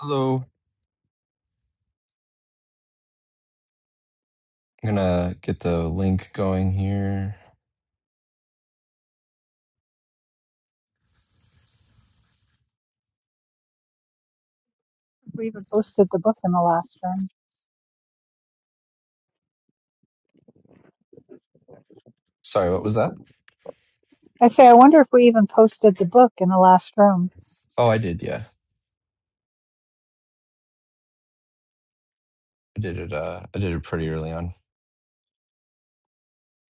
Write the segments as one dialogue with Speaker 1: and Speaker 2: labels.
Speaker 1: Hello. I'm gonna get the link going here.
Speaker 2: We even posted the book in the last room.
Speaker 1: Sorry, what was that?
Speaker 2: I say, I wonder if we even posted the book in the last room.
Speaker 1: Oh, I did. Yeah, I did it. Uh, I did it pretty early on.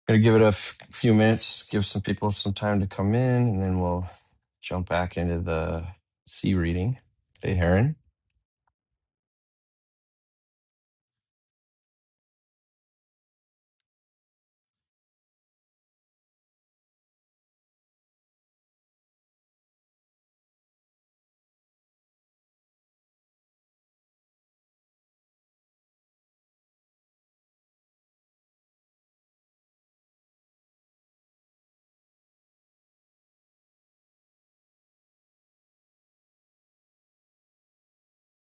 Speaker 1: Gonna give it a f- few minutes, give some people some time to come in, and then we'll jump back into the sea reading. Hey, Heron.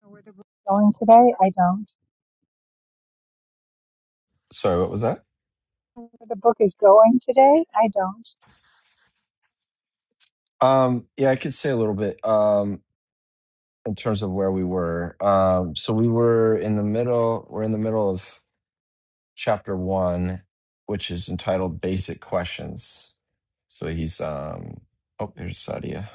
Speaker 2: Where the book is going today? I don't.
Speaker 1: Sorry, what was that?
Speaker 2: Where the book is going today? I don't.
Speaker 1: Um, yeah, I could say a little bit um, in terms of where we were. Um, so we were in the middle. We're in the middle of chapter one, which is entitled Basic Questions. So he's, um, oh, there's Sadia.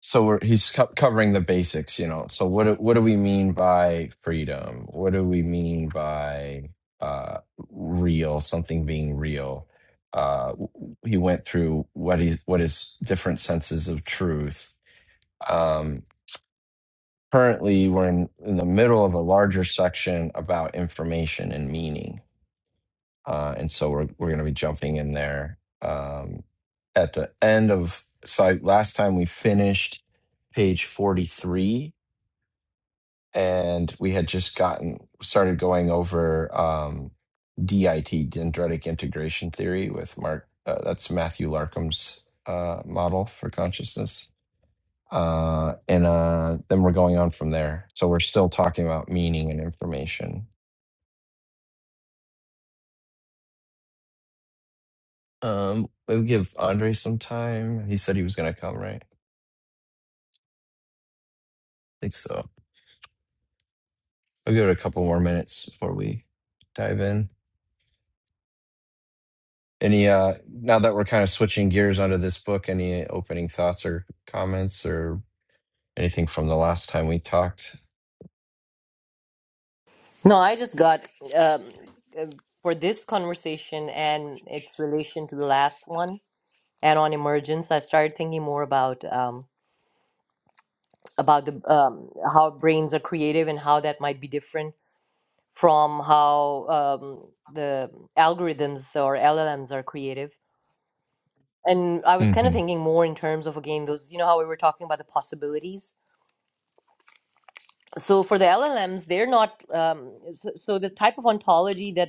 Speaker 1: So we're, he's co- covering the basics, you know. So what do, what do we mean by freedom? What do we mean by uh, real? Something being real. Uh, w- w- he went through what is what is different senses of truth. Um, currently, we're in, in the middle of a larger section about information and meaning uh, and so we're we're going to be jumping in there um, at the end of. So I, last time we finished page forty three, and we had just gotten started going over um, DIT dendritic integration theory with Mark. Uh, that's Matthew Larkham's uh, model for consciousness. Uh, and uh, then we're going on from there. So we're still talking about meaning and information. Um, we'll give Andre some time. He said he was going to come, right? think so. I'll give it a couple more minutes before we dive in. Any uh now that we're kind of switching gears onto this book, any opening thoughts or comments or anything from the last time we talked?
Speaker 3: No, I just got um, uh, for this conversation and its relation to the last one and on emergence. I started thinking more about um, about the um, how brains are creative and how that might be different from how um, the algorithms or LLMs are creative. And I was kind of
Speaker 1: Mm-hmm.
Speaker 3: thinking more in terms of again those you know how we were talking about the possibilities. So for the LLMs, they're not um, so, so the type of ontology that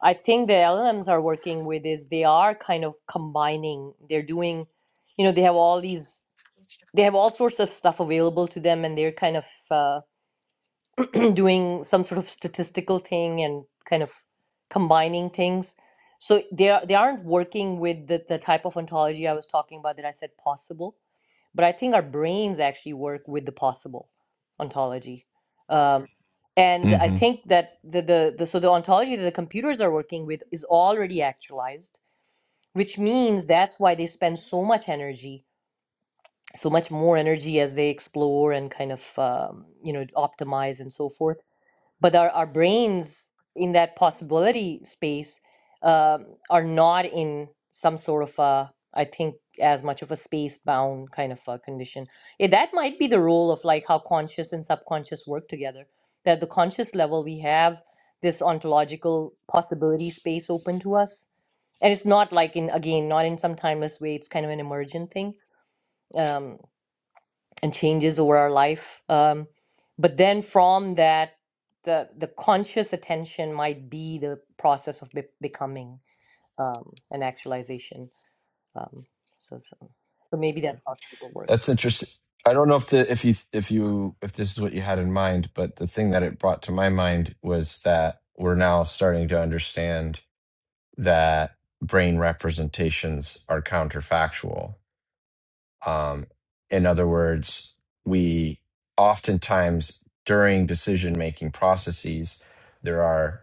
Speaker 3: I think the LLMs are working with is they are kind of combining. They're doing, you know, they have all these, they have all sorts of stuff available to them, and they're kind of uh, doing some sort of statistical thing and kind of combining things. So they are they aren't working with the, the type of ontology I was talking about that I said possible but I think our brains actually work with the possible ontology. Um, and I
Speaker 1: Mm-hmm.
Speaker 3: think that the, the, the so the ontology that the computers are working with is already actualized, which means that's why they spend so much energy, so much more energy as they explore and kind of um, you know optimize and so forth but our, our brains in that possibility space um, are not in some sort of a i think as much of a space bound kind of a condition yeah, that might be the role of like how conscious and subconscious work together that at the conscious level we have this ontological possibility space open to us and it's not like in again not in some timeless way it's kind of an emergent thing Um, and changes over our life. Um, but then from that, the the conscious attention might be the process of be- becoming um, an actualization. Um, so, so so maybe that's how people work.
Speaker 1: That's interesting. I don't know if the if you if you if this is what you had in mind, but the thing that it brought to my mind was that we're now starting to understand that brain representations are counterfactual Um, in other words, we oftentimes during decision making processes, there are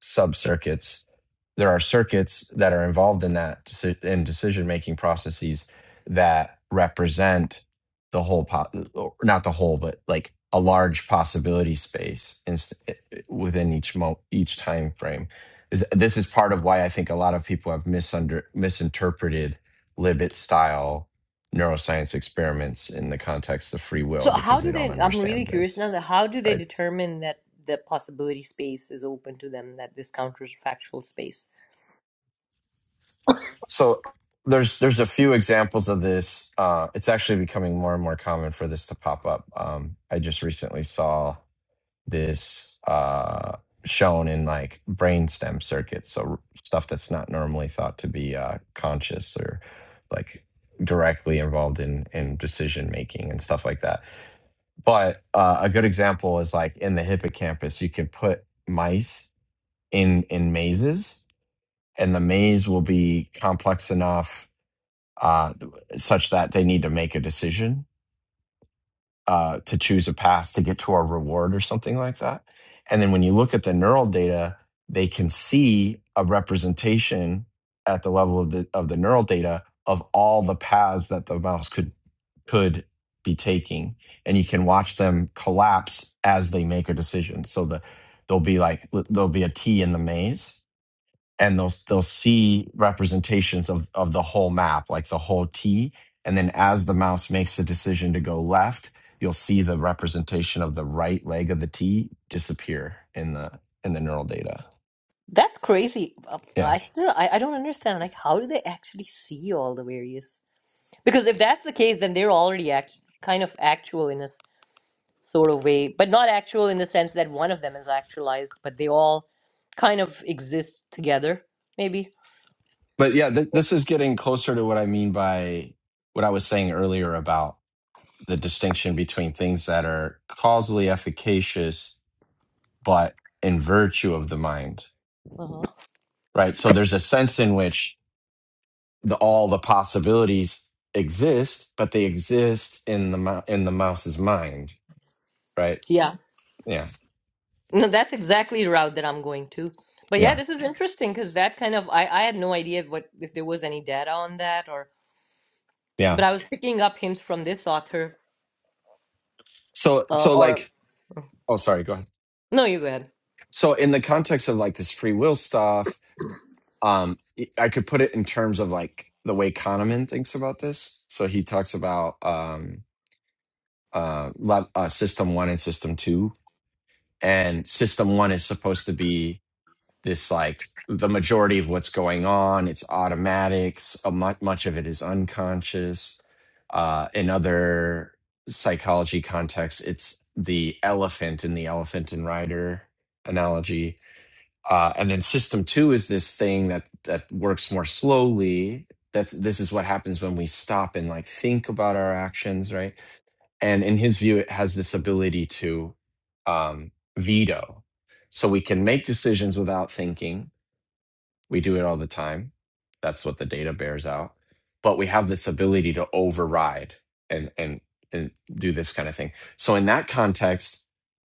Speaker 1: sub circuits. There are circuits that are involved in that deci- in decision making processes that represent the whole pot, not the whole, but like a large possibility space in, within each mo- each time frame. Is this is part of why I think a lot of people have misunder misinterpreted Libet style neuroscience experiments in the context of free
Speaker 3: So
Speaker 1: will
Speaker 3: how
Speaker 1: because they
Speaker 3: do
Speaker 1: don't
Speaker 3: they? I'm really
Speaker 1: understand
Speaker 3: curious
Speaker 1: this
Speaker 3: now. That how do they
Speaker 1: right
Speaker 3: determine that the possibility space is open to them? That this counterfactual space.
Speaker 1: so there's there's a few examples of this uh, it's actually becoming more and more common for this to pop up um, i just recently saw this uh, shown in like brainstem circuits so stuff that's not normally thought to be uh, conscious or like directly involved in in decision making and stuff like that But uh, a good example is like in the hippocampus, you can put mice in in mazes, and the maze will be complex enough uh, such that they need to make a decision uh, to choose a path to get to our reward or something like that. And then when you look at the neural data, they can see a representation at the level of the of the neural data of all the paths that the mouse could could be taking, and you can watch them collapse as they make a decision. So the there'll be like there'll be a T in the maze, and they'll they'll see representations of of the whole map, like the whole T. And then as the mouse makes the decision to go left, you'll see the representation of the right leg of the T disappear in the in the neural data.
Speaker 3: That's crazy. Uh,
Speaker 1: Yeah,
Speaker 3: I still I, I don't understand. Like how do they actually see all the various Because if that's the case, then they're already act- kind of actual in a s- sort of way, but not actual in the sense that one of them is actualized, but they all kind of exist together, maybe.
Speaker 1: but yeah, th- this is getting closer to what I mean by what I was saying earlier about the distinction between things that are causally efficacious but in virtue of the mind,
Speaker 3: Uh-huh.
Speaker 1: right? So there's a sense in which the all the possibilities exist, but they exist in the mou- in the mouse's mind, right?
Speaker 3: Yeah.
Speaker 1: Yeah,
Speaker 3: No, that's exactly the route that I'm going to. But yeah,
Speaker 1: yeah,
Speaker 3: this is interesting because that kind of I, I had no idea what if there was any data on that or
Speaker 1: yeah.
Speaker 3: but I was picking up hints from this author
Speaker 1: So
Speaker 3: uh,
Speaker 1: so
Speaker 3: or
Speaker 1: like oh sorry, go ahead.
Speaker 3: no, you go ahead.
Speaker 1: So in the context of like this free will stuff, um, I could put it in terms of like the way Kahneman thinks about this. So he talks about um uh, le- uh system one and system two, and system one is supposed to be this like the majority of what's going on it's automatic so much, much of it is unconscious uh, in other psychology contexts it's the elephant in the elephant and rider analogy uh, and then system two is this thing that that works more slowly that's this is what happens when we stop and like think about our actions right and in his view it has this ability to um, veto so we can make decisions without thinking we do it all the time. That's what the data bears out. But we have this ability to override and and and do this kind of thing. So in that context,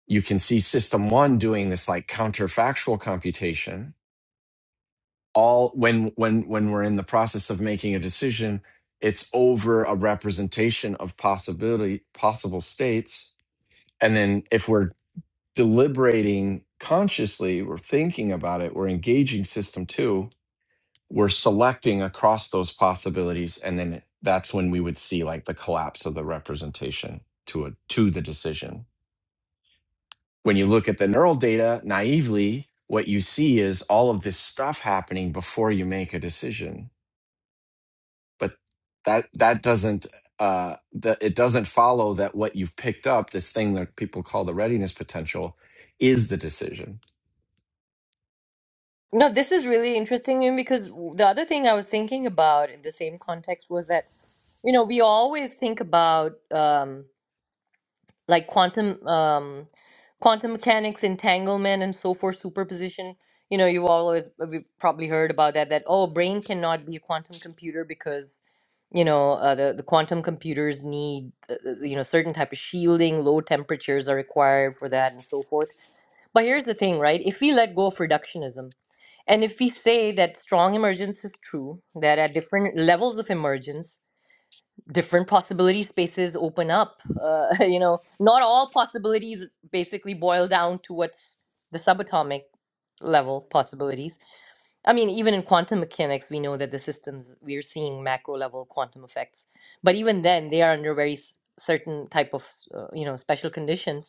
Speaker 1: you can see system 1 doing this like counterfactual computation all when when when we're in the process of making a decision, it's over a representation of possibility possible states and then if we're deliberating consciously, we're thinking about it, we're engaging system 2 we're selecting across those possibilities and then that's when we would see like the collapse of the representation to a to the decision when you look at the neural data naively what you see is all of this stuff happening before you make a decision but that that doesn't uh that it doesn't follow that what you've picked up this thing that people call the readiness potential is the decision
Speaker 3: No, this is really interesting Yun, because the other thing I was thinking about in the same context was that, you know, we always think about um, like quantum um, quantum mechanics, entanglement, and so forth, superposition. You know, you've always we've probably heard about that. That oh, brain cannot be a quantum computer because, you know, uh, the the quantum computers need uh, uh, you know certain type of shielding, low temperatures are required for that, and so forth. But here's the thing, right? If we let go of reductionism and if we say that strong emergence is true, that at different levels of emergence, different possibility spaces open up, uh, you know, not all possibilities basically boil down to what's the subatomic level possibilities. I mean, even in quantum mechanics, we know that the systems we're seeing macro level quantum effects, but even then, they are under very s- certain type of, uh, you know, special conditions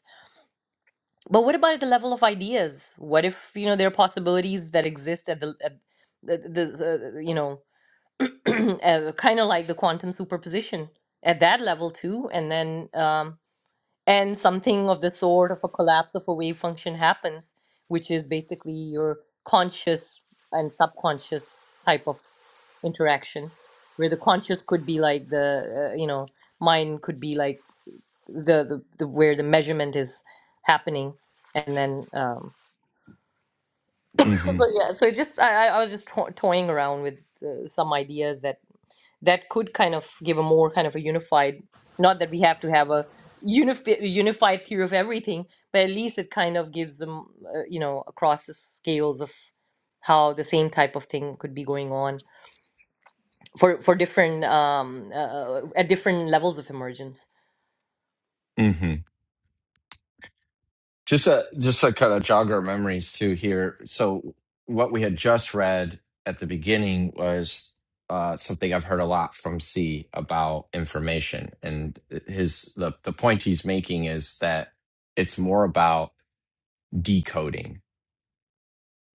Speaker 3: but what about at the level of ideas? What if, you know, there are possibilities that exist at the at the, the uh, you know, uh, kind of like the quantum superposition at that level too, and then um, and something of the sort of a collapse of a wave function happens, which is basically your conscious and subconscious type of interaction, where the conscious could be like the uh, you know, mind could be like the, the, the where the measurement is happening and then um so
Speaker 1: mhm
Speaker 3: yeah so it just i i I was just to- toying around with uh, some ideas that that could kind of give a more kind of a unified not that we have to have a unifi- unified theory of everything but at least it kind of gives them uh, you know across the scales of how the same type of thing could be going on for for different um uh, uh, at different levels of emergence
Speaker 1: Just a, just to kind of jog our memories too here. So what we had just read at the beginning was uh, something I've heard a lot from C about information, and his the the point he's making is that it's more about decoding.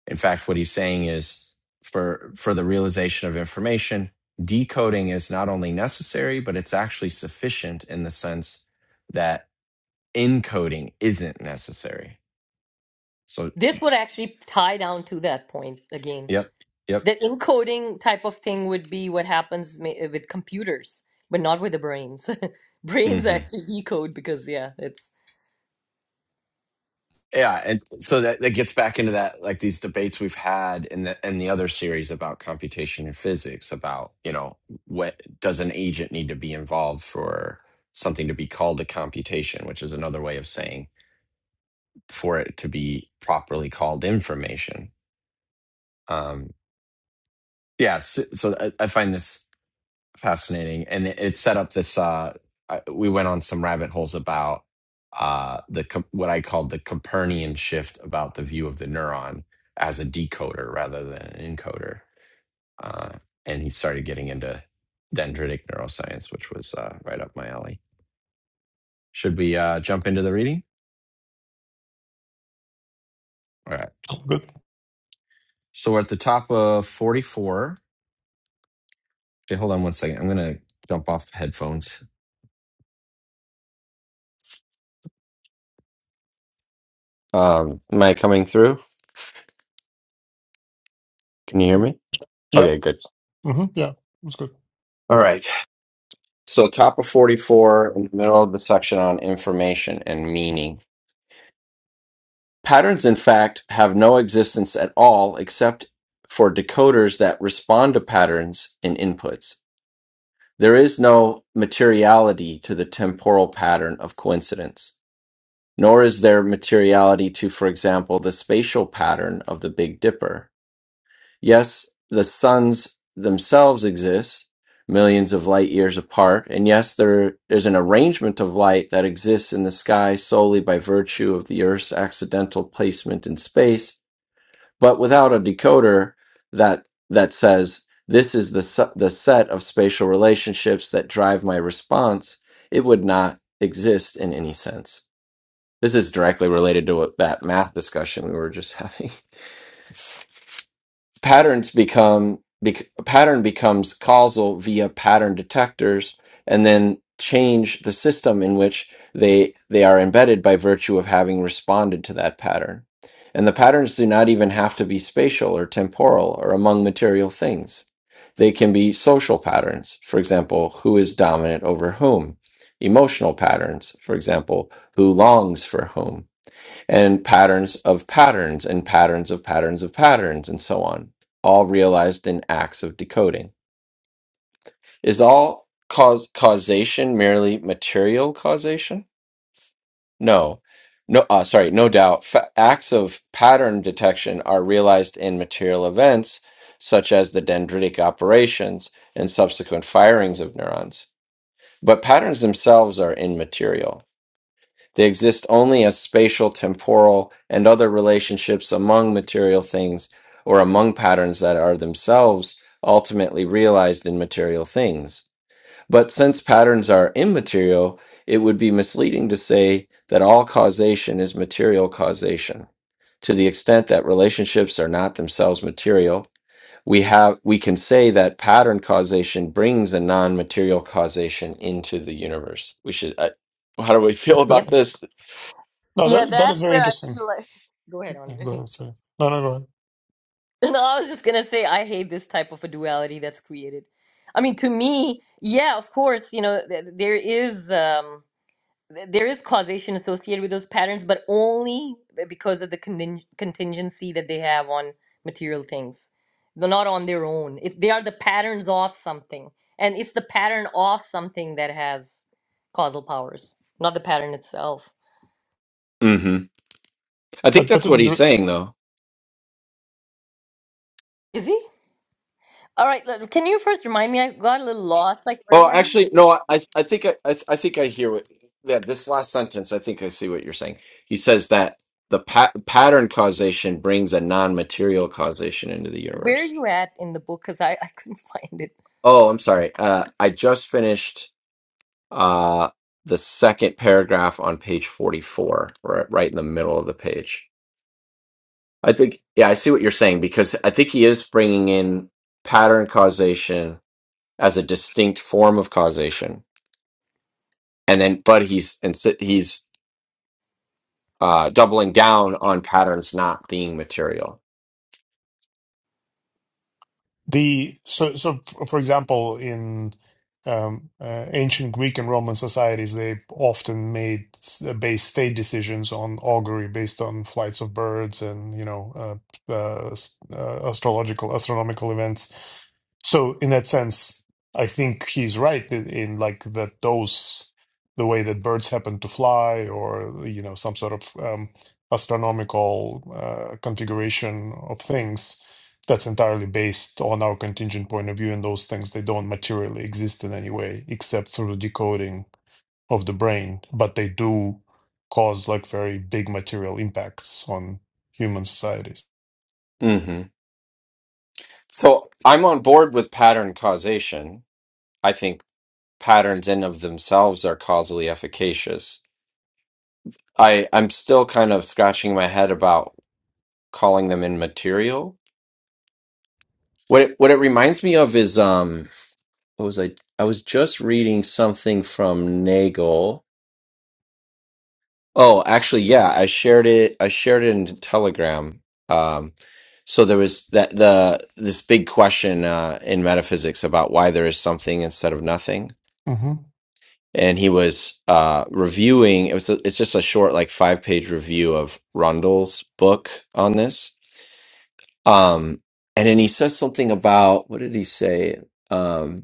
Speaker 1: In fact, what he's saying is for for the realization of information, decoding is not only necessary but it's actually sufficient in the sense that encoding isn't necessary. So,
Speaker 3: this would actually tie down to that point again
Speaker 1: yep. Yep.
Speaker 3: The encoding type of thing would be what happens ma- eh, with computers, but not with the brains. Brains
Speaker 1: hmm
Speaker 3: actually decode because, yeah, it's,
Speaker 1: Yeah, and so that, that gets back into that like these debates we've had in the in the other series about computation and physics about you know what does an agent need to be involved for something to be called a computation, which is another way of saying for it to be properly called information. Um, yeah, so, so I, I find this fascinating and it, it set up this uh I, we went on some rabbit holes about uh the Com- what i called the copernican shift about the view of the neuron as a decoder rather than an encoder uh and he started getting into dendritic neuroscience which was uh right up my alley should we uh jump into the reading all right
Speaker 4: Good.
Speaker 1: so we're at the top of 44 okay hold on one second i'm gonna jump off headphones um am i coming through can you hear me
Speaker 4: Yeah.
Speaker 1: okay good
Speaker 4: hmm Yeah. It's good.
Speaker 1: all right. So, top of 44, in the middle of the section on information and meaning. Patterns, in fact, have no existence at all except for decoders that respond to patterns in inputs. There is no materiality to the temporal pattern of coincidence, nor is there materiality to, for example, the spatial pattern of the Big Dipper. Yes, the suns themselves exist millions of light years apart. And yes, there is an arrangement of light that exists in the sky solely by virtue of the Earth's accidental placement in space. But without a decoder that, that says, this is the, su- the set of spatial relationships that drive my response, it would not exist in any sense. This is directly related to what, that math discussion we were just having. patterns become bec- pattern becomes causal via pattern detectors and then change the system in which they they are embedded by virtue of having responded to that pattern and the patterns do not even have to be spatial or temporal or among material things they can be social patterns for example who is dominant over whom emotional patterns for example who longs for whom and patterns of patterns and patterns of patterns of patterns and so on, all realized in acts of decoding. Is all cause causation merely material causation? No. No, uh, sorry, no doubt. Fa- acts of pattern detection are realized in material events, such as the dendritic operations and subsequent firings of neurons. But patterns themselves are immaterial They exist only as spatial, temporal, and other relationships among material things or among patterns that are themselves ultimately realized in material things. But since patterns are immaterial, it would be misleading to say that all causation is material causation. To the extent that relationships are not themselves material, we have we can say that pattern causation brings a non-material causation into the universe. We should I, how do we feel
Speaker 4: That-
Speaker 1: about
Speaker 3: yep.
Speaker 1: this?
Speaker 4: no,
Speaker 3: Yeah,
Speaker 4: that that is
Speaker 3: that's
Speaker 4: very
Speaker 3: where I
Speaker 4: interesting.
Speaker 3: feel like. Go ahead,
Speaker 4: Yeah, go
Speaker 3: Andre.
Speaker 4: ahead, sorry. No, no, go ahead.
Speaker 3: No, I was just gonna say I hate this type of a duality that's created. I mean, to me, yeah, of course, you know, th- there is. Um, th- there is causation associated with those patterns, but only because of the contin- contingency that they have on material things. They're not on their own. It's they are the patterns of something, and it's the pattern of something that has causal powers, not the pattern itself.
Speaker 1: hmm I think
Speaker 4: But but
Speaker 1: that's
Speaker 4: this
Speaker 1: what
Speaker 4: is
Speaker 1: he's saying, though.
Speaker 3: Is he? All right. l- Can you first remind me? I got a little lost. Like, where
Speaker 1: Oh,
Speaker 3: were you?
Speaker 1: actually, no. I I think I I I think I hear what. Yeah, this last sentence, I think I see what you're saying. He says that the pa- pattern causation brings a non-material causation into the
Speaker 3: Where are
Speaker 1: universe.
Speaker 3: you at in the book? Because I, I couldn't find it.
Speaker 1: Oh, I'm sorry. Uh, I just finished uh, the second paragraph on page 44, right, right in the middle of the page. I think, yeah, I see what you're saying because I think he is bringing in pattern causation as a distinct form of causation and then but he's and si- he's uh, doubling down on patterns not being material.
Speaker 4: The so so f- for example, in um, uh, ancient Greek and Roman societies, they often made s- uh, base state decisions on augury based on flights of birds and you know uh, uh, s- uh, astrological astronomical events. So in that sense, I think he's right in, in like that those the way that birds happen to fly or you know some sort of um, astronomical uh, configuration of things that's entirely based on our contingent point of view and those things they don't materially exist in any way except through the decoding of the brain but they do cause like very big material impacts on human societies
Speaker 1: hmm So I'm on board with pattern causation. I think patterns in of themselves are causally efficacious. I I'm still kind of scratching my head about calling them immaterial. What it, what it reminds me of is um what was I I was just reading something from Nagel Oh, actually, yeah, I shared it. I shared it in Telegram. Um, so there was that the this big question uh, in metaphysics about why there is something instead of nothing,
Speaker 4: hmm
Speaker 1: and he was uh, reviewing. It was a, it's just a short, like five page review of Rundle's book on this. Um, and then he says something about what did he say? Um,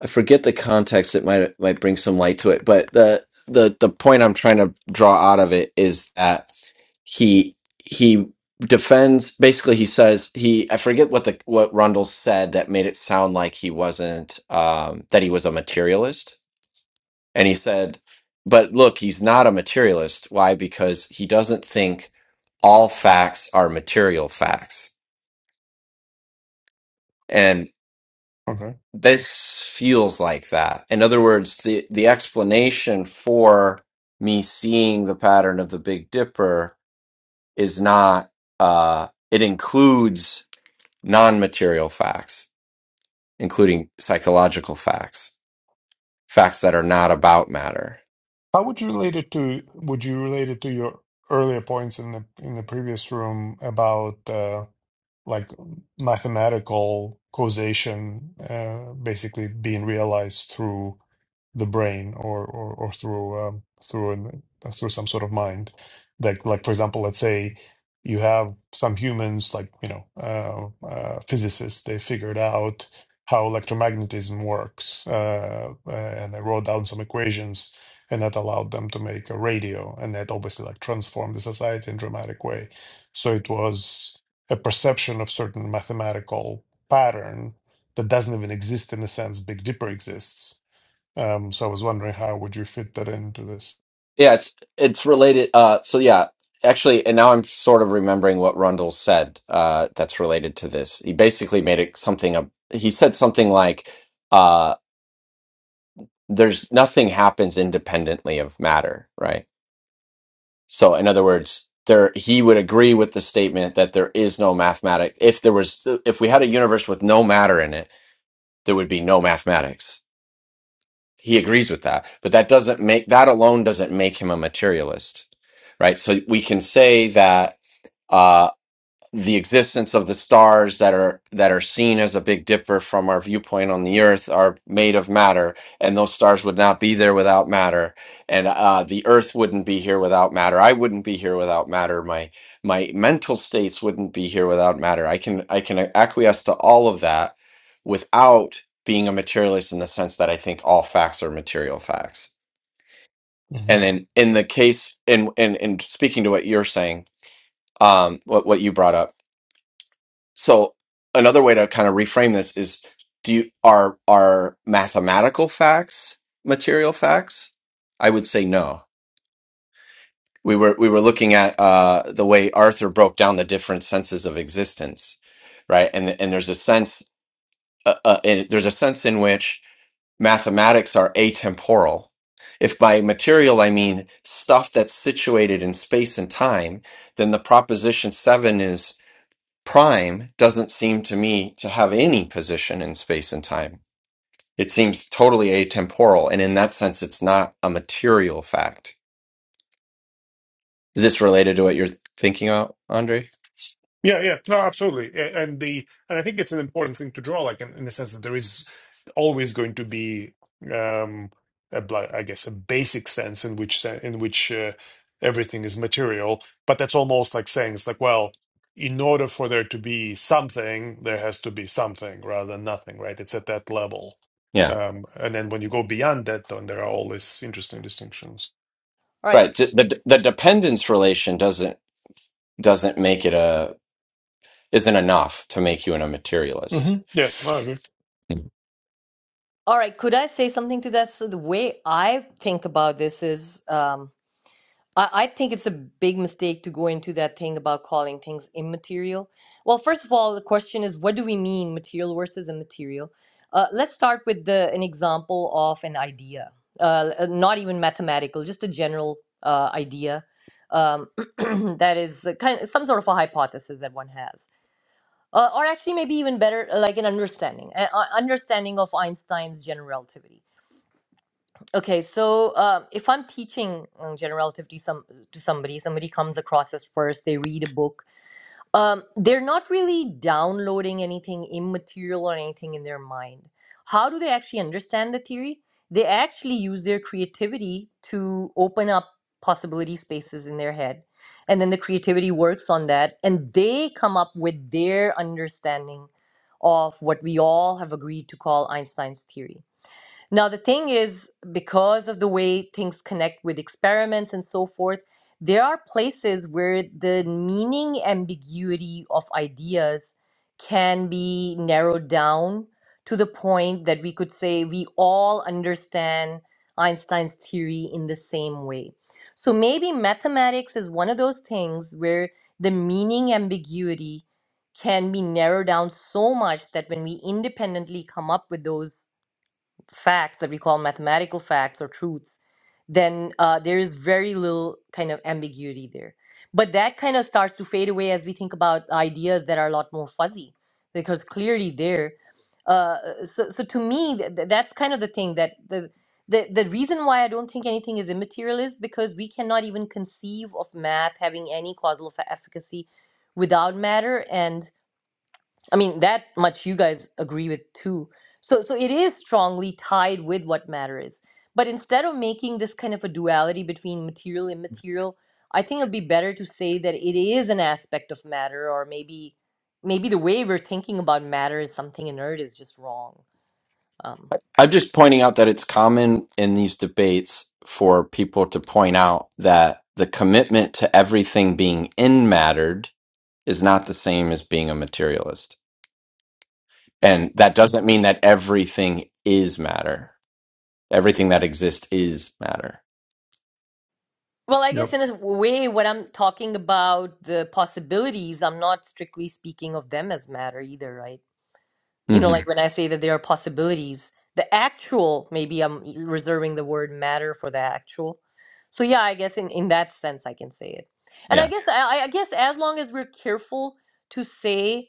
Speaker 1: I forget the context. It might might bring some light to it, but the the the point I'm trying to draw out of it is that he he defends. Basically, he says he. I forget what the what Rundle said that made it sound like he wasn't um, that he was a materialist, and he said, "But look, he's not a materialist. Why? Because he doesn't think all facts are material facts."
Speaker 4: okay
Speaker 1: this feels like that. In other words, the the explanation for me seeing the pattern of the Big Dipper is not uh it includes non-material facts, including psychological facts, facts that are not about matter.
Speaker 4: how would you relate it to would you relate it to your earlier points in the in the previous room about uh like mathematical causation uh, basically being realized through the brain or or, or through um, through an, through some sort of mind like like for example let's say you have some humans like you know uh, uh, physicists they figured out how electromagnetism works uh, uh, and they wrote down some equations and that allowed them to make a radio and that obviously like transformed the society in dramatic way so it was a perception of certain mathematical pattern that doesn't even exist in a sense big dipper exists um, so I was wondering how would you fit that into this?
Speaker 1: Yeah, it's it's related uh so yeah, actually and now I'm sort of remembering what Rundle said uh that's related to this. He basically made it something up he said something like uh, there's nothing happens independently of matter, right? So in other words, there he would agree with the statement that there is no mathematics. If there was if we had a universe with no matter in it, there would be no mathematics. He agrees with that. But that doesn't make that alone doesn't make him a materialist. Right? So we can say that uh, the existence of the stars that are that are seen as a big dipper from our viewpoint on the earth are made of matter and those stars would not be there without matter and uh, the earth wouldn't be here without matter i wouldn't be here without matter my my mental states wouldn't be here without matter i can i can acquiesce to all of that without being a materialist in the sense that i think all facts are material facts
Speaker 4: hmm
Speaker 1: and in in the case in in, in speaking to what you're saying um what, what you brought up so another way to kind of reframe this is do you are are mathematical facts material facts? I would say no. We were we were looking at uh, the way Arthur broke down the different senses of existence, right? And and there's a sense uh, uh, and there's a sense in which mathematics are atemporal. If by material I mean stuff that's situated in space and time, then the proposition seven is Prime doesn't seem to me to have any position in space and time. It seems totally atemporal, and in that sense, it's not a material fact. Is this related to what you're thinking about, Andre?
Speaker 4: Yeah, yeah, no, absolutely, A- and the and I think it's an important thing to draw, like in, in the sense that there is always going to be, um, a, bla- I guess, a basic sense in which se- in which uh, everything is material, but that's almost like saying it's like, well, in order for there to be something, there has to be something rather than nothing, right? It's at that level,
Speaker 1: Yeah,
Speaker 4: um, and then when you go beyond that, then there are all these interesting distinctions.
Speaker 3: All right.
Speaker 1: right. d- The the dependence relation doesn't doesn't make it a isn't enough to make you an, a
Speaker 4: hmm
Speaker 1: materialist.
Speaker 4: Yeah, no, I agree.
Speaker 1: Mm.
Speaker 3: All right. Could I say something to that? So the way I think about this is. Um, I, I think it's a big mistake to go into that thing about calling things immaterial. Well, first of all, the question is what do we mean material versus immaterial? Uh, let's start with the, an example of an idea, uh, uh, not even mathematical, just a general uh, idea um, that is a kind some sort of a hypothesis that one has. Uh, or actually, maybe even better, like an understanding, a, a- understanding of Einstein's general relativity Okay, so um, if I'm teaching um, general relativity some to somebody, somebody comes across us first. They read a book. Um, they're not really downloading anything immaterial or anything in their mind. How do they actually understand the theory? They actually use their creativity to open up possibility spaces in their head, and then the creativity works on that, and they come up with their understanding of what we all have agreed to call Einstein's theory. Now, the thing is, because of the way things connect with experiments and so forth, there are places where the meaning ambiguity of ideas can be narrowed down to the point that we could say we all understand Einstein's theory in the same way. So maybe mathematics is one of those things where the meaning ambiguity can be narrowed down so much that when we independently come up with those facts that we call mathematical facts or truths, then uh, there is very little kind of ambiguity there. But that kind of starts to fade away as we think about ideas that are a lot more fuzzy, because clearly there. Uh, so, so to me, th- th- that's kind of the thing that the, the the reason why I don't think anything is immaterial is because we cannot even conceive of math having any causal fa- efficacy without matter, and I mean, that much you guys agree with too. So, so it is strongly tied with what matter is. But instead of making this kind of a duality between material and immaterial, I think it'd be better to say that it is an aspect of matter, or maybe, maybe the way we're thinking about matter is something inert is just wrong. Um,
Speaker 1: I'm just pointing out that it's common in these debates for people to point out that the commitment to everything being in mattered is not the same as being a materialist. And that doesn't mean that everything is matter. Everything that exists is matter.
Speaker 3: well, I guess in a way, when I'm talking about the possibilities, I'm not strictly speaking of them as matter either, right? You know,
Speaker 1: hmm
Speaker 3: like when I say that there are possibilities, the actual, maybe I'm reserving the word matter for the actual. So yeah, I guess in, in that sense I can say it. And I
Speaker 1: Yeah.
Speaker 3: guess I, I guess as long as we're careful to say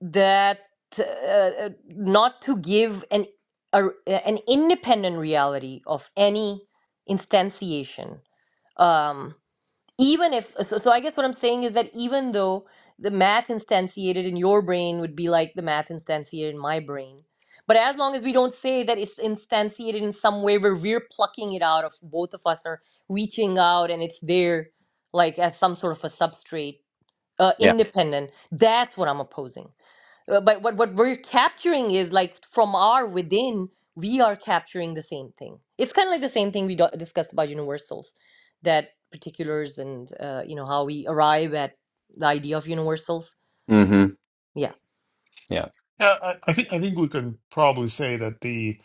Speaker 3: that uh, uh, not to give an a, an independent reality of any instantiation. Um, even if so, so i guess what i'm saying is that even though the math instantiated in your brain would be like the math instantiated in my brain but as long as we don't say that it's instantiated in some way where we're plucking it out of both of us or reaching out and it's there like as some sort of a substrate uh,
Speaker 1: Yeah.
Speaker 3: independent that's what i'm opposing uh, But what, what we're capturing is like from our within, we are capturing the same thing. It's kind of like the same thing we do- discussed about universals, that particulars and uh, you know how we arrive at the idea of universals.
Speaker 1: hmm Yeah.
Speaker 4: Yeah, I, I think I think we can probably say that the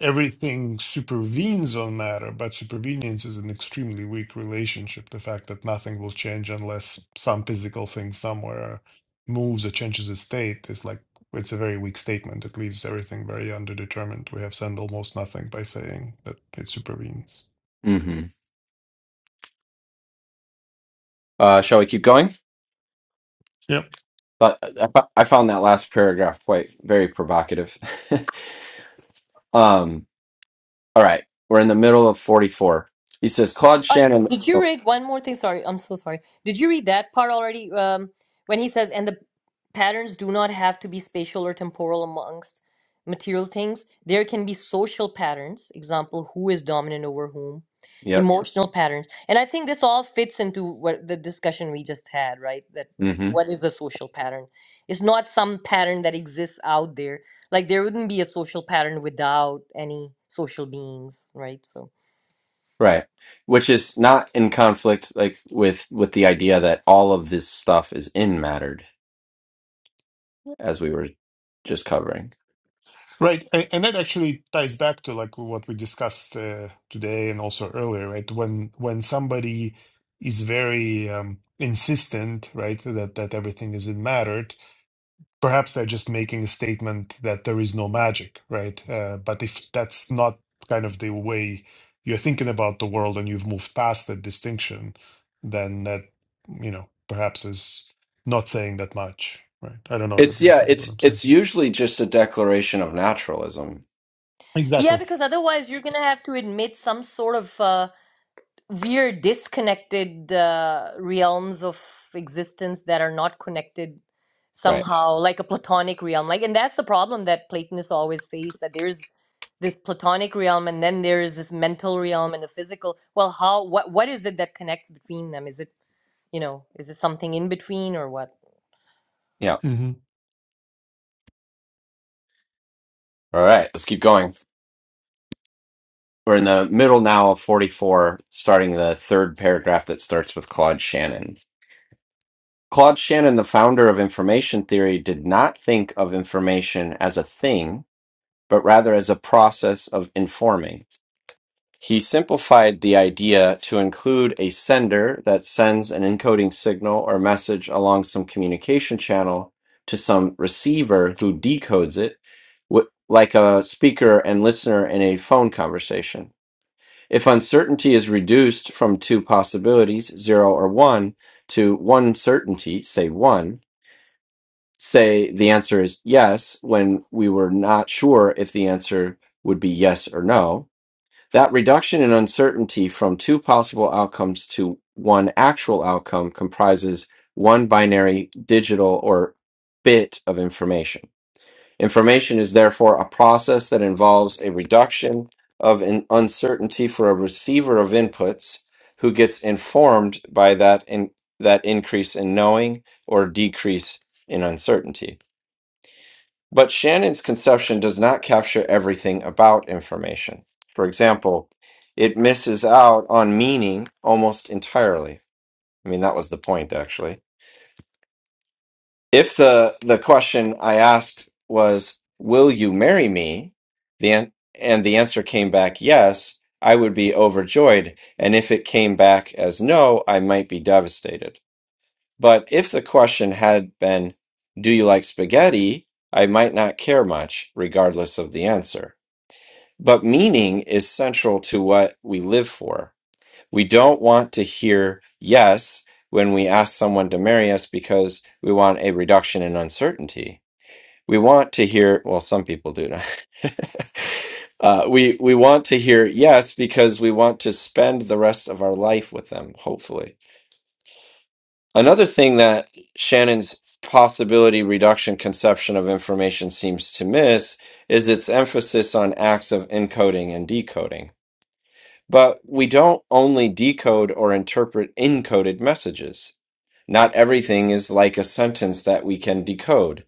Speaker 4: everything supervenes on matter, but supervenience is an extremely weak relationship. The fact that nothing will change unless some physical thing somewhere moves or changes its state is like it's a very weak statement. It leaves everything very underdetermined. We have said almost nothing by saying that it supervenes.
Speaker 1: hmm Uh, shall we keep going?
Speaker 4: Yeah.
Speaker 1: But uh, I fo- I found that last paragraph quite very provocative. um, all right. We're in the middle of 44. He says, Claude
Speaker 3: Uh,
Speaker 1: Shannon.
Speaker 3: did you
Speaker 1: Oh,
Speaker 3: read one more thing? Sorry, I'm so sorry. Did you read that part already? Um, when he says, and the patterns do not have to be spatial or temporal amongst material things. There can be social patterns, example, who is dominant over whom,
Speaker 1: yep.
Speaker 3: emotional patterns. And I think this all fits into what the discussion we just had, right? That
Speaker 1: hmm
Speaker 3: what is a social pattern? It's not some pattern that exists out there. Like there wouldn't be a social pattern without any social beings, right? So.
Speaker 1: Right. Which is not in conflict, like with with the idea that all of this stuff is in mattered as we were just covering.
Speaker 4: Right. a- And that actually ties back to like what we discussed uh, today and also earlier, right? When when somebody is very um, insistent, right, that that everything isn't mattered, perhaps they're just making a statement that there is no magic, right? Uh, but if that's not kind of the way you're thinking about the world and you've moved past that distinction, then that, you know, perhaps is not saying that much, right? I don't know if
Speaker 1: It's
Speaker 4: it makes
Speaker 1: yeah,
Speaker 4: sense what
Speaker 1: it's
Speaker 4: I'm saying.
Speaker 1: it's usually just a declaration of naturalism.
Speaker 3: Yeah,
Speaker 4: Exactly.
Speaker 3: because otherwise you're going to have to admit some sort of uh, weird disconnected uh, realms of existence that are not connected
Speaker 1: Right.
Speaker 3: somehow, like a platonic realm. Like, and that's the problem that Platonists always face, that there's this platonic realm and then there is this mental realm and the physical. Well, how what what is it that connects between them? Is it, you know, is it something in between or what?
Speaker 1: Yeah. All right, let's keep going. We're in the middle now of 44, starting the third paragraph that starts with Claude Shannon. Claude Shannon, the founder of information theory, did not think of information as a thing, but rather as a process of informing. He simplified the idea to include a sender that sends an encoding signal or message along some communication channel to some receiver who decodes it, wh- like a speaker and listener in a phone conversation. If uncertainty is reduced from two possibilities, zero or one, to one certainty, say one, say the answer is yes when we were not sure if the answer would be yes or no that reduction in uncertainty from two possible outcomes to one actual outcome comprises one binary digital or bit of information. Information is therefore a process that involves a reduction of an uncertainty for a receiver of inputs who gets informed by that in, that increase in knowing or decrease in uncertainty. But Shannon's conception does not capture everything about information. For example, it misses out on meaning almost entirely. I mean, that was the point, actually. If the, the question I asked was, Will you marry me? The an- and the answer came back yes, I would be overjoyed. And if it came back as no, I might be devastated. But if the question had been, Do you like spaghetti? I might not care much, regardless of the answer. But meaning is central to what we live for. We don't want to hear yes when we ask someone to marry us because we want a reduction in uncertainty. We want to hear, well, some people do. not. uh, we, we want to hear yes because we want to spend the rest of our life with them, hopefully. Another thing that Shannon's possibility reduction conception of information seems to miss is its emphasis on acts of encoding and decoding but we don't only decode or interpret encoded messages. Not everything is like a sentence that we can decode.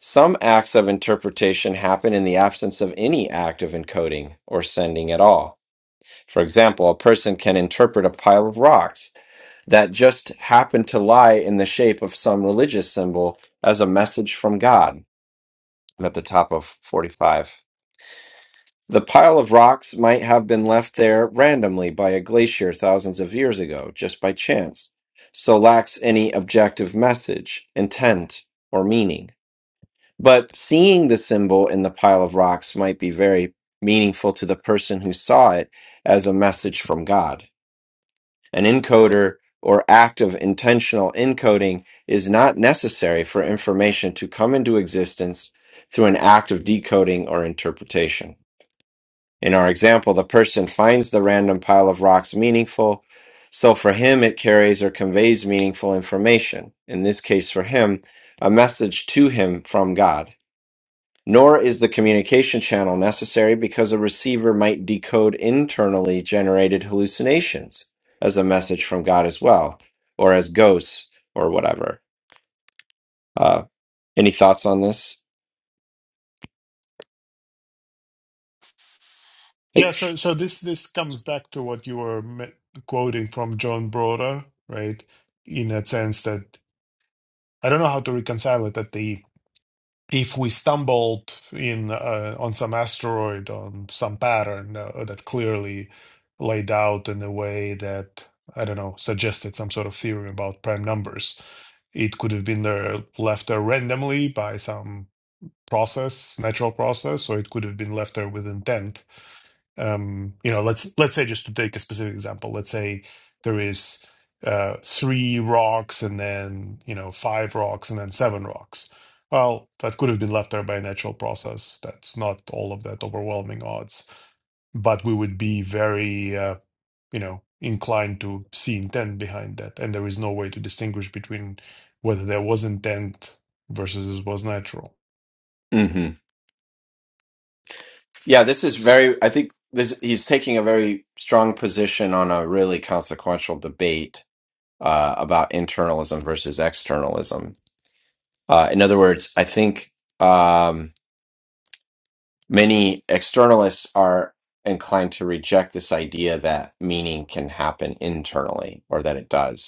Speaker 1: Some acts of interpretation happen in the absence of any act of encoding or sending at all. For example, a person can interpret a pile of rocks that just happen to lie in the shape of some religious symbol as a message from God. I'm at the top of 45. The pile of rocks might have been left there randomly by a glacier thousands of years ago, just by chance, so lacks any objective message, intent, or meaning. But seeing the symbol in the pile of rocks might be very meaningful to the person who saw it as a message from God. An encoder or act of intentional encoding is not necessary for information to come into existence through an act of decoding or interpretation. In our example, the person finds the random pile of rocks meaningful, so for him it carries or conveys meaningful information. In this case, for him, a message to him from God. Nor is the communication channel necessary because a receiver might decode internally generated hallucinations as a message from God as well, or as ghosts or whatever. Uh, any thoughts on this?
Speaker 4: Yeah, so so this this comes back to what you were me- quoting from John Broder, right? In a sense that I don't know how to reconcile it that the if we stumbled in uh, on some asteroid on some pattern uh, that clearly laid out in a way that I don't know suggested some sort of theory about prime numbers, it could have been there left there randomly by some process, natural process, or it could have been left there with intent um, you know, let's let's say just to take a specific example, let's say there is uh, three rocks and then you know five rocks and then seven rocks. Well, that could have been left there by a natural process. That's not all of that overwhelming odds, but we would be very uh, you know inclined to see intent behind that, and there is no way to distinguish between whether there was intent versus it was natural.
Speaker 1: Yeah, this is very, I think this he's taking a very strong position on a really consequential debate uh, about internalism versus externalism. Uh, in other words, I think um, many externalists are inclined to reject this idea that meaning can happen internally or that it does.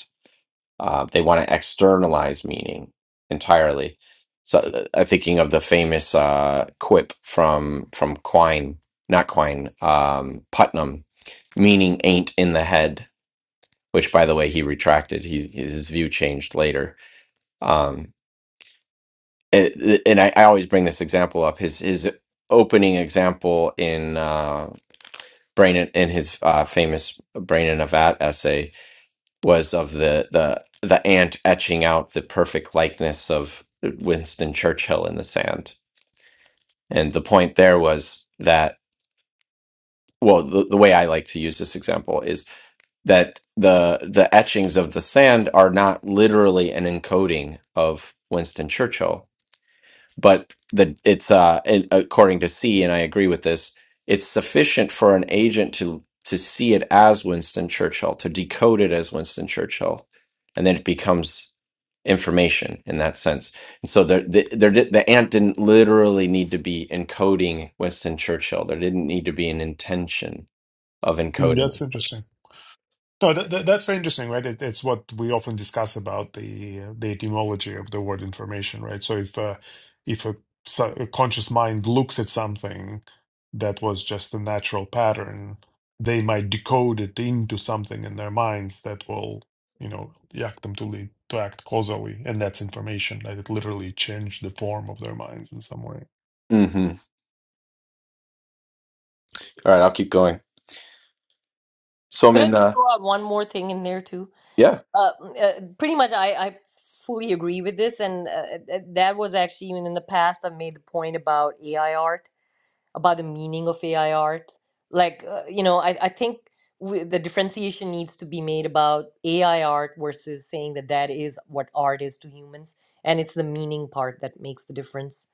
Speaker 1: Uh, they want to externalize meaning entirely. So uh, I'm thinking of the famous uh, quip from from Quine, not Quine, um, Putnam, meaning ain't in the head, which by the way he retracted. He his view changed later. Um, it, it- and I, I always bring this example up. His his opening example in uh, Brain in, in his uh, famous Brain in a Vat essay was of the the the ant etching out the perfect likeness of Winston Churchill in the sand. And the point there was that well the, the way I like to use this example is that the the etchings of the sand are not literally an encoding of Winston Churchill but the it's uh and according to C and I agree with this it's sufficient for an agent to to see it as Winston Churchill to decode it as Winston Churchill and then it becomes information in that sense and so the the there di- the ant didn't literally need to be encoding Winston Churchill there didn't need to be an intention of
Speaker 4: Mm,
Speaker 1: encoding
Speaker 4: that's interesting. No, that, that, that's very interesting, right? It, it's what we often discuss about the uh, the etymology of the word information, right? So if uh, if a, so- a conscious mind looks at something that was just a natural pattern, they might decode it into something in their minds that will, you know, act them to lead, to act causally, and that's information, like It literally changed the form of their minds in some way.
Speaker 1: mhm all right I'll keep going so I'm
Speaker 3: Could I
Speaker 1: in
Speaker 3: just
Speaker 1: uh
Speaker 3: throw out one more thing in there too?
Speaker 1: yeah
Speaker 3: uh, uh, pretty much I, I fully agree with this and uh, uh, that was actually even in the past i've made the point about ai art about the meaning of ai art like uh, you know i, I think we, the differentiation needs to be made about ai art versus saying that that is what art is to humans and it's the meaning part that makes the difference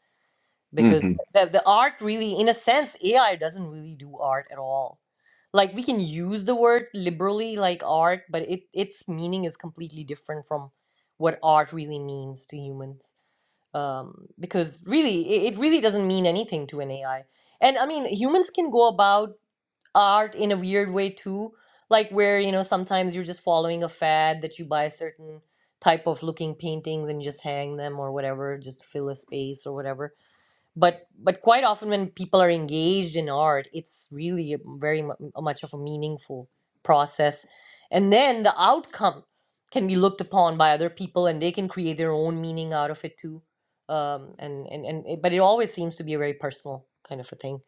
Speaker 3: because
Speaker 1: mhm
Speaker 3: the, the art really in a sense ai doesn't really do art at all like we can use the word liberally like art but it its meaning is completely different from what art really means to humans um, because really it, it really doesn't mean anything to an ai and i mean humans can go about art in a weird way too like where you know sometimes you're just following a fad that you buy certain type of looking paintings and you just hang them or whatever just to fill a space or whatever but but quite often when people are engaged in art it's really a very mu- much of a meaningful process and then the outcome can be looked upon by other people and they can create their own meaning out of it too um, and and, and it, but it always seems to be a very personal kind of a thing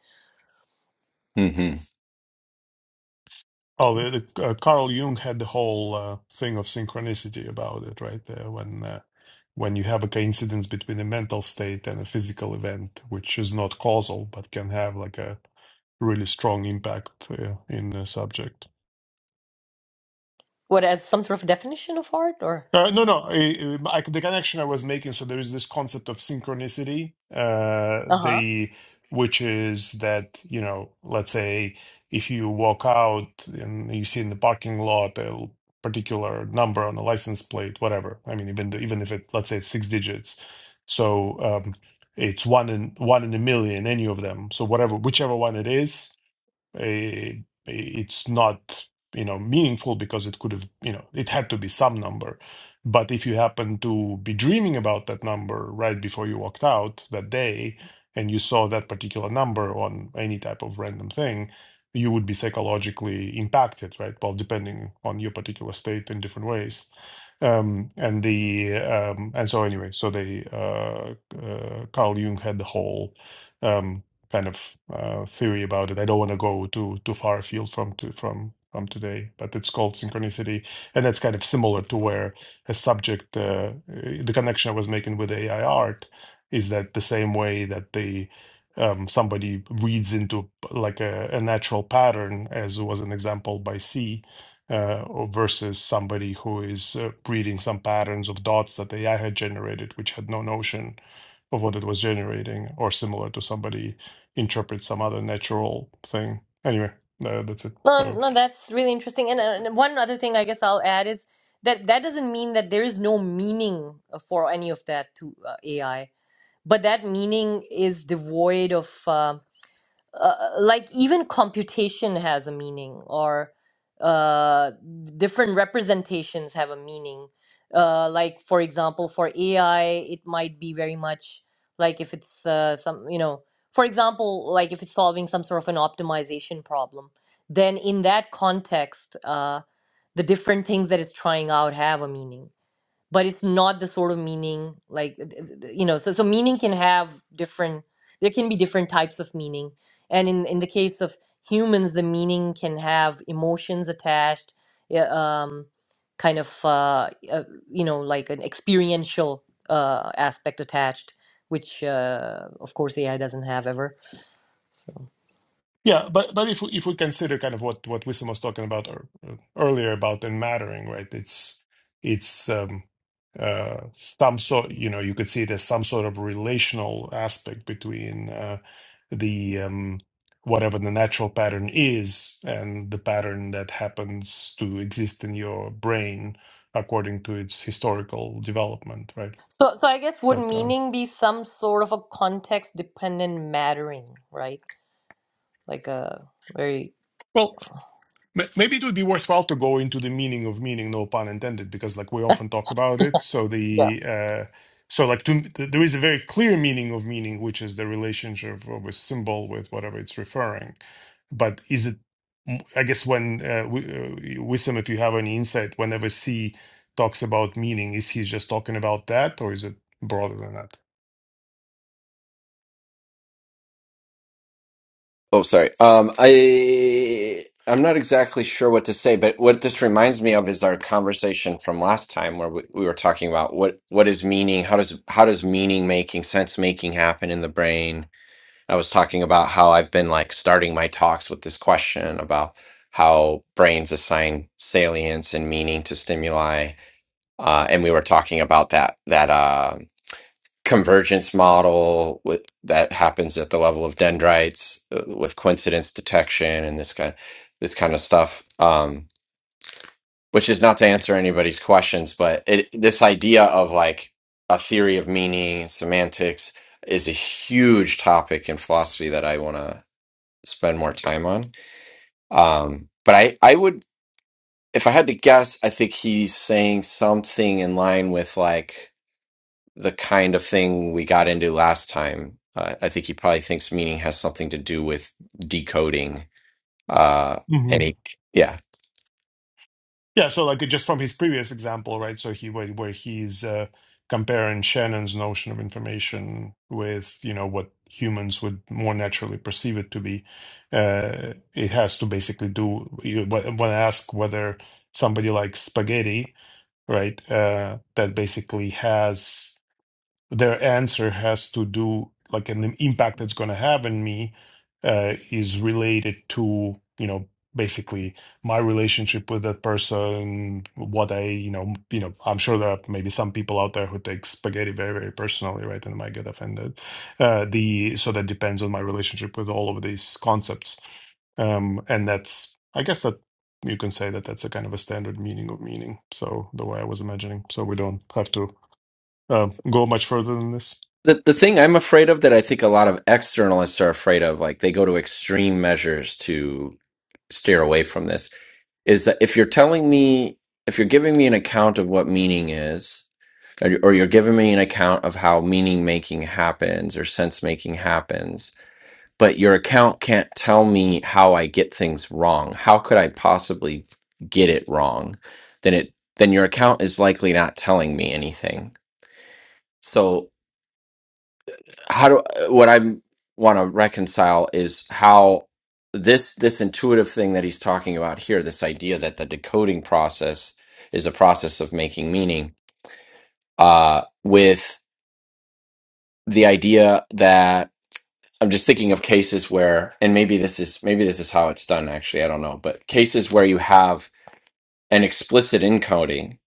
Speaker 4: Oh, the, the, uh, Carl Jung had the whole uh, thing of synchronicity about it, right? Uh, when uh, when you have a coincidence between a mental state and a physical event, which is not causal but can have like a really strong impact uh, in the subject.
Speaker 3: what as some sort of definition of art or
Speaker 4: Uh, no, no. I, I, the connection I was making. So there is this concept of synchronicity, uh,
Speaker 3: uh-huh
Speaker 4: the which is that you know, let's say if you walk out and you see in the parking lot a particular number on a license plate, whatever. I mean, even the, even if it let's say it's six digits, so um, it's one in one in a million, any of them. So whatever, whichever one it is, eh, it's not you know meaningful because it could have you know it had to be some number but if you happen to be dreaming about that number right before you walked out that day and you saw that particular number on any type of random thing you would be psychologically impacted right well depending on your particular state in different ways um, and the um, and so anyway so they uh, uh, carl jung had the whole um, kind of uh, theory about it. I don't want to go too too far afield from to, from from today, but it's called synchronicity, and that's kind of similar to where a subject, uh, eh, the connection I was making with AI art, is that the same way that they. Um, somebody reads into like a, a natural pattern, as was an example by C, uh, or versus somebody who is uh, reading some patterns of dots that AI had generated, which had no notion of what it was generating, or similar to somebody interpret some other natural thing. Anyway, uh, that's it.
Speaker 3: no,
Speaker 4: Uh,
Speaker 3: no that's really interesting and, uh, and one other thing i guess i'll add is that that doesn't mean that there is no meaning uh, for any of that to uh, ai but that meaning is devoid of um, uh, uh, like even computation has a meaning or uh, different representations have a meaning uh, like for example for ai it might be very much like if it's uh, some you know for example like if it's solving some sort of an optimization problem then in that context uh, the different things that it's trying out have a meaning but it's not the sort of meaning like th- th- th- you know so so meaning can have different there can be different types of meaning and in in the case of humans the meaning can have emotions attached yeah, um kind of uh, uh you know like an experiential uh aspect attached which uh of course ai doesn't have ever so
Speaker 4: yeah, but but if we, if we consider kind of what what Wisdom was talking about ear- earlier about and mattering, right? It's it's um, uh, some sort. You know, you could see there's some sort of relational aspect between uh, the um, whatever the natural pattern is and the pattern that happens to exist in your brain according to its historical development, right?
Speaker 3: so so i guess would
Speaker 4: But um,
Speaker 3: meaning be some sort of a context dependent mattering right like a very
Speaker 4: well, M- Maybe it would be worthwhile to go into the meaning of meaning, no pun intended, because like we often talk about it. So
Speaker 3: yeah
Speaker 4: the uh, so like to, th- there is a very clear meaning of meaning, which is the relationship of a symbol with whatever it's referring. But is it? m- I guess when uh, we, uh, wisdom, if you have any insight, whenever C talks about meaning, is he just talking about that, or is it broader than that?
Speaker 1: Oh, sorry. Um, I I'm not exactly sure what to say, but what this reminds me of is our conversation from last time where we, we were talking about what what is meaning, how does how does meaning making, sense making happen in the brain? I was talking about how I've been like starting my talks with this question about how brains assign salience and meaning to stimuli, uh, and we were talking about that that. uh, convergence model with, that happens at the level of dendrites uh, with coincidence detection and this kind this kind of stuff um, which is not to answer anybody's questions but it, this idea of like a theory of meaning semantics is a huge topic in philosophy that I want to spend more time on um, but I I would if I had to guess I think he's saying something in line with like the kind of thing we got into last time. Uh, I think he probably thinks meaning has something to do with decoding. Uh, and he, yeah.
Speaker 4: Yeah, so like just from his previous example, right? So he where, where he's uh, comparing Shannon's notion of information with, you know, what humans would more naturally perceive it to be. Uh, it has to basically do you, when when I ask whether somebody likes spaghetti, right? Uh, that basically has their answer has to do like and the impact it's going to have on me uh, is related to you know basically my relationship with that person what i you know you know i'm sure there are maybe some people out there who take spaghetti very very personally right and might get offended uh, the so that depends on my relationship with all of these concepts um, and that's i guess that you can say that that's a kind of a standard meaning of meaning so the way i was imagining so we don't have to um, go much further than this.
Speaker 1: The, the thing I'm afraid of that I think a lot of externalists are afraid of, like they go to extreme measures to steer away from this, is that if you're telling me, if you're giving me an account of what meaning is, or you- or you're giving me an account of how meaning making happens or sense making happens, but your account can't tell me how I get things wrong. How could I possibly get it wrong? Then it then your account is likely not telling me anything. So how do what I want to reconcile is how this this intuitive thing that he's talking about here, this idea that the decoding process is a process of making meaning, uh, with the idea that I'm just thinking of cases where, and maybe this is maybe this is how it's done. Actually, I don't know, but cases where you have an explicit encoding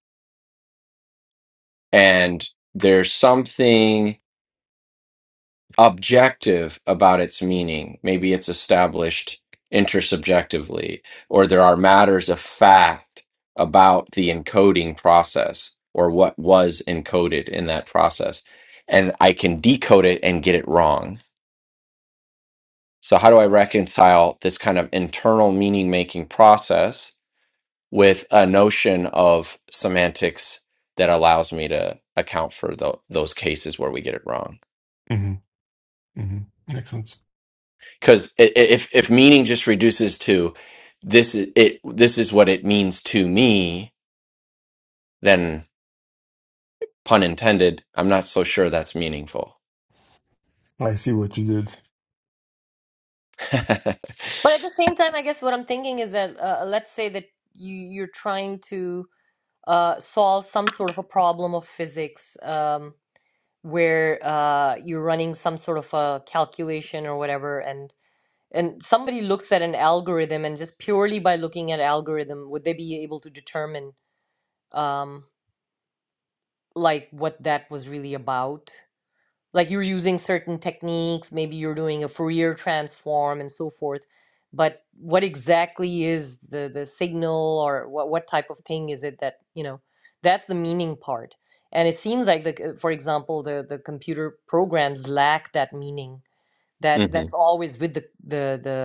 Speaker 1: and there's something objective about its meaning. Maybe it's established intersubjectively, or there are matters of fact about the encoding process or what was encoded in that process, and I can decode it and get it wrong So, how do I reconcile this kind of internal meaning making process with a notion of semantics that allows me to account for tho- those cases where we get it wrong?
Speaker 4: hmm hmm Makes sense.
Speaker 1: Because if if meaning just reduces to this is it, this is what it means to me, then pun intended, I'm not so sure that's meaningful.
Speaker 4: I see what you did.
Speaker 3: But at the same time, I guess what I'm thinking is that uh, let's say that you you're trying to uh, solve some sort of a problem of physics um, where uh, you're running some sort of a calculation or whatever, and and somebody looks at an algorithm and just purely by looking at algorithm, would they be able to determine um, like what that was really about? like you're using certain techniques, maybe you're doing a Fourier transform and so forth. But what exactly is the the signal or what what type of thing is it that, you know, that's the meaning part. And it seems like the c- for example, the the computer programs lack that meaning. That that's
Speaker 1: Mhm.
Speaker 3: always with the the the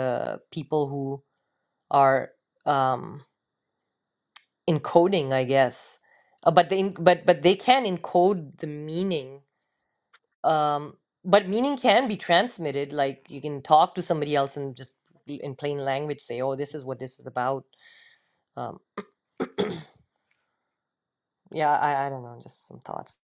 Speaker 3: people who are um encoding, I guess. Uh, but they en- but but they can encode the meaning um but meaning can be transmitted like you can talk to somebody else and just in plain language say oh this is what this is about um yeah i i don't know just some thoughts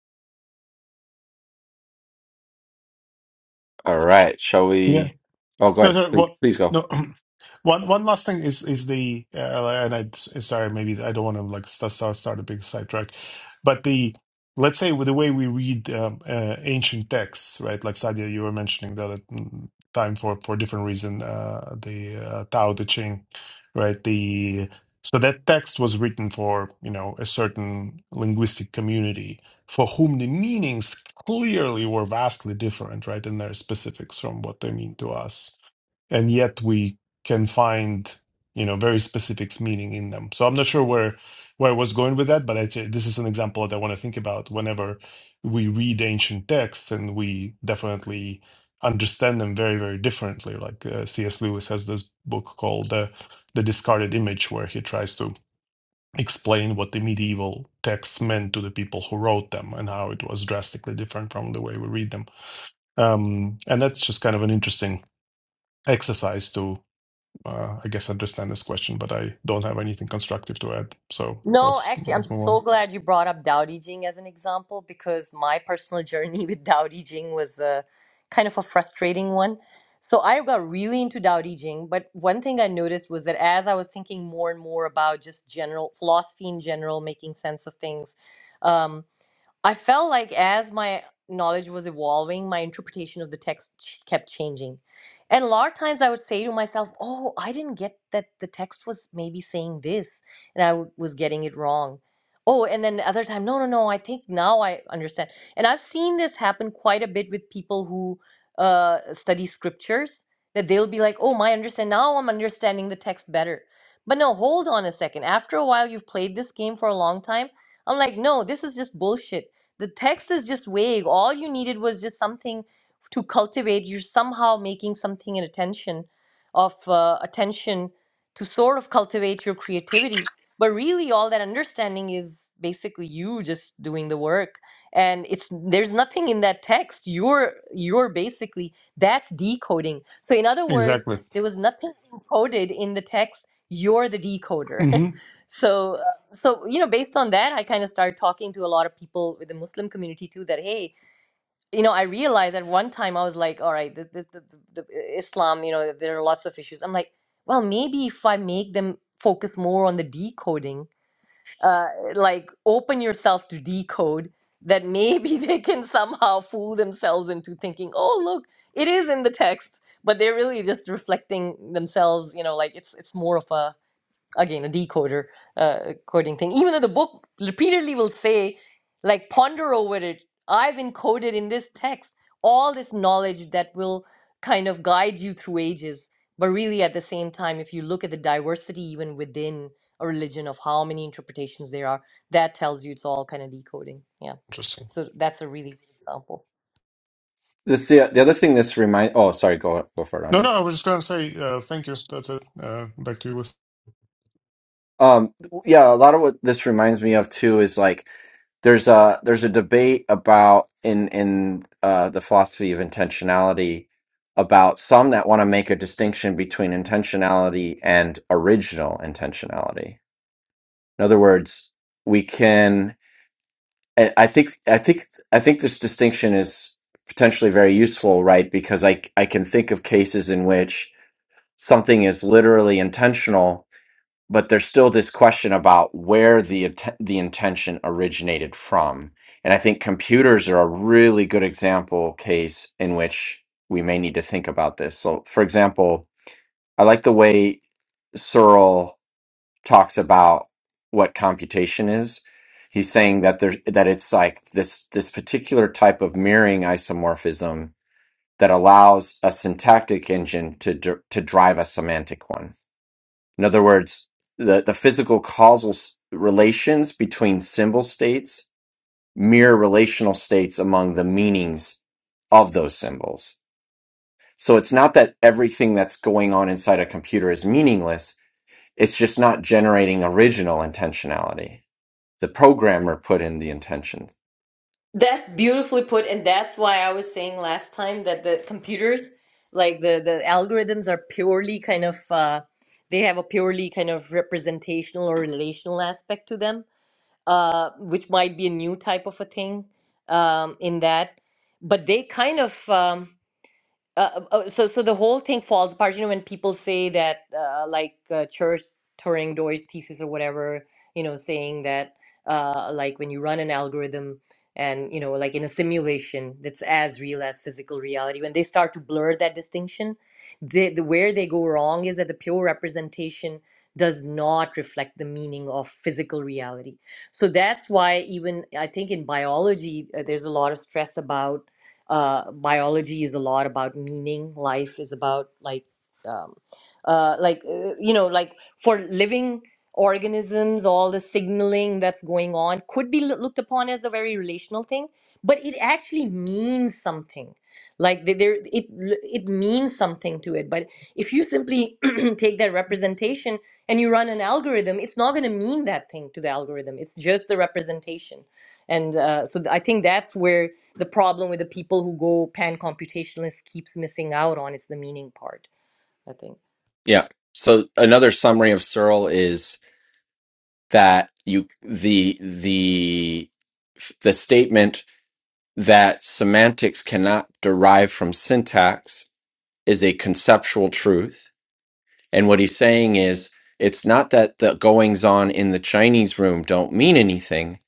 Speaker 1: All right, shall
Speaker 4: Yeah.
Speaker 1: we? Oh, go
Speaker 4: No,
Speaker 1: ahead.
Speaker 4: sorry.
Speaker 1: Please,
Speaker 4: What?
Speaker 1: please go.
Speaker 4: No. One one last thing is is the uh, and I sorry maybe I don't want to like start start start a big sidetrack, but the let's say with the way we read um, uh, ancient texts, right? Like Sadia, you were mentioning the other mm, time for for different reason, uh, the uh, Tao Te Ching, right? The so that text was written for you know a certain linguistic community for whom the meanings clearly were vastly different, right, in their specifics from what they mean to us and yet we can find you know very specific meaning in them so i'm not sure where where i was going with that but actually this is an example that i want to think about whenever we read ancient texts and we definitely understand them very very differently like uh, cs lewis has this book called uh, the discarded image where he tries to explain what the medieval texts meant to the people who wrote them and how it was drastically different from the way we read them um, and that's just kind of an interesting exercise to uh, I guess understand this question, but I don't have anything constructive to add. So
Speaker 3: No,
Speaker 4: let's
Speaker 3: actually, I'm
Speaker 4: let's move
Speaker 3: so
Speaker 4: on.
Speaker 3: glad you brought up Tao Te Ching as an example because my personal journey with Tao Te Ching was a kind of a frustrating one. So I got really into Tao Te Ching, but one thing I noticed was that as I was thinking more and more about just general philosophy in general, making sense of things, um, I felt like as my knowledge was evolving, my interpretation of the text ch- kept changing. And a lot of times I would say to myself, oh, I didn't get that the text was maybe saying this and I w- was getting it wrong. Oh, and then other time, no, no, no, I think now I understand. And I've seen this happen quite a bit with people who uh, study scriptures, that they'll be like, oh, my understand, now I'm understanding the text better. But no, hold on a second. After a while, you've played this game for a long time. I'm like, no, this is just bullshit the text is just vague. All you needed was just something to cultivate. You're somehow making something an attention of uh, attention to sort of cultivate your creativity. But really, all that understanding is basically you just doing the work, and it's there's nothing in that text. You're you're basically that's decoding. So in other words,
Speaker 4: Exactly.
Speaker 3: there was nothing encoded in the text. You're the decoder.
Speaker 4: hmm
Speaker 3: so so you know based on that i kind of started talking to a lot of people with the muslim community too that hey you know i realized at one time i was like all right this, this the, the, the islam you know there are lots of issues i'm like well maybe if i make them focus more on the decoding uh, like open yourself to decode that maybe they can somehow fool themselves into thinking oh look it is in the text but they're really just reflecting themselves you know like it's it's more of a again a decoder uh, coding thing even though the book repeatedly will say like ponder over it i've encoded in this text all this knowledge that will kind of guide you through ages but really at the same time if you look at the diversity even within a religion of how many interpretations there are that tells you it's all kind of decoding yeah
Speaker 4: Interesting.
Speaker 3: so that's a really good example
Speaker 1: This the the other thing. This remind. Oh, sorry. Go go for it,
Speaker 4: No,
Speaker 1: Andre.
Speaker 4: no, I was just gonna say uh, thank you. That's it. Uh, back to you with.
Speaker 1: Um, yeah, a lot of what this reminds me of too is like there's a there's a debate about in in uh, the philosophy of intentionality about some that want to make a distinction between intentionality and original intentionality. In other words, we can. I I think I think I think this distinction is potentially very useful, right? Because I I can think of cases in which something is literally intentional but there's still this question about where the int- the intention originated from and i think computers are a really good example case in which we may need to think about this so for example i like the way searle talks about what computation is he's saying that there's that it's like this this particular type of mirroring isomorphism that allows a syntactic engine to dr- to drive a semantic one in other words, the, the physical causal s- relations between symbol states mirror relational states among the meanings of those symbols. So it's not that everything that's going on inside a computer is meaningless. It's just not generating original intentionality. The programmer put in the intention.
Speaker 3: That's beautifully put, and that's why I was saying last time that the computers, like the the algorithms, are purely kind of uh, they have a purely kind of representational or relational aspect to them, uh, which might be a new type of a thing um, in that, but they kind of um, uh, uh, oh, so so the whole thing falls apart. You know, when people say that, uh, like uh, Church Turing Doyle's thesis or whatever, you know, saying that, uh, like when you run an algorithm and you know, like in a simulation that's as real as physical reality, when they start to blur that distinction, they, the where they go wrong is that the pure representation does not reflect the meaning of physical reality. So that's why even I think in biology uh, there's a lot of stress about uh, biology is a lot about meaning. Life is about like, um, uh, like uh, you know, like for living organisms, all the signaling that's going on could be loo- looked upon as a very relational thing, but it actually means something. Like the- there, it it means something to it. But if you simply take that representation and you run an algorithm, it's not going to mean that thing to the algorithm. It's just the representation, and uh, so th- I think that's where the problem with the people who go pan computationalist keeps missing out on is the meaning part i think
Speaker 1: Yeah. So another summary of Searle is that you the the the statement that semantics cannot derive from syntax is a conceptual truth. And what he's saying is it's not that the goings on in the Chinese room don't mean anything.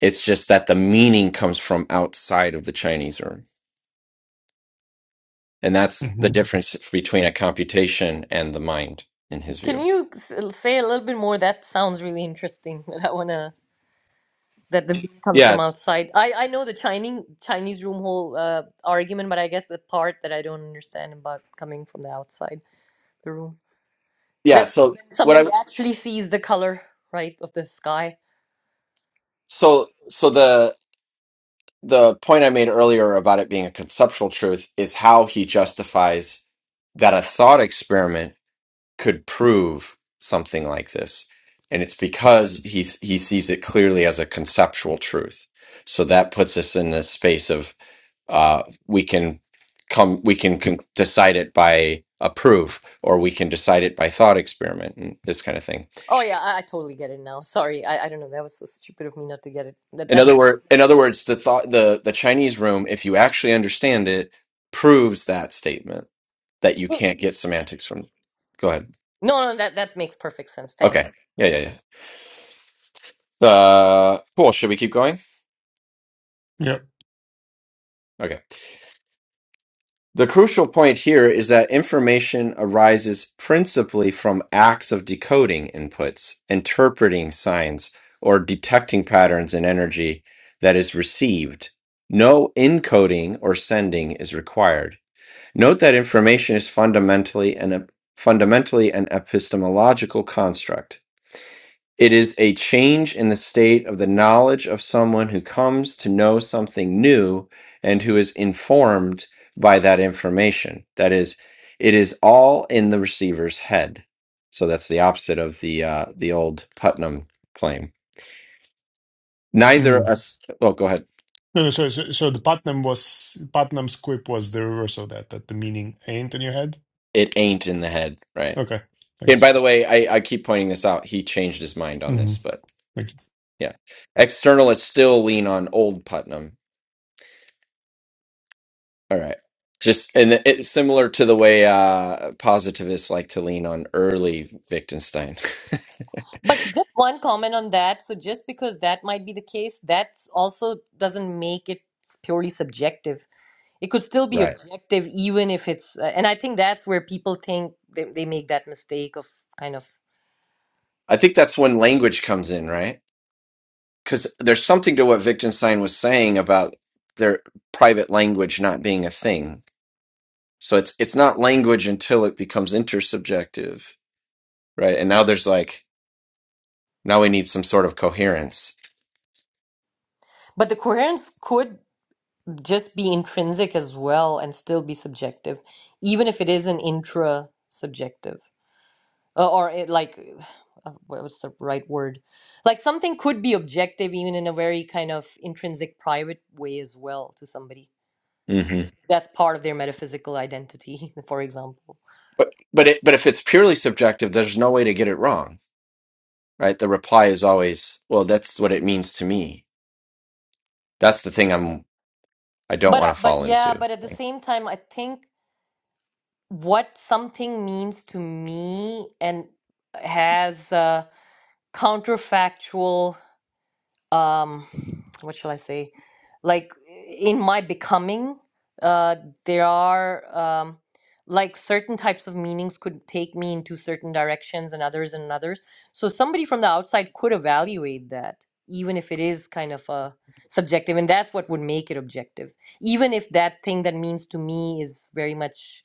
Speaker 1: It's just that the meaning comes from outside of the Chinese room. And that's the
Speaker 4: hmm
Speaker 1: difference between a computation and the mind, in his
Speaker 3: can
Speaker 1: view.
Speaker 3: you say a little bit more that sounds really interesting but i want to that the meaning comes
Speaker 1: Yeah,
Speaker 3: from
Speaker 1: it's
Speaker 3: outside i i know the chinese chinese room whole uh, argument but i guess the part that i don't understand about coming from the outside the room that
Speaker 1: yeah. So what I
Speaker 3: somebody actually sees the color right of the sky
Speaker 1: So, so the the point I made earlier about it being a conceptual truth is how he justifies that a thought experiment could prove something like this, and it's because he he sees it clearly as a conceptual truth. So that puts us in the space of uh, we can come we can con- decide it by a proof, or we can decide it by thought experiment, and this kind of thing.
Speaker 3: oh yeah i, I totally get it now sorry I, I don't know that was so stupid of me not to get it that
Speaker 1: In
Speaker 3: that
Speaker 1: other word, in other words, the thought, the the Chinese room, if you actually understand it, proves that statement that you
Speaker 3: no
Speaker 1: can't get semantics from. Go ahead.
Speaker 3: no that that makes perfect sense thanks
Speaker 1: Okay. Yeah, yeah, yeah. Uh, cool. Should we keep going?
Speaker 4: Yeah.
Speaker 1: Okay. The crucial point here is that information arises principally from acts of decoding inputs, interpreting signs, or detecting patterns in energy that is received. No encoding or sending is required. Note that information is fundamentally an fundamentally an epistemological construct. It is a change in the state of the knowledge of someone who comes to know something new and who is informed by that information. That is, it is all in the receiver's head. So that's the opposite of the uh, the old Putnam claim. Neither
Speaker 4: Mm.
Speaker 1: us. Oh, go ahead.
Speaker 4: No, no, so, so so the Putnam was Putnam's quip was the reverse of that. That the meaning ain't in your head.
Speaker 1: It ain't in the head, right?
Speaker 4: Okay.
Speaker 1: And
Speaker 4: Thanks.
Speaker 1: by the way, I, I keep pointing this out. He changed his mind on
Speaker 4: hmm
Speaker 1: this, but.
Speaker 4: Thank you.
Speaker 1: Yeah. Externalists still lean on old Putnam. All right. Just and it's similar to the way uh positivists like to lean on early Wittgenstein.
Speaker 3: But just one comment on that. So just because that might be the case, that also doesn't make it s- purely subjective. It could still be
Speaker 1: Right.
Speaker 3: objective, even if it's. Uh, and I think that's where people think they, they make that mistake of kind of.
Speaker 1: I think that's when language comes in, right? Cuz there's something to what Wittgenstein was saying about their private language not being a thing. So it's it's not language until it becomes intersubjective, right? And now there's like now we need some sort of coherence.
Speaker 3: But the coherence could just be intrinsic as well and still be subjective, even if it is an intra subjective uh, or it like. Uh, what was the right word? Like something could be objective, even in a very kind of intrinsic, private way as well to somebody.
Speaker 1: hmm
Speaker 3: that's part of their metaphysical identity for example
Speaker 1: But but it, but if it's purely subjective, there's no way to get it wrong, right? The reply is always, "Well, that's what it means to me." That's the thing I'm I don't
Speaker 3: but uh,
Speaker 1: want to
Speaker 3: but
Speaker 1: fall
Speaker 3: yeah
Speaker 1: into.
Speaker 3: but at the same time i think what something means to me and has a counterfactual um what shall i say like in my becoming uh there are um like certain types of meanings could take me into certain directions and others and others so somebody from the outside could evaluate that even if it is kind of a subjective and that's what would make it objective even if that thing that means to me is very much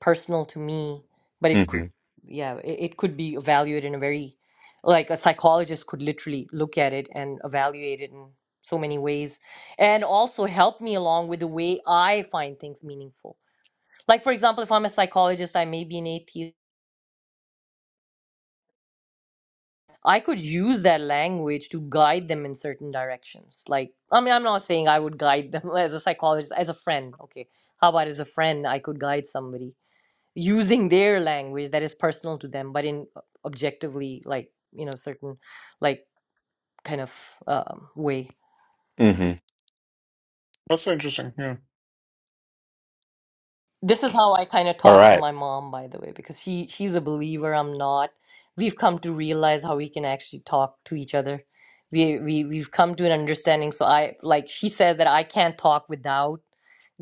Speaker 3: personal to me but it could
Speaker 1: hmm
Speaker 3: yeah it, it could be evaluated in a very like a psychologist could literally look at it and evaluate it in so many ways and also help me along with the way i find things meaningful like for example if i'm a psychologist i may be an atheist i could use that language to guide them in certain directions like i mean i'm not saying i would guide them as a psychologist as a friend okay how about as a friend i could guide somebody using their language that is personal to them but in uh, objectively like you know certain like kind of um, way
Speaker 1: hmm
Speaker 4: That's interesting. Yeah.
Speaker 3: this is how i kind of
Speaker 1: All
Speaker 3: talk to
Speaker 1: right.
Speaker 3: my mom by the way because she she's a believer i'm not we've come to realize how we can actually talk to each other we, we we've come to an understanding so i like she says that i can't talk without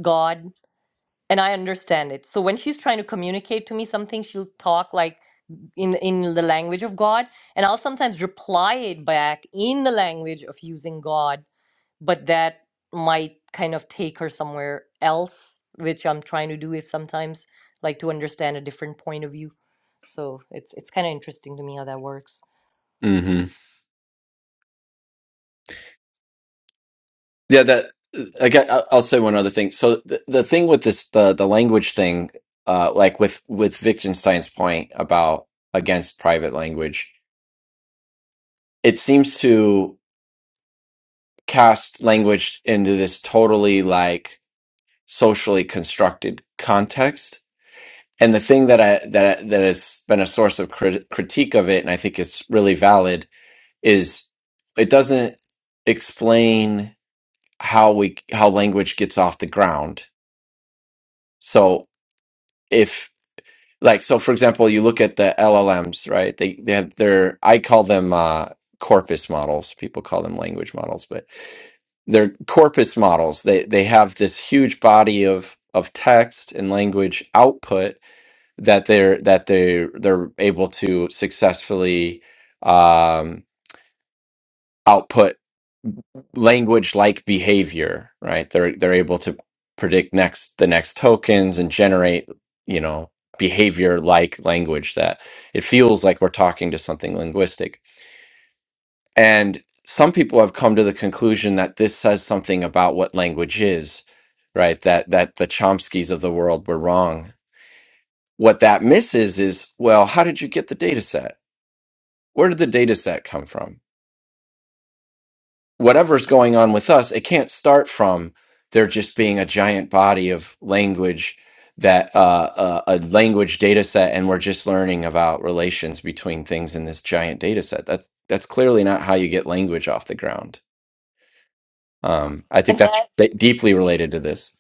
Speaker 3: god and i understand it so when she's trying to communicate to me something she'll talk like in in the language of God, and I'll sometimes reply it back in the language of using God, but that might kind of take her somewhere else, which I'm trying to do if sometimes like to understand a different point of view. So it's it's kind of interesting to me how that works.
Speaker 1: Yeah, that I got, I- I'll say one other thing. So the, the thing with this the the language thing, uh, like with with Wittgenstein's point about against private language, it seems to cast language into this totally like socially constructed context. And the thing that I that that has been a source of crit- critique of it, and I think it's really valid, is it doesn't explain how we how language gets off the ground. So like so for example you look at the llms right they they have their i call them uh corpus models people call them language models but they're corpus models they they have this huge body of of text and language output that they're that they they're they're able to successfully um output language like behavior, right? They're they're able to predict next the next tokens and generate, you know, behavior like language that it feels like we're talking to something linguistic. And some people have come to the conclusion that this says something about what language is, right? That that the Chomskys of the world were wrong. What that misses is, well, how did you get the data set? Where did the data set come from? whatever's going on with us, it can't start from there just being a giant body of language that uh, uh, a language data set, and we're just learning about relations between things in this giant data set. That's that's clearly not how you get language off the ground. Um, I think
Speaker 3: And
Speaker 1: that's
Speaker 3: that
Speaker 1: d- deeply related to this.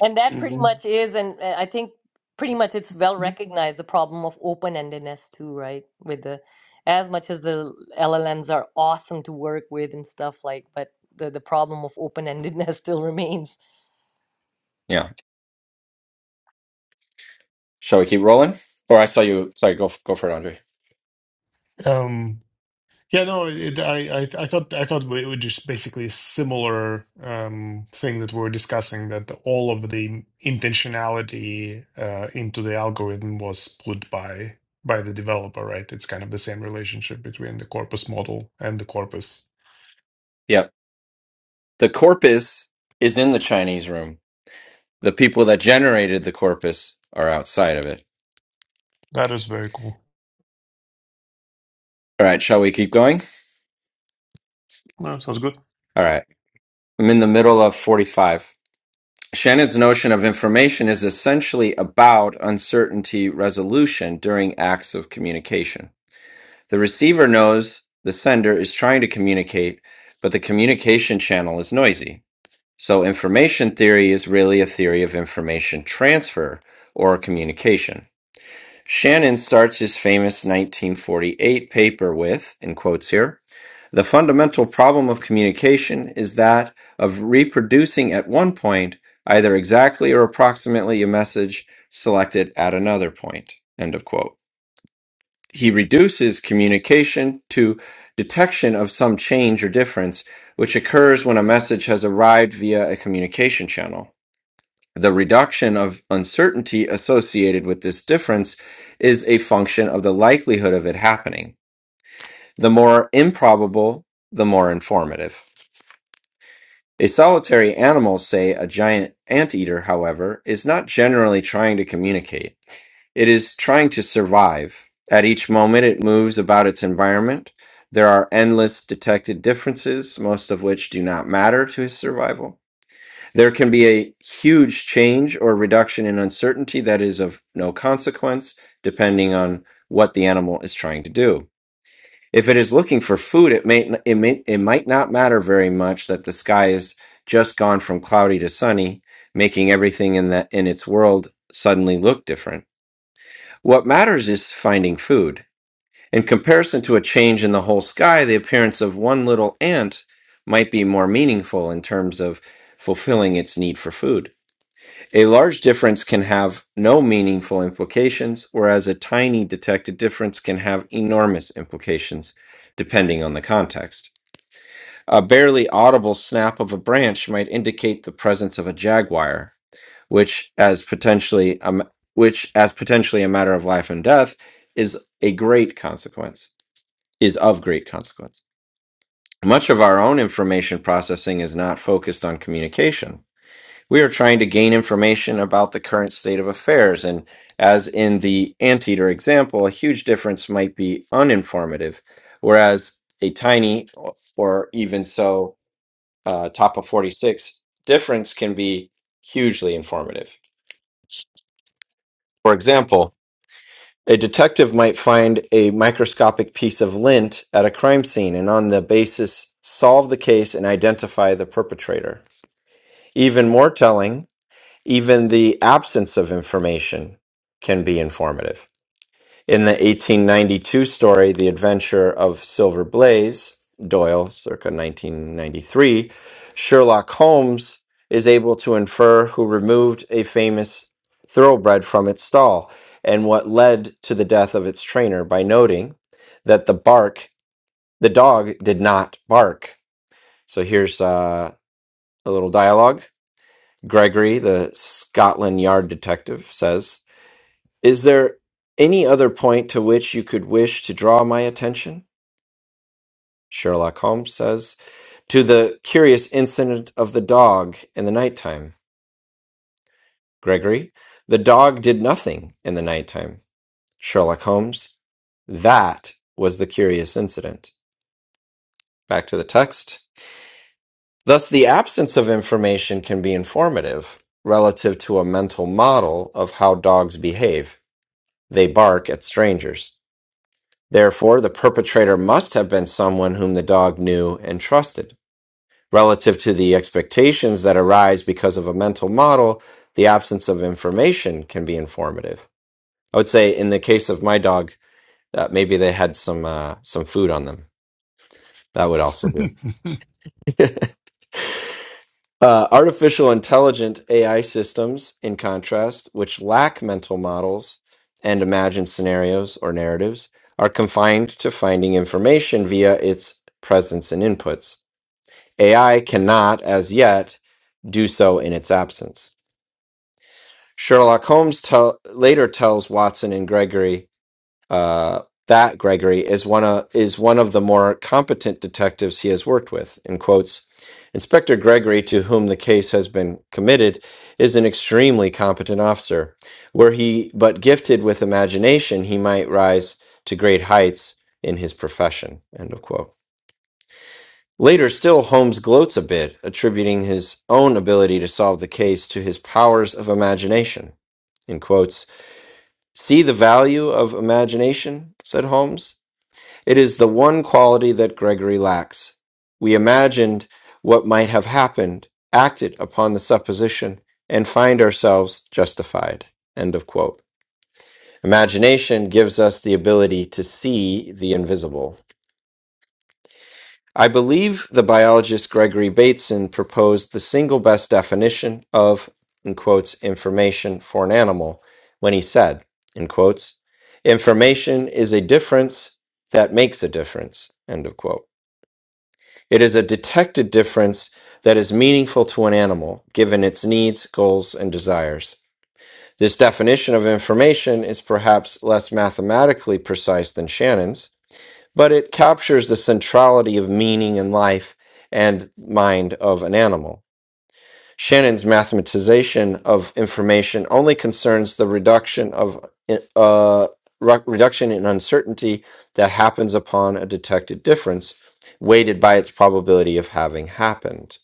Speaker 3: And that pretty
Speaker 4: hmm
Speaker 3: much is, and uh, I think pretty much it's well recognized the problem of open-endedness too, right? With the as much as the LLMs are awesome to work with and stuff like, but the the problem of open-endedness still remains.
Speaker 1: Yeah. Shall we keep rolling? Or I saw you. Sorry, go f- go for it, Andre.
Speaker 4: Um. Yeah, no, it, I, I, I thought, I thought it was just basically a similar um, thing that we were discussing, that all of the intentionality uh, into the algorithm was put by by the developer, right? It's kind of the same relationship between the corpus model and the corpus.
Speaker 1: Yep. The corpus is in the Chinese room. The people that generated the corpus are outside of it.
Speaker 4: That is very cool.
Speaker 1: All right. Shall we keep going?
Speaker 4: No, sounds good.
Speaker 1: All right. I'm in the middle of 45. Shannon's notion of information is essentially about uncertainty resolution during acts of communication. The receiver knows the sender is trying to communicate, but the communication channel is noisy. So, information theory is really a theory of information transfer or communication. Shannon starts his famous 1948 paper with, in quotes here, the fundamental problem of communication is that of reproducing at one point either exactly or approximately a message selected at another point. End of quote. He reduces communication to detection of some change or difference which occurs when a message has arrived via a communication channel. The reduction of uncertainty associated with this difference is a function of the likelihood of it happening. The more improbable, the more informative. A solitary animal, say a giant anteater, however, is not generally trying to communicate. It is trying to survive. At each moment it moves about its environment. There are endless detected differences, most of which do not matter to his survival. There can be a huge change or reduction in uncertainty that is of no consequence, depending on what the animal is trying to do. If it is looking for food, it may it may it might not matter very much that the sky is just gone from cloudy to sunny, making everything in that in its world suddenly look different. What matters is finding food. In comparison to a change in the whole sky, the appearance of one little ant might be more meaningful in terms of fulfilling its need for food. A large difference can have no meaningful implications, whereas a tiny detected difference can have enormous implications, depending on the context. A barely audible snap of a branch might indicate the presence of a jaguar, which, as potentially a, m- which, as potentially a matter of life and death, is a great consequence. Is of great consequence. Much of our own information processing is not focused on communication we are trying to gain information about the current state of affairs, and as in the anteater example, a huge difference might be uninformative, whereas a tiny or even so uh, top of 46 difference can be hugely informative. For example, a detective might find a microscopic piece of lint at a crime scene and on the basis solve the case and identify the perpetrator. Even more telling, Even the absence of information can be informative. In the 1892 story, The Adventure of Silver Blaze, Doyle, circa 1993, Sherlock Holmes is able to infer who removed a famous thoroughbred from its stall and what led to the death of its trainer by noting that the bark, the dog did not bark. So here's uh, a little dialogue. Gregory, the Scotland Yard detective, says. Is there any other point to which you could wish to draw my attention? Sherlock Holmes says, to the curious incident of the dog in the nighttime. Gregory, the dog did nothing in the nighttime. Sherlock Holmes, that was the curious incident. Back to the text. Thus, the absence of information can be informative relative to a mental model of how dogs behave. They bark at strangers. Therefore, the perpetrator must have been someone whom the dog knew and trusted. Relative to the expectations that arise because of a mental model, the absence of information can be informative. I would say, in the case of my dog, uh, maybe they had some uh, some food on them. That would also do. Uh, artificial intelligent AI systems, in contrast, which lack mental models and imagined scenarios or narratives, are confined to finding information via its presence and inputs. AI cannot, as yet, do so in its absence. Sherlock Holmes tell, later tells Watson and Gregory uh, that Gregory is one of is one of the more competent detectives he has worked with, and quotes, "Inspector Gregory, to whom the case has been committed, is an extremely competent officer. Were he but gifted with imagination, he might rise to great heights in his profession." End of quote. Later still, Holmes gloats a bit, attributing his own ability to solve the case to his powers of imagination. In quotes, see the value of imagination, said Holmes. It is the one quality that Gregory lacks. We imagined what might have happened, acted upon the supposition, and find ourselves justified. End of quote. Imagination gives us the ability to see the invisible. I believe the biologist Gregory Bateson proposed the single best definition of, in quotes, information for an animal when he said, in quotes, information is a difference that makes a difference, end of quote. It is a detected difference that is meaningful to an animal, given its needs, goals, and desires. This definition of information is perhaps less mathematically precise than Shannon's, but it captures the centrality of meaning and life and mind of an animal. Shannon's mathematization of information only concerns the reduction of uh, re- reduction in uncertainty that happens upon a detected difference, weighted by its probability of having happened.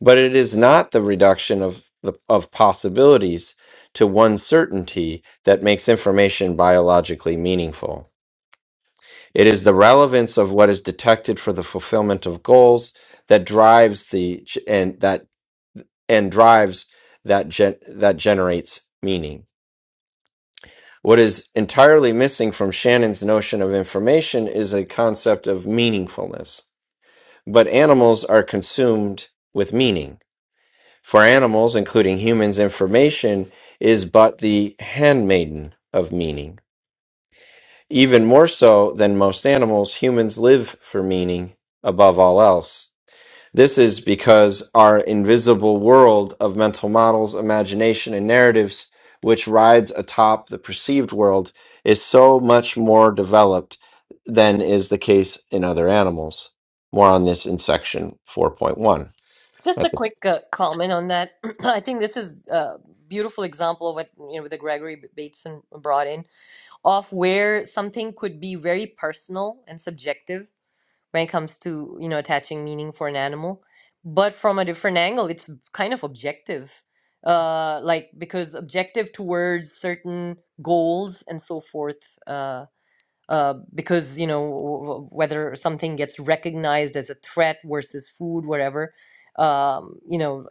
Speaker 1: But it is not the reduction of the, of possibilities to one certainty that makes information biologically meaningful. It is the relevance of what is detected for the fulfillment of goals that drives the and that and drives that gen, that generates meaning. What is entirely missing from Shannon's notion of information is a concept of meaningfulness. But animals are consumed with meaning. For animals, including humans, information is but the handmaiden of meaning. Even more so than most animals, humans live for meaning above all else This is because our invisible world of mental models, imagination, and narratives, which rides atop the perceived world, is so much more developed than is the case in other animals. More on this in section 4one
Speaker 3: Just a quick uh, comment on that. I think this is a beautiful example of what you know the Gregory B- Bateson brought in of where something could be very personal and subjective when it comes to you know attaching meaning for an animal but from a different angle it's kind of objective uh like because objective towards certain goals and so forth uh uh, because you know w- w- whether something gets recognized as a threat versus food, whatever, um, you know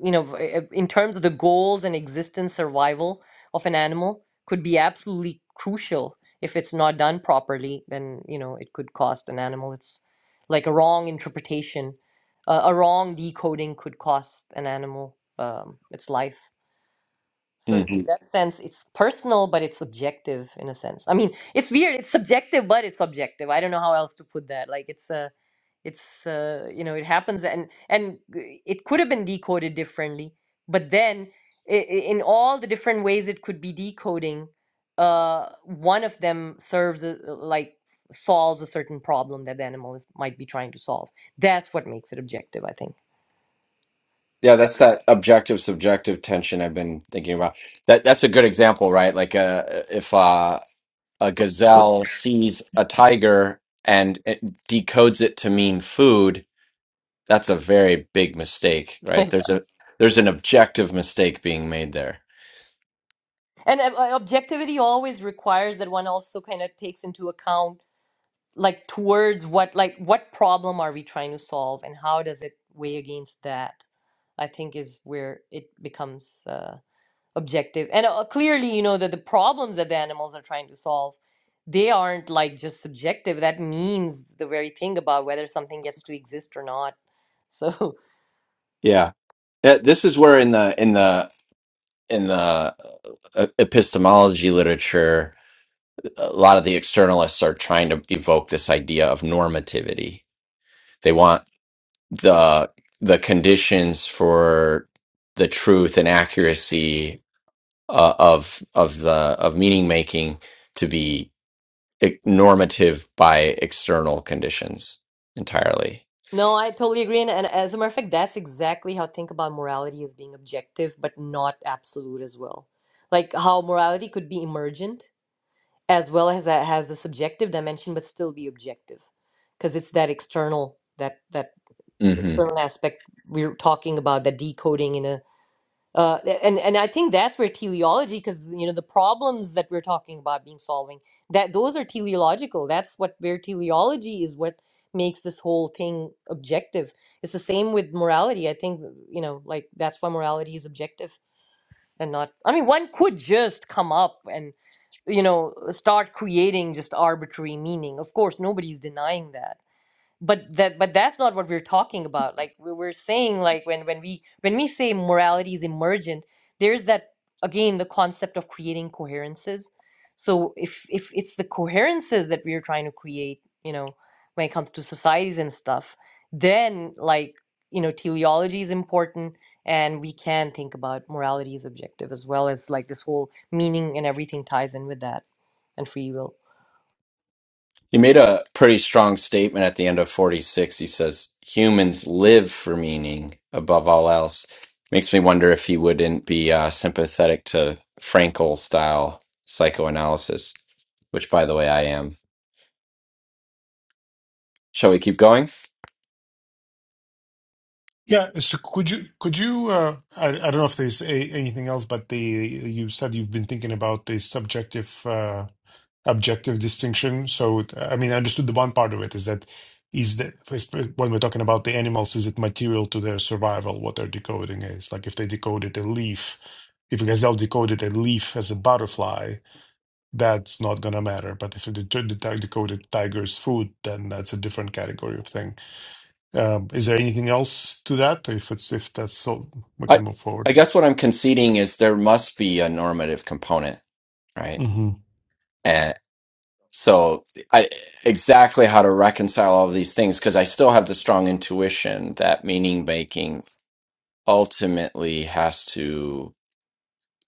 Speaker 3: you know, v- uh, in terms of the goals and existence survival of an animal could be absolutely crucial. If it's not done properly, then, you know, it could cost an animal. It's like a wrong interpretation, uh, a wrong decoding could cost an animal um, its life. So, so in
Speaker 1: Mhm.
Speaker 3: that sense, it's personal, but it's subjective in a sense. I mean, it's weird. It's subjective, but it's objective. I don't know how else to put that. Like it's a it's uh, you know it happens and and g- it could have been decoded differently but then i- i- in all the different ways it could be decoding uh, one of them serves a, like solves a certain problem that the animal is, might be trying to solve that's what makes it objective i think
Speaker 1: Yeah, that's that objective subjective tension I've been thinking about. That that's a good example, right? Like uh, if uh, a gazelle sees a tiger and it decodes it to mean food, that's a very big mistake, right? There's a there's an objective mistake being made there.
Speaker 3: and uh, uh, objectivity always requires that one also kind of takes into account like towards what like what problem are we trying to solve and how does it weigh against that i think is where it becomes uh, objective and uh, clearly you know that the problems that the animals are trying to solve they aren't like just subjective that means the very thing about whether something gets to exist or not so
Speaker 1: Yeah. Yeah, This is where in the in the in the uh, epistemology literature, a lot of the externalists are trying to evoke this idea of normativity. They want the the conditions for the truth and accuracy uh, of of the of meaning making to be e- normative by external conditions entirely.
Speaker 3: no i totally agree and, and as a matter of fact that's exactly how I think about morality as being objective but not absolute as well like how morality could be emergent as well as that has the subjective dimension but still be objective because it's that external that that
Speaker 1: hmm
Speaker 3: external aspect we're talking about that decoding in a uh, and and I think that's where teleology because you know the problems that we're talking about being solving that those are teleological that's what where teleology is what makes this whole thing objective it's the same with morality I think you know like that's why morality is objective and not I mean one could just come up and you know start creating just arbitrary meaning of course nobody's denying that but that but that's not what we're talking about like we we're saying like when when we when we say morality is emergent there's that again the concept of creating coherences so if if it's the coherences that we're trying to create you know when it comes to societies and stuff then like you know teleology is important and we can think about morality as objective as well as like this whole meaning and everything ties in with that and free will
Speaker 1: He made a pretty strong statement at the end of forty six. He says humans live for meaning above all else. Makes me wonder if he wouldn't be uh, sympathetic to Frankel style psychoanalysis, which, by the way, I am. Shall we keep going?
Speaker 4: Yeah, so could you, could you, uh, I, I don't know if there's a, anything else, but the, you said you've been thinking about the subjective, uh, objective distinction. So, I mean, I understood the one part of it is that is that when we're talking about the animals, is it material to their survival what they're decoding is? Like if they decoded a leaf, if a gazelle decoded a leaf as a butterfly, that's not gonna matter. But if it det- det- decoded tiger's food, then that's a different category of thing. Um, is there anything else to that? If it's if that's all, we
Speaker 1: I
Speaker 4: can move forward.
Speaker 1: I guess what I'm conceding is there must be a normative component, right?
Speaker 4: Mm-hmm.
Speaker 1: And so I exactly how to reconcile all of these things because I still have the strong intuition that meaning making ultimately has to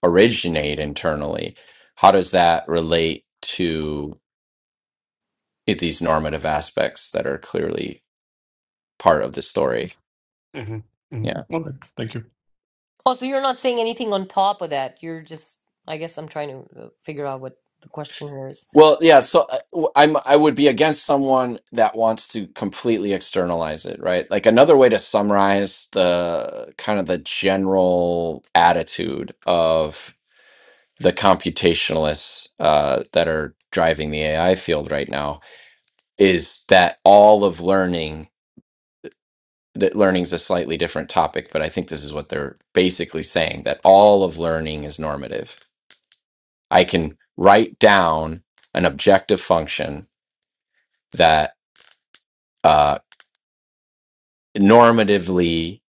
Speaker 1: originate internally. How does that relate to these normative aspects that are clearly part of the story?
Speaker 4: Mm-hmm.
Speaker 1: Yeah.
Speaker 4: Mm-hmm. All right. Thank you.
Speaker 3: Oh, so you're not saying anything on top of that. You're just, I guess I'm trying to uh, figure out what the question here is.
Speaker 1: Well, yeah. So uh, w- I'm I would be against someone that wants to completely externalize it, right? Like another way to summarize the kind of the general attitude of the computationalists uh, that are driving the AI field right now is that all of learning that learning's a slightly different topic, but I think this is what they're basically saying that all of learning is normative. I can write down an objective function that uh, normatively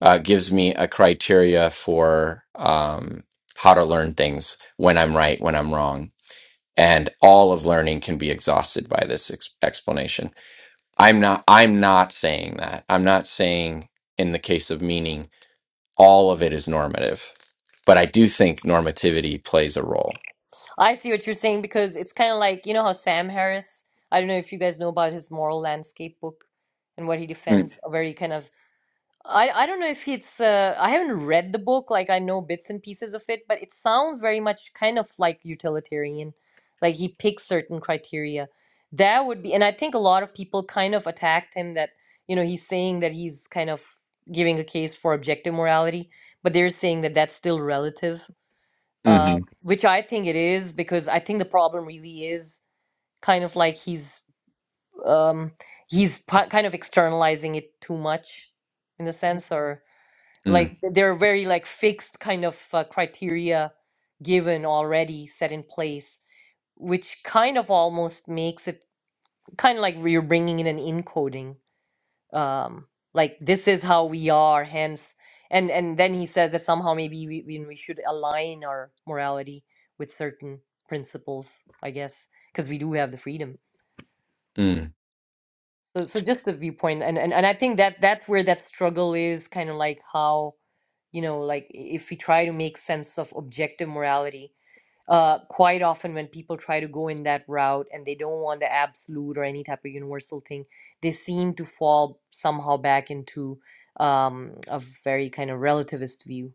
Speaker 1: uh, gives me a criteria for um, how to learn things when I'm right, when I'm wrong. And all of learning can be exhausted by this ex- explanation. I'm not. I'm not saying that. I'm not saying in the case of meaning, all of it is normative. But I do think normativity plays a role.
Speaker 3: I see what you're saying because it's kind of like, you know how Sam Harris, I don't know if you guys know about his moral landscape book and what he
Speaker 1: Mm,
Speaker 3: defends, a very kind of I, I don't know if it's uh, I haven't read the book like I know bits and pieces of it but it sounds very much kind of like utilitarian like he picks certain criteria that would be and I think a lot of people kind of attacked him that you know he's saying that he's kind of giving a case for objective morality but they're saying that that's still relative uh,
Speaker 1: mhm,
Speaker 3: which I think it is because I think the problem really is kind of like he's um, he's pi- kind of externalizing it too much in a sense or
Speaker 1: mm,
Speaker 3: like th- they're very like fixed kind of uh, criteria given already set in place, which kind of almost makes it kind of like you're bringing in an encoding. Um, like this is how we are, hence, and and then he says that somehow maybe we we, we should align our morality with certain principles, I guess, because we do have the freedom.
Speaker 1: mm.
Speaker 3: So so just a viewpoint, and and and I think that that's where that struggle is, kind of like how you know like if we try to make sense of objective morality uh quite often when people try to go in that route and they don't want the absolute or any type of universal thing they seem to fall somehow back into um a very kind of relativist view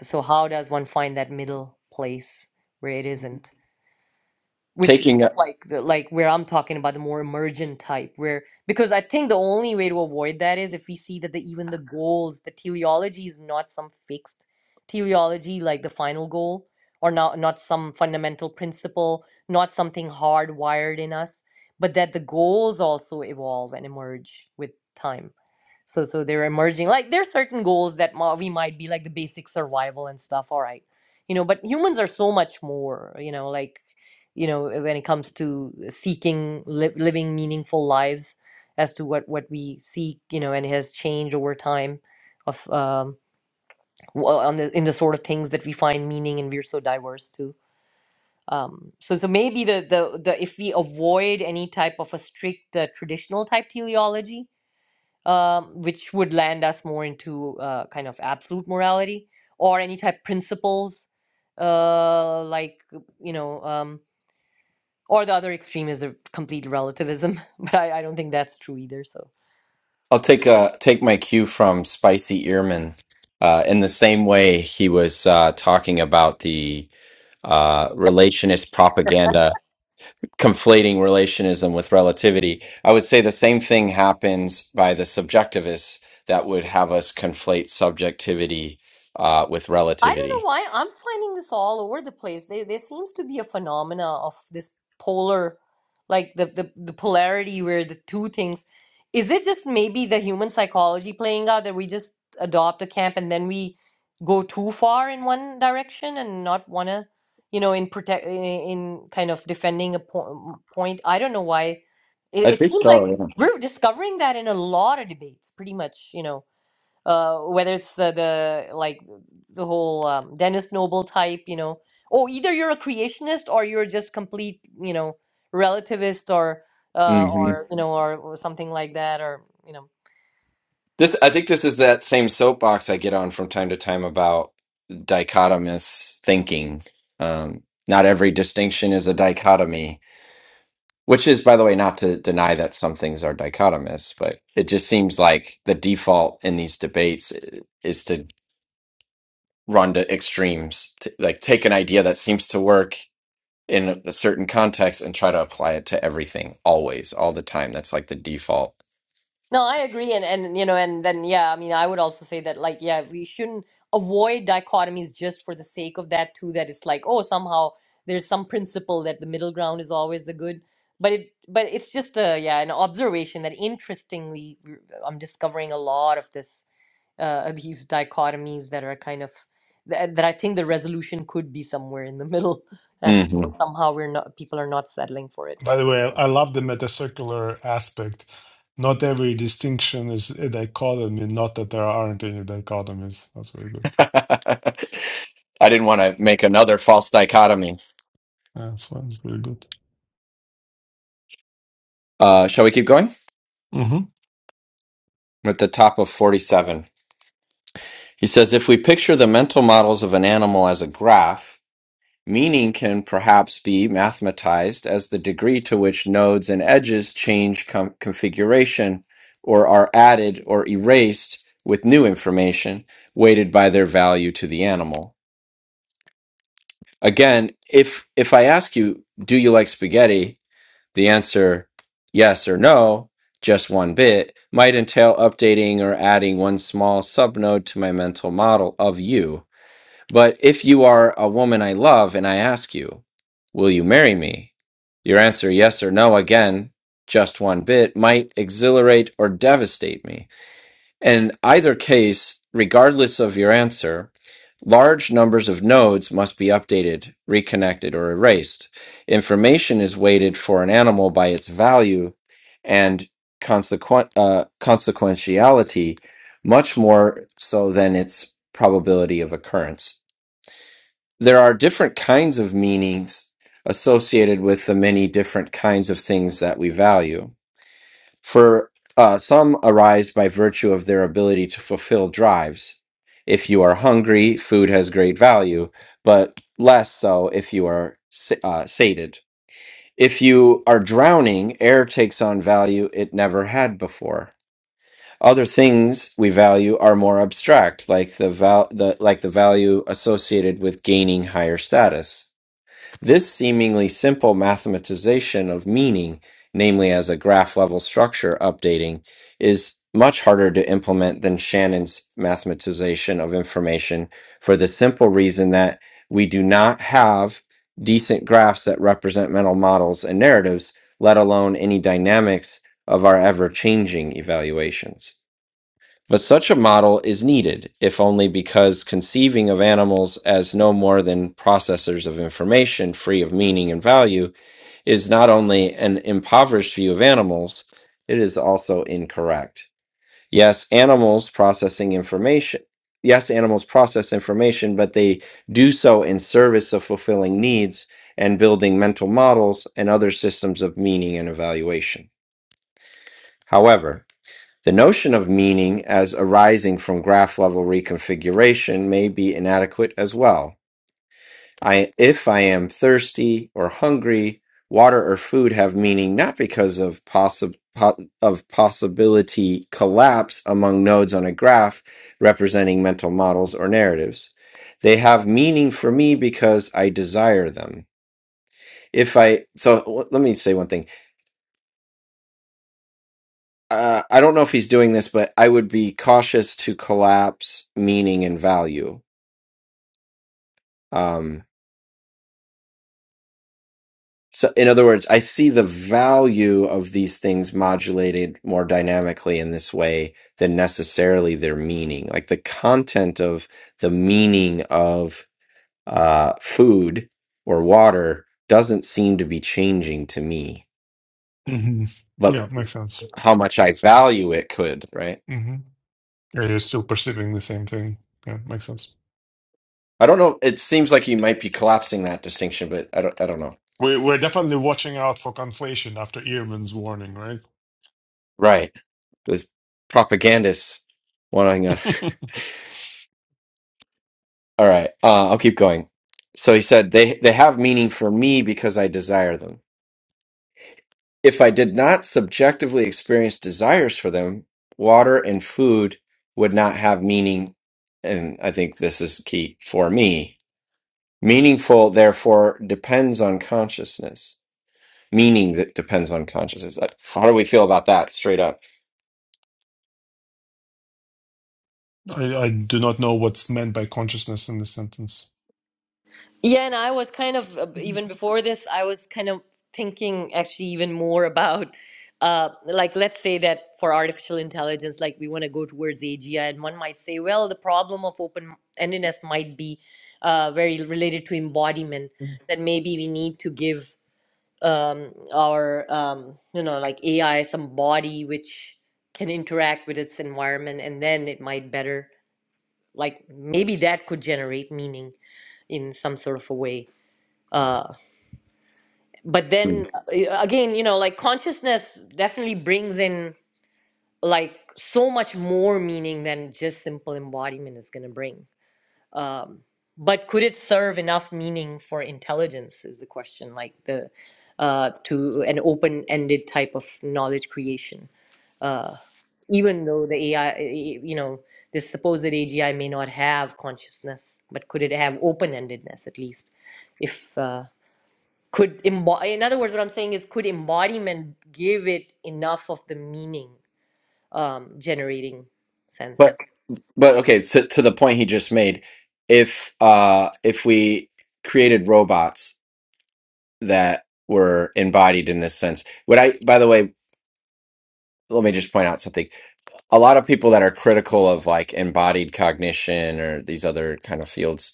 Speaker 3: so how does one find that middle place where it isn't which kind
Speaker 1: Taking
Speaker 3: of Yeah. like the like where I'm talking about the more emergent type, where because I think the only way to avoid that is if we see that the even the goals, the teleology is not some fixed teleology like the final goal, or not not some fundamental principle, not something hardwired in us, but that the goals also evolve and emerge with time so so they're emerging like there are certain goals that ma- we might be like the basic survival and stuff all right you know but humans are so much more you know like you know eh, when it comes to seeking li- living meaningful lives as to what what we seek you know and it has changed over time of um w- uh, on the in the sort of things that we find meaning and we're so diverse too um so so maybe the the, the if we avoid any type of a strict uh, traditional type teleology um, which would land us more into uh, kind of absolute morality or any type principles uh, like you know um, or the other extreme is the complete relativism but I, I don't think that's true either so
Speaker 1: I'll take uh take my cue from Spicy Earman. Uh, in the same way, he was uh, talking about the uh, relationist propaganda, conflating relationism with relativity. I would say the same thing happens by the subjectivists that would have us conflate subjectivity uh, with
Speaker 3: I don't know
Speaker 1: relativity.
Speaker 3: why I'm finding this all over the place. There, there seems to be a phenomena of this polar, like the, the the polarity where the two things. Is it just maybe the human psychology playing out that we just adopt a camp and then we go too far in one direction and not wanna, you know, in protect in, in kind of defending a po- point. I don't know why. It,
Speaker 1: I
Speaker 3: it
Speaker 1: think
Speaker 3: seems like
Speaker 1: so.
Speaker 3: we're discovering that in a lot of debates, pretty much, you know uh, whether it's the, the like the whole um, Dennis Noble type, you know, oh, either you're a creationist or you're just complete, you know, relativist or uh,
Speaker 1: Yeah.
Speaker 3: or you know or something like that, or you know.
Speaker 1: This, I think, this is that same soapbox I get on from time to time about dichotomous thinking. Um, not every distinction is a dichotomy, which is, by the way, not to deny that some things are dichotomous, but it just seems like the default in these debates i- is to run to extremes, to, like take an idea that seems to work in a a certain context and try to apply it to everything, always, all the time. That's like the default
Speaker 3: No, I agree, and and you know, and then yeah, I mean, I would also say that like yeah, we shouldn't avoid dichotomies just for the sake of that too. That it's like oh, somehow there's some principle that the middle ground is always the good, but it but it's just a yeah, an observation that interestingly I'm discovering a lot of this uh, these dichotomies that are kind of that, that I think the resolution could be somewhere in the middle, actually,
Speaker 1: hmm
Speaker 3: and somehow we're not people are not settling for it.
Speaker 4: By the way, I love the metacircular aspect. Not every distinction is a dichotomy, not that there aren't any dichotomies. That's very good.
Speaker 1: I didn't want to make another false dichotomy.
Speaker 4: Yeah, That's fine. It's very good.
Speaker 1: Uh, shall we keep going?
Speaker 4: hmm
Speaker 1: We're at the top of 47. He says if we picture the mental models of an animal as a graph, Meaning can perhaps be mathematized as the degree to which nodes and edges change com- configuration or are added or erased with new information weighted by their value to the animal. Again, if if I ask you, do you like spaghetti? The answer yes or no, just one bit, might entail updating or adding one small subnode to my mental model of you but if you are a woman I love and I ask you, will you marry me? Your answer, yes or no, again, just one bit, might exhilarate or devastate me. In either case, regardless of your answer, large numbers of nodes must be updated, reconnected, or erased. Information is weighted for an animal by its value and consequent, uh, consequentiality much more so than its probability of occurrence there are different kinds of meanings associated with the many different kinds of things that we value. For uh, some arise by virtue of their ability to fulfill drives. If you are hungry, food has great value, but less so if you are sa- uh, sated. If you are drowning, air takes on value it never had before. Other things we value are more abstract, like the, val- the like the value associated with gaining higher status this seemingly simple mathematization of meaning, namely as a graph level structure updating, is much harder to implement than Shannon's mathematization of information for the simple reason that we do not have decent graphs that represent mental models and narratives, let alone any dynamics of our ever changing evaluations. But such a model is needed, if only because conceiving of animals as no more than processors of information free of meaning and value is not only an impoverished view of animals, it is also incorrect. Yes, animals processing information. Yes, animals process information, but they do so in service of fulfilling needs and building mental models and other systems of meaning and evaluation. However, the notion of meaning as arising from graph level reconfiguration may be inadequate as well. I, if I am thirsty or hungry, water or food have meaning not because of, possi- po- of possibility collapse among nodes on a graph representing mental models or narratives. They have meaning for me because I desire them. If I, so l- let me say one thing uh, I don't know if he's doing this, but I would be cautious to collapse meaning and value. Um, so, in other words, I see the value of these things modulated more dynamically in this way than necessarily their meaning. Like the content of the meaning of uh, food or water doesn't seem to be changing to me,
Speaker 4: hmm
Speaker 1: but
Speaker 4: Yeah, makes sense.
Speaker 1: how much I value it could, right?
Speaker 4: hmm Yeah, you're still perceiving the same thing. Yeah, makes sense.
Speaker 1: I don't know. It seems like you might be collapsing that distinction, but I don't. I don't know.
Speaker 4: We're, we're definitely watching out for conflation after Ehrman's warning, right?
Speaker 1: Right. with propagandists wanting a all right uh, i'll keep going so he said they they have meaning for me because i desire them if i did not subjectively experience desires for them water and food would not have meaning and i think this is key for me meaningful therefore depends on consciousness meaning that depends on consciousness. Uh, How do we feel about that straight up?
Speaker 4: I, I do not know what's meant by consciousness in the sentence.
Speaker 3: Yeah, and I was kind of uh, even before this, I was kind of thinking actually even more about uh like let's say that for artificial intelligence, like we want to go towards AGI, and one might say, well, the problem of open-endedness might be uh very related to embodiment, that maybe we need to give um our um you know like AI some body which can interact with its environment and then it might better like maybe that could generate meaning in some sort of a way. but
Speaker 1: Mm.
Speaker 3: then uh, again you know like consciousness definitely brings in like so much more meaning than just simple embodiment is going to bring but could it serve enough meaning for intelligence is the question like the uh to an open-ended type of knowledge creation even though the ai uh, you know this supposed agi may not have consciousness but could it have open-endedness at least if uh, could embody in other words what i'm saying is could embodiment give it enough of the meaning um, generating sense
Speaker 1: But but okay, to to the point he just made, if uh if we created robots that were embodied in this sense, would I by the way, let me just point out something. A lot of people that are critical of like embodied cognition or these other kind of fields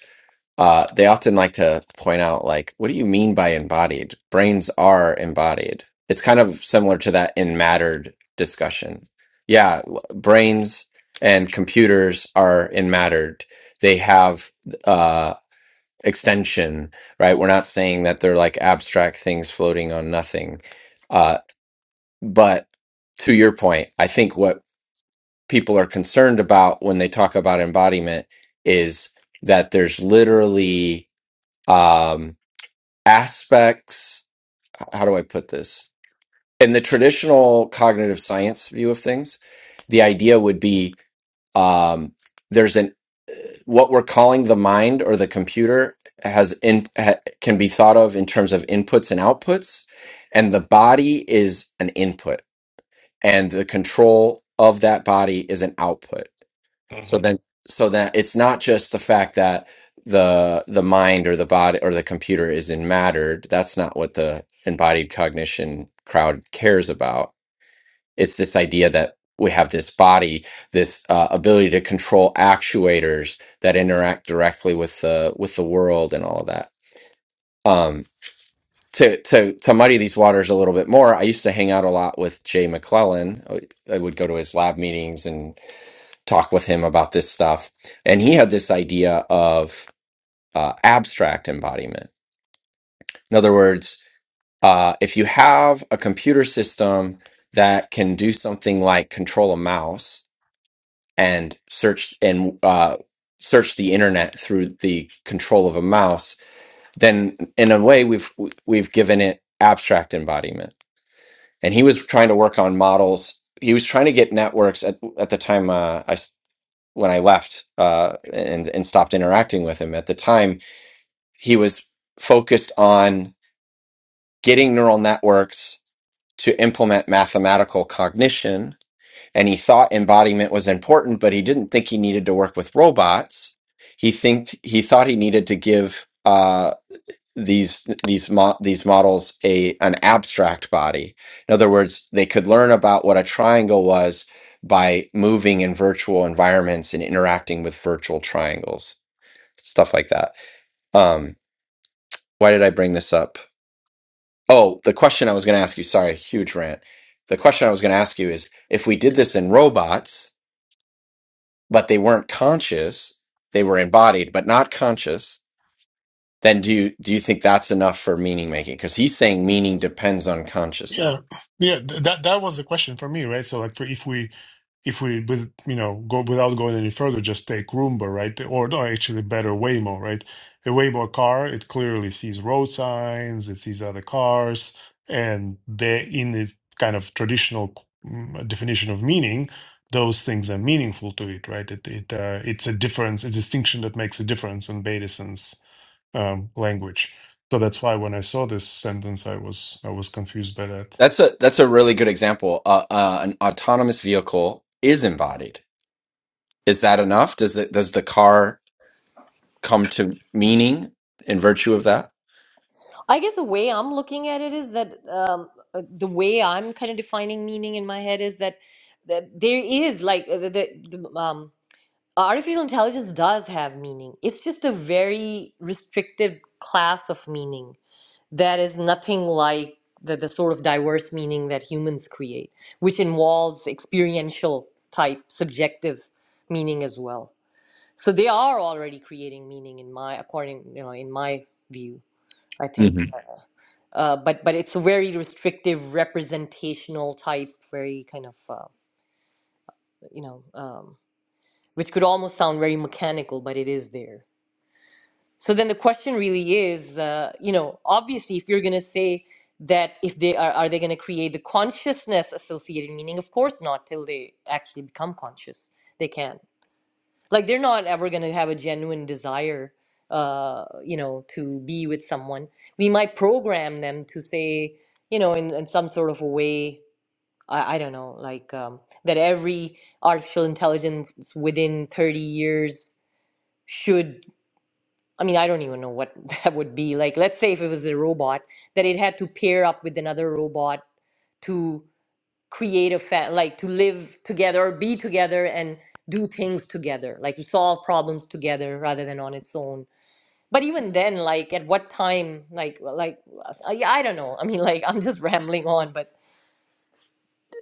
Speaker 1: Uh, they often like to point out, like, what do you mean by embodied? Brains are embodied. It's kind of similar to that in mattered discussion. Yeah, w- brains and computers are in mattered. They have uh, extension, right? We're not saying that they're like abstract things floating on nothing. Uh, but to your point, I think what people are concerned about when they talk about embodiment is that there's literally. Um, aspects how do i put this in the traditional cognitive science view of things the idea would be um, there's an what we're calling the mind or the computer has in ha, can be thought of in terms of inputs and outputs and the body is an input and the control of that body is an output so then, so that it's not just the fact that the the mind or the body or the computer is in matter. That's not what the embodied cognition crowd cares about. It's this idea that we have this body, this uh, ability to control actuators that interact directly with the with the world and all of that. Um, to to to muddy these waters a little bit more, I used to hang out a lot with Jay McClellan. I would go to his lab meetings and talk with him about this stuff. And he had this idea of uh, abstract embodiment. In other words, uh, if you have a computer system that can do something like control a mouse and search and uh, search the internet through the control of a mouse, then in a way we've we've given it abstract embodiment. And he was trying to work on models. He was trying to get networks at, at the time. Uh, I when I left uh, and and stopped interacting with him. At the time, he was focused on getting neural networks to implement mathematical cognition, and he thought embodiment was important, but he didn't think he needed to work with robots. He think he thought he needed to give uh, these these mo- these models a an abstract body. In other words, they could learn about what a triangle was by moving in virtual environments and interacting with virtual triangles stuff like that. Um, why did I bring this up? Oh, the question I was going to ask you. Sorry, huge rant. The question I was going to ask you is if we did this in robots, but they weren't conscious, they were embodied but not conscious. Then do you do you think that's enough for meaning making? Because he's saying meaning depends on consciousness.
Speaker 4: Yeah, yeah. th- That that was the question for me, right? So like, for if we if we with you know go without going any further, just take Roomba, right? Or no, actually better Waymo, right? A Waymo car, it clearly sees road signs, it sees other cars, and they in the kind of traditional mm, definition of meaning, those things are meaningful to it, right? It it uh, it's a difference, a distinction that makes a difference in Bateson's um, language. So that's why when I saw this sentence, I was I was confused by that.
Speaker 1: That's a that's a really good example. Uh, uh, an autonomous vehicle is embodied. Is that enough? Does the does the car come to meaning in virtue of that?
Speaker 3: i guess the way i'm looking at it is that um, uh, the way i'm kind of defining meaning in my head is that, that there is like uh, the, the, the um, artificial intelligence does have meaning it's just a very restricted class of meaning that is nothing like the, the sort of diverse meaning that humans create, which involves experiential type subjective meaning as well. So they are already creating meaning in my according you know in my view. I think,
Speaker 1: hmm
Speaker 3: uh, uh, but but it's a very restrictive representational type, very kind of uh, you know um, which could almost sound very mechanical, but it is there. So then the question really is, uh, you know, obviously, if you're going to say that if they are, are they going to create the consciousness associated meaning? Of course not, till they actually become conscious. They can't. Like they're not ever going to have a genuine desire, uh, you know, to be with someone. We might program them to say, you know, in, in some sort of a way, I, I don't know, like um, that every artificial intelligence within 30 years should. I mean, I don't even know what that would be. Like, let's say if it was a robot, that it had to pair up with another robot to create a fa- like to live together or be together and do things together, like to solve problems together rather than on its own. But even then, like at what time, like like I, I don't know. I mean, like I'm just rambling on, but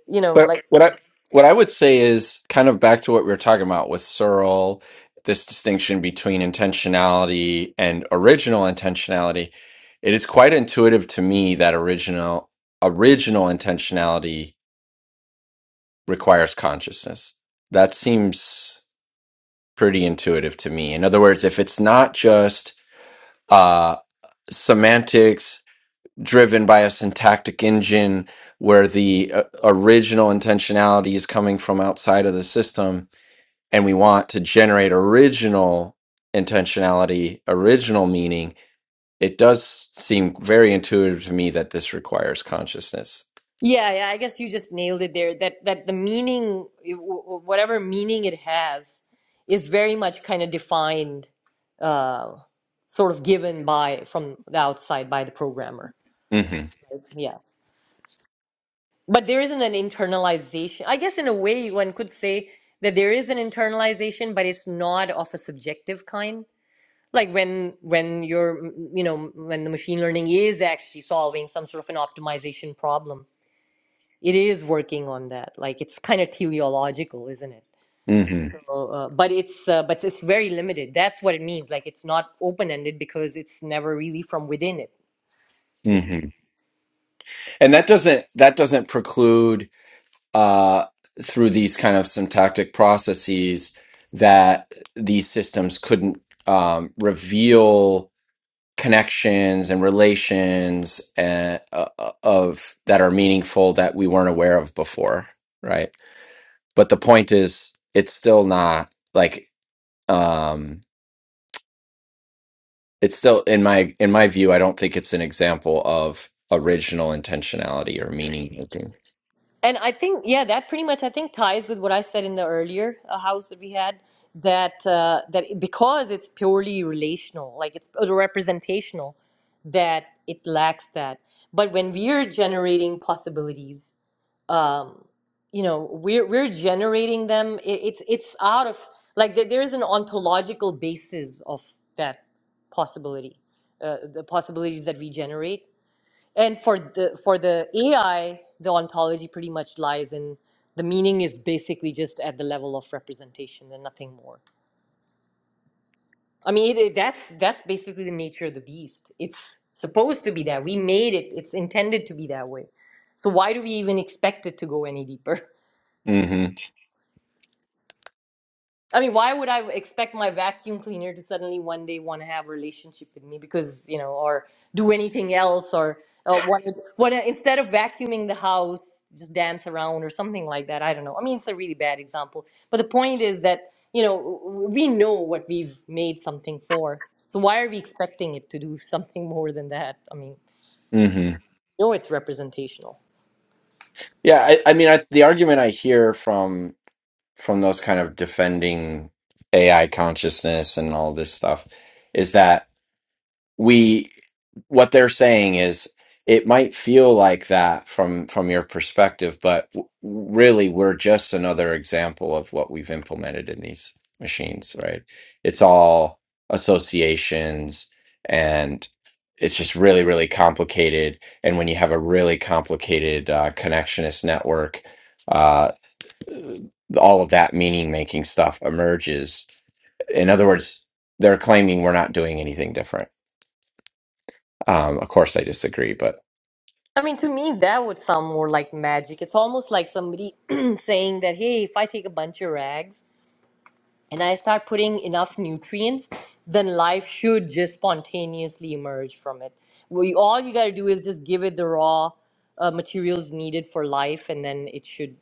Speaker 3: you know,
Speaker 1: But
Speaker 3: like.
Speaker 1: what I what I would say is kind of back to what we were talking about with Searle, this distinction between intentionality and original intentionality. It is quite intuitive to me that original original intentionality requires consciousness. That seems pretty intuitive to me. In other words, if it's not just uh, semantics driven by a syntactic engine where the uh, original intentionality is coming from outside of the system and we want to generate original intentionality, original meaning, it does seem very intuitive to me that this requires consciousness.
Speaker 3: Yeah, yeah, I guess you just nailed it there. That that the meaning, eh, w- w- whatever meaning it has, is very much kind of defined, uh, sort of given by from the outside by the programmer.
Speaker 1: hmm
Speaker 3: Yeah, but there isn't an internalization. I guess in a way, one could say that there is an internalization, but it's not of a subjective kind. Like when when you're, mm, you know, when the machine learning is actually solving some sort of an optimization problem it is working on that. Like it's kind of teleological, isn't it?
Speaker 1: hmm
Speaker 3: So, uh, but it's uh, but it's very limited. That's what it means. Like it's not open ended because it's never really from within it. It's Mm.
Speaker 1: hmm And that doesn't that doesn't preclude uh, through these kind of syntactic processes that these systems couldn't um, reveal connections and relations and, uh, uh, of that are meaningful that we weren't aware of before, right? But the point is, it's still not like um, it's still in my in my view. I don't think it's an example of original intentionality or meaning making.
Speaker 3: and I think yeah, that pretty much I think ties with what I said in the earlier uh, house that we had that uh, that it- because it's purely relational, like it's uh, representational, that it lacks that. But when we're generating possibilities um, you know we're we're generating them it, it's it's out of like there, there is an ontological basis of that possibility uh, the possibilities that we generate and for the for the ai the ontology pretty much lies in the meaning is basically just at the level of representation and nothing more i mean it, it- that's that's basically the nature of the beast it's supposed to be that we made it it's intended to be that way so why do we even expect it to go any deeper
Speaker 1: hmm
Speaker 3: I mean, why would I expect my vacuum cleaner to suddenly one day want to have a relationship with me because, you know, or do anything else or uh, want to, want to, instead of vacuuming the house, just dance around or something like that. I don't know. I mean, it's a really bad example. But the point is that, you know, w- we know what we've made something for. So why are we expecting it to do something more than that? I mean,
Speaker 1: hmm
Speaker 3: you know, it's representational.
Speaker 1: Yeah, I, I mean, I, the argument I hear from from those kind of defending AI consciousness and all this stuff is that we what they're saying is it might feel like that from from your perspective but w- really we're just another example of what we've implemented in these machines right it's all associations and it's just really really complicated and when you have a really complicated uh, connectionist network uh, uh, all of that meaning making stuff emerges in other words they're claiming we're not doing anything different um, of course, I disagree, but
Speaker 3: I mean, to me, that would sound more like magic. It's almost like somebody saying that, hey, if I take a bunch of rags, and I start putting enough nutrients, then life should just spontaneously emerge from it. We all you got to do is just give it the raw uh, materials needed for life, and then it should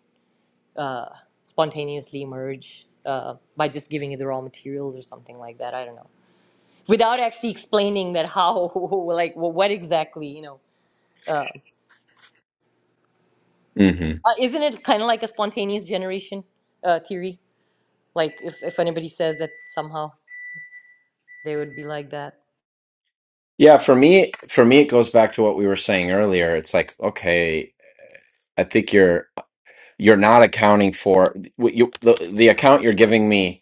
Speaker 3: spontaneously emerge uh, by just giving it the raw materials or something like that. I don't know, without actually explaining that how, like, wh- what exactly, you know,
Speaker 1: hmm
Speaker 3: uh, isn't it kind of like a spontaneous generation uh, theory? Like, if if anybody says that somehow, they would be like that.
Speaker 1: yeah, for me, for me, it goes back to what we were saying earlier. It's like, okay, I think you're you're not accounting for what you the, the account you're giving me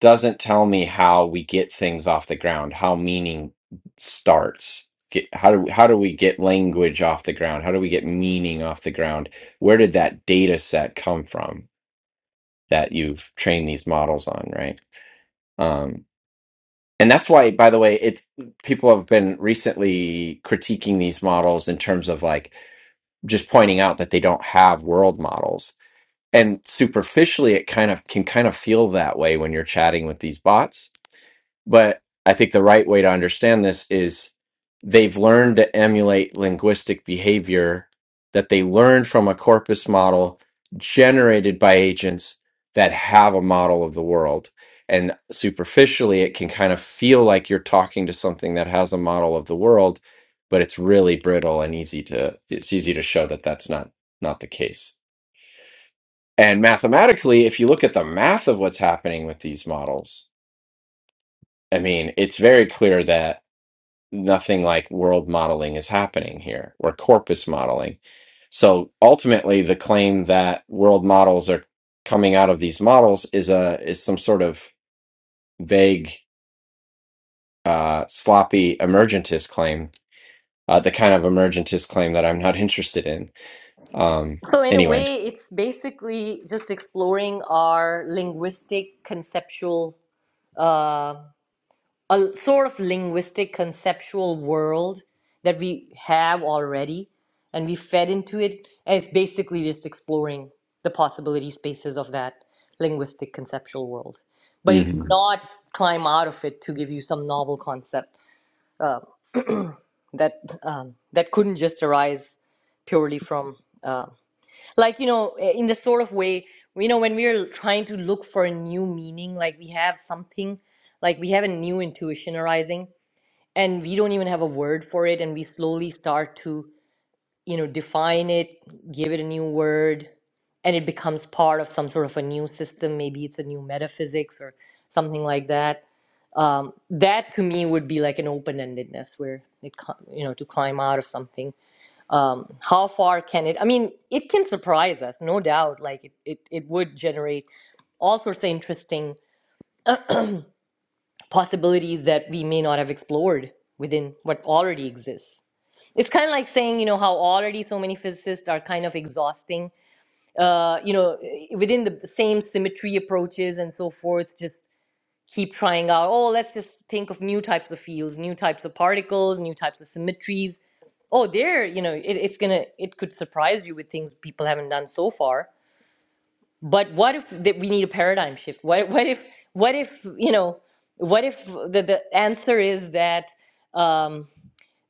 Speaker 1: doesn't tell me how we get things off the ground how meaning starts get, how do how do we get language off the ground how do we get meaning off the ground where did that data set come from that you've trained these models on right um and that's why by the way it people have been recently critiquing these models in terms of like just pointing out that they don't have world models and superficially it kind of can kind of feel that way when you're chatting with these bots but i think the right way to understand this is they've learned to emulate linguistic behavior that they learned from a corpus model generated by agents that have a model of the world and superficially it can kind of feel like you're talking to something that has a model of the world but it's really brittle and easy to it's easy to show that that's not not the case and mathematically, if you look at the math of what's happening with these models, I mean, it's very clear that nothing like world modeling is happening here or corpus modeling. So ultimately, the claim that world models are coming out of these models is a is some sort of vague, uh, sloppy emergentist claim, uh, the kind of emergentist claim that I'm not interested in. Um,
Speaker 3: So, in a
Speaker 1: anyway.
Speaker 3: way, it's basically just exploring our linguistic conceptual, uh, a sort of linguistic conceptual world that we have already, and we fed into it. And it's basically just exploring the possibility spaces of that linguistic conceptual world. But it
Speaker 1: hmm
Speaker 3: cannot climb out of it to give you some novel concept that um, that couldn't just arise purely from. uh, like you know eh, in the sort of way you know when we're trying to look for a new meaning like we have something like we have a new intuition arising and we don't even have a word for it and we slowly start to you know define it give it a new word and it becomes part of some sort of a new system maybe it's a new metaphysics or something like that um, that to me would be like an open-endedness where it co- you know to climb out of something um, how far can it i mean it can surprise us no doubt like it, it, it would generate all sorts of interesting possibilities that we may not have explored within what already exists it's kind of like saying you know how already so many physicists are kind of exhausting uh, you know within the same symmetry approaches and so forth just keep trying out, oh, let's just think of new types of fields, new types of particles, new types of symmetries. Oh, there, you know, it, it's gonna, it could surprise you with things people haven't done so far. But what if that we need a paradigm shift? What, what if, what if, you know, what if the, the answer is that um,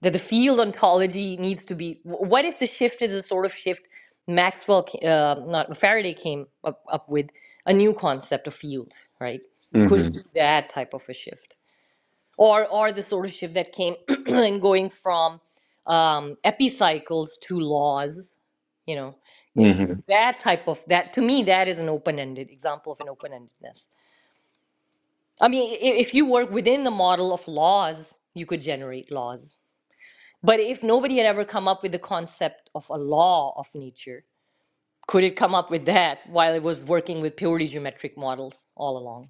Speaker 3: that the field ontology needs to be? wh- What if the shift is a sort of shift Maxwell, ca- uh, not Faraday, came up, up with a new concept of field, right? Could it
Speaker 1: hmm
Speaker 3: do that type of a shift? or or the sort of shift that came in going from um, epicycles to laws. You know, it,
Speaker 1: hmm
Speaker 3: that type of that to me that is an open-ended example of an open-endedness. I mean, i- if you work within the model of laws, you could generate laws. But if nobody had ever come up with the concept of a law of nature, could it come up with that while it was working with purely geometric models all along?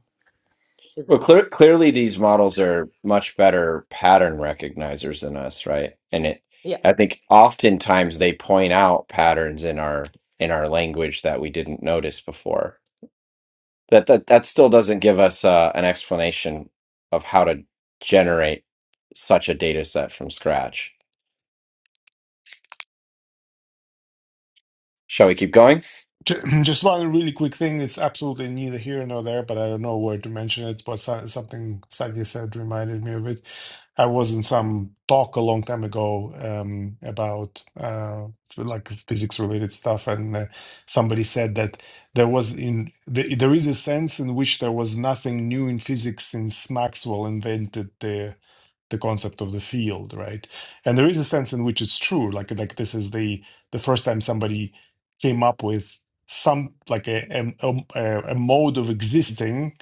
Speaker 3: Is the
Speaker 1: Well,
Speaker 3: question.
Speaker 1: clear, clearly these models are much better pattern recognizers than us, right? And it,
Speaker 3: Yeah.
Speaker 1: I think oftentimes they point out patterns in our in our language that we didn't notice before. That that that still doesn't give us uh, an explanation of how to generate such a data set from scratch. Shall we keep going?
Speaker 4: Ju- Just one really quick thing. It's absolutely neither here nor there, but I don't know where to mention it. But so- something Sadia said reminded me of it. I was in some talk a long time ago um, about uh, like physics related stuff, and uh, somebody said that there was in the, there is a sense in which there was nothing new in physics since Maxwell invented the the concept of the field, right? And there is a sense in which it's true, like like this is the the first time somebody came up with some like a a, a a mode of existing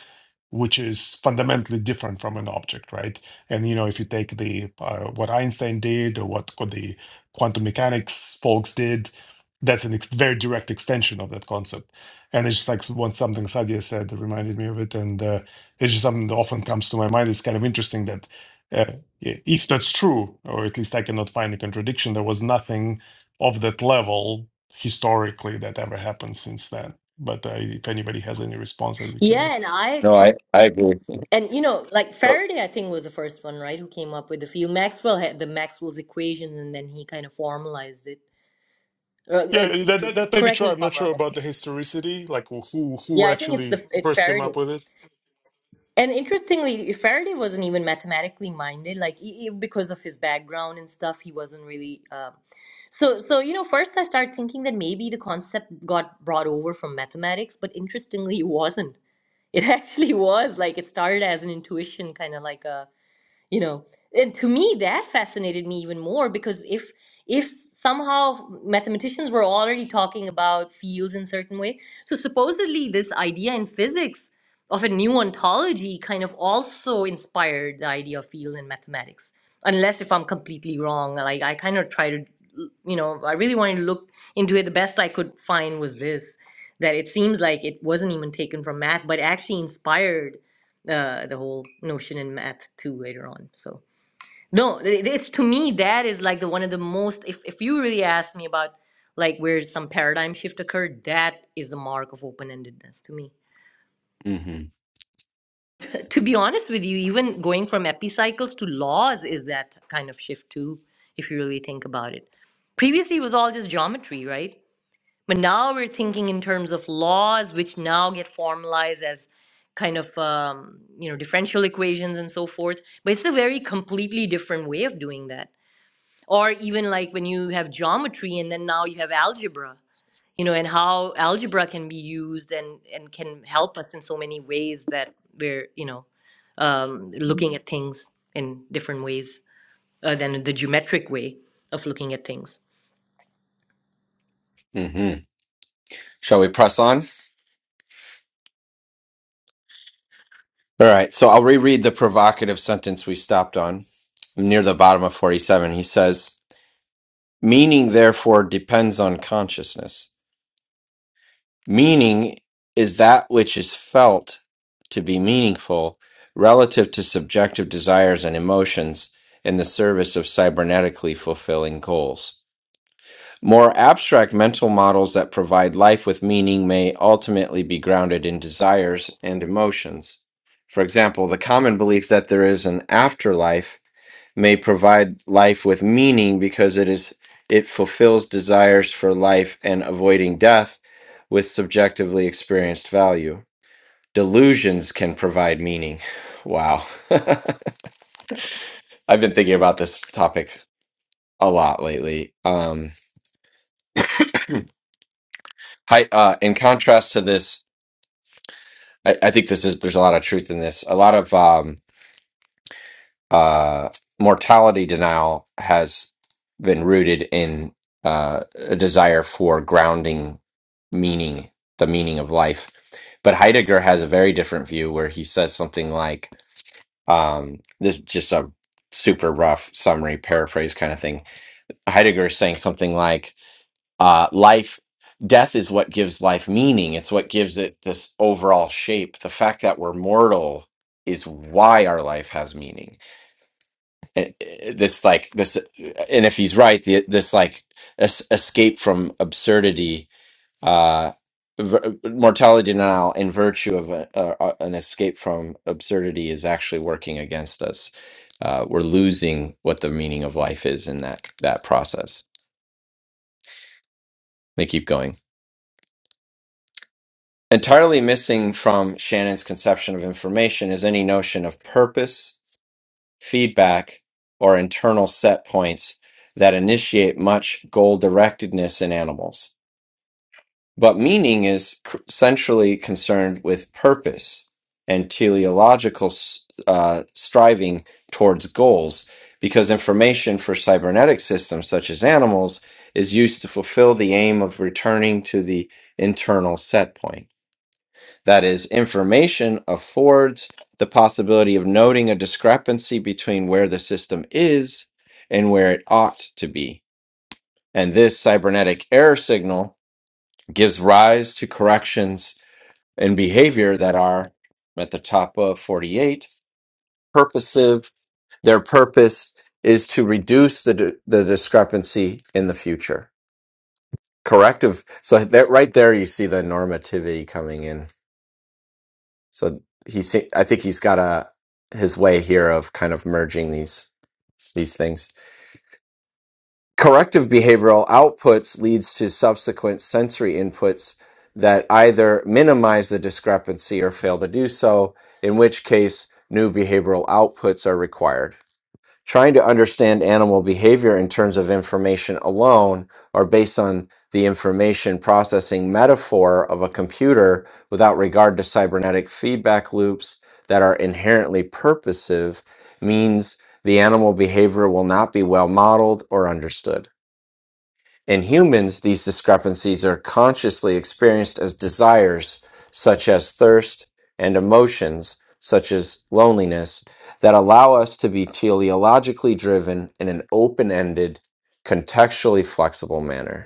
Speaker 4: which is fundamentally different from an object right and you know, if you take the uh, what Einstein did or what the quantum mechanics folks did, that's an ex- very direct extension of that concept. And it's just like once something Sadia said that reminded me of it, and uh, it's just something that often comes to my mind. It's kind of interesting that. Uh, i- if that's true, or at least I cannot find a contradiction, there was nothing of that level historically that ever happened since then. But uh, if anybody has any response, I'd be curious.
Speaker 3: Yeah, and I
Speaker 1: No, I I agree.
Speaker 3: And you know, like Faraday, I think was the first one, right? Who came up with the field? Maxwell had the Maxwell's equations, and then he kind of formalized it. Uh, uh,
Speaker 4: Yeah, that,
Speaker 3: c-
Speaker 4: that that may be
Speaker 3: correct
Speaker 4: true.
Speaker 3: me if
Speaker 4: I'm
Speaker 3: I'm
Speaker 4: not
Speaker 3: wrong.
Speaker 4: sure about the historicity, like who
Speaker 3: Yeah,
Speaker 4: who
Speaker 3: I think it's
Speaker 4: actually
Speaker 3: the it's
Speaker 4: first came up
Speaker 3: Faraday.
Speaker 4: with it.
Speaker 3: And interestingly, Faraday wasn't even mathematically minded, like he, he- because of his background and stuff, he wasn't really. Um, so, so you know, first I started thinking that maybe the concept got brought over from mathematics, but interestingly, it wasn't. It actually was like it started as an intuition, kind of like a you know and to me that fascinated me even more because if if somehow mathematicians were already talking about fields in certain way so supposedly this idea in physics of a new ontology kind of also inspired the idea of field in mathematics unless if i'm completely wrong like i kind of try to you know i really wanted to look into it the best i could find was this that it seems like it wasn't even taken from math but actually inspired uh, the whole notion in math too later on. So no, it- it's to me that is like the one of the most. If if you really ask me about like where some paradigm shift occurred, that is the mark of open endedness to me.
Speaker 1: Mm-hmm.
Speaker 3: To be honest with you, even going from epicycles to laws is that kind of shift too. If you really think about it, previously it was all just geometry, right? But now we're thinking in terms of laws, which now get formalized as kind of um, you know differential equations and so forth. But it's a very completely different way of doing that. Or even like when you have geometry and then now you have algebra, you know, and how algebra can be used and and can help us in so many ways that we're you know um, looking at things in different ways uh, than the geometric way of looking at things.
Speaker 1: Mm-hmm. Shall we press on? All right, so I'll reread the provocative sentence we stopped on near the bottom of 47. He says, Meaning, therefore, depends on consciousness. Meaning is that which is felt to be meaningful relative to subjective desires and emotions in the service of cybernetically fulfilling goals. More abstract mental models that provide life with meaning may ultimately be grounded in desires and emotions. For example, the common belief that there is an afterlife may provide life with meaning because it is it fulfills desires for life and avoiding death with subjectively experienced value. Delusions can provide meaning. Wow. I've been thinking about this topic a lot lately. Um, hi, uh, in contrast to this I, I think this is there's a lot of truth in this. A lot of um, uh, mortality denial has been rooted in uh, a desire for grounding meaning, the meaning of life. But Heidegger has a very different view where he says something like um, this is just a super rough summary paraphrase kind of thing. Heidegger is saying something like uh, life death is what gives life meaning it's what gives it this overall shape the fact that we're mortal is why our life has meaning And, uh, this like this eh, and if he's right the, this like es- escape from absurdity uh v- mortality denial in virtue of a, a, a- an escape from absurdity is actually working against us uh, we're losing what the meaning of life is in that that process they keep going Entirely missing from Shannon's conception of information is any notion of purpose, feedback, or internal set points that initiate much goal directedness in animals. But meaning is cr- centrally concerned with purpose and teleological s- uh, striving towards goals, because information for cybernetic systems such as animals is used to fulfill the aim of returning to the internal set point. That is, information affords the possibility of noting a discrepancy between where the system is and where it ought to be. And this cybernetic error signal gives rise to corrections in behavior that are at the top of 48 purposive. Their purpose is to reduce the, the discrepancy in the future. Corrective. So that right there, you see the normativity coming in. So he, se- I think he's got a his way here of kind of merging these these things. Corrective behavioral outputs leads to subsequent sensory inputs that either minimize the discrepancy or fail to do so, in which case new behavioral outputs are required trying to understand animal behavior in terms of information alone or based on the information processing metaphor of a computer without regard to cybernetic feedback loops that are inherently purposive means the animal behavior will not be well modeled or understood. In humans, these discrepancies are consciously experienced as desires, such as thirst, and emotions, such as loneliness, that allow us to be teleologically driven in an open ended, contextually flexible manner.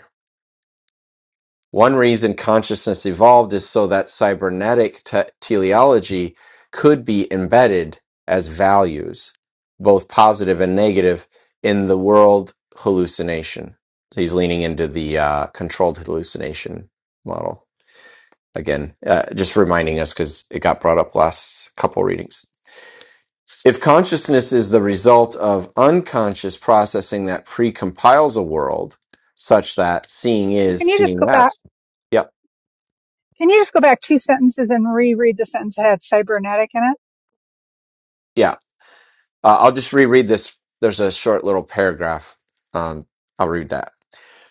Speaker 1: One reason consciousness evolved is so that cybernetic te- teleology could be embedded as values, both positive and negative, in the world hallucination. So he's leaning into the uh, controlled hallucination model again, uh, just reminding us because it got brought up last couple readings. If consciousness is the result of unconscious processing that precompiles a world such that seeing
Speaker 2: Can
Speaker 1: is
Speaker 2: you just
Speaker 1: seeing
Speaker 2: go back?
Speaker 1: less, yep,
Speaker 2: Can you just go back two sentences and reread the sentence that had cybernetic in it?
Speaker 1: yeah, Uh, I'll just reread this. There's a short little paragraph. Um, I'll read that.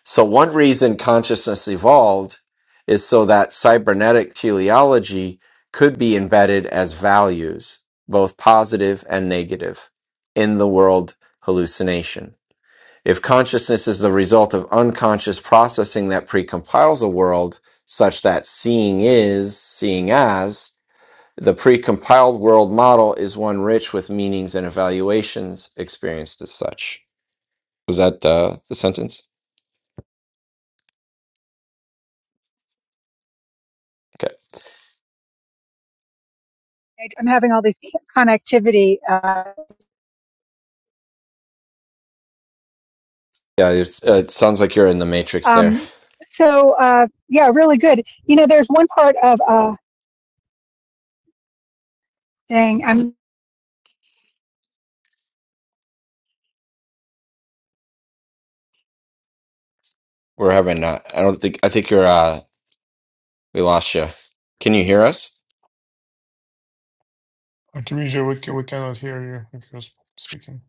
Speaker 1: So, one reason consciousness evolved is so that cybernetic teleology could be embedded as values, both positive and negative, in the world hallucination. If consciousness is the result of unconscious processing that precompiles a world such that seeing is, seeing as, the precompiled world model is one rich with meanings and evaluations experienced as such. Was that uh, the sentence? Okay.
Speaker 2: I- I'm having all these connectivity. Uh,
Speaker 1: Yeah, it's, uh, it sounds like you're in the matrix there.
Speaker 2: um, so uh, yeah, really good. You know, there's one part of uh, dang. I'm.
Speaker 1: We're having, uh, I don't think, I think you're, uh, we lost you. Can you hear us?
Speaker 4: Artemisia, we ca- we cannot hear you if you're sp- speaking.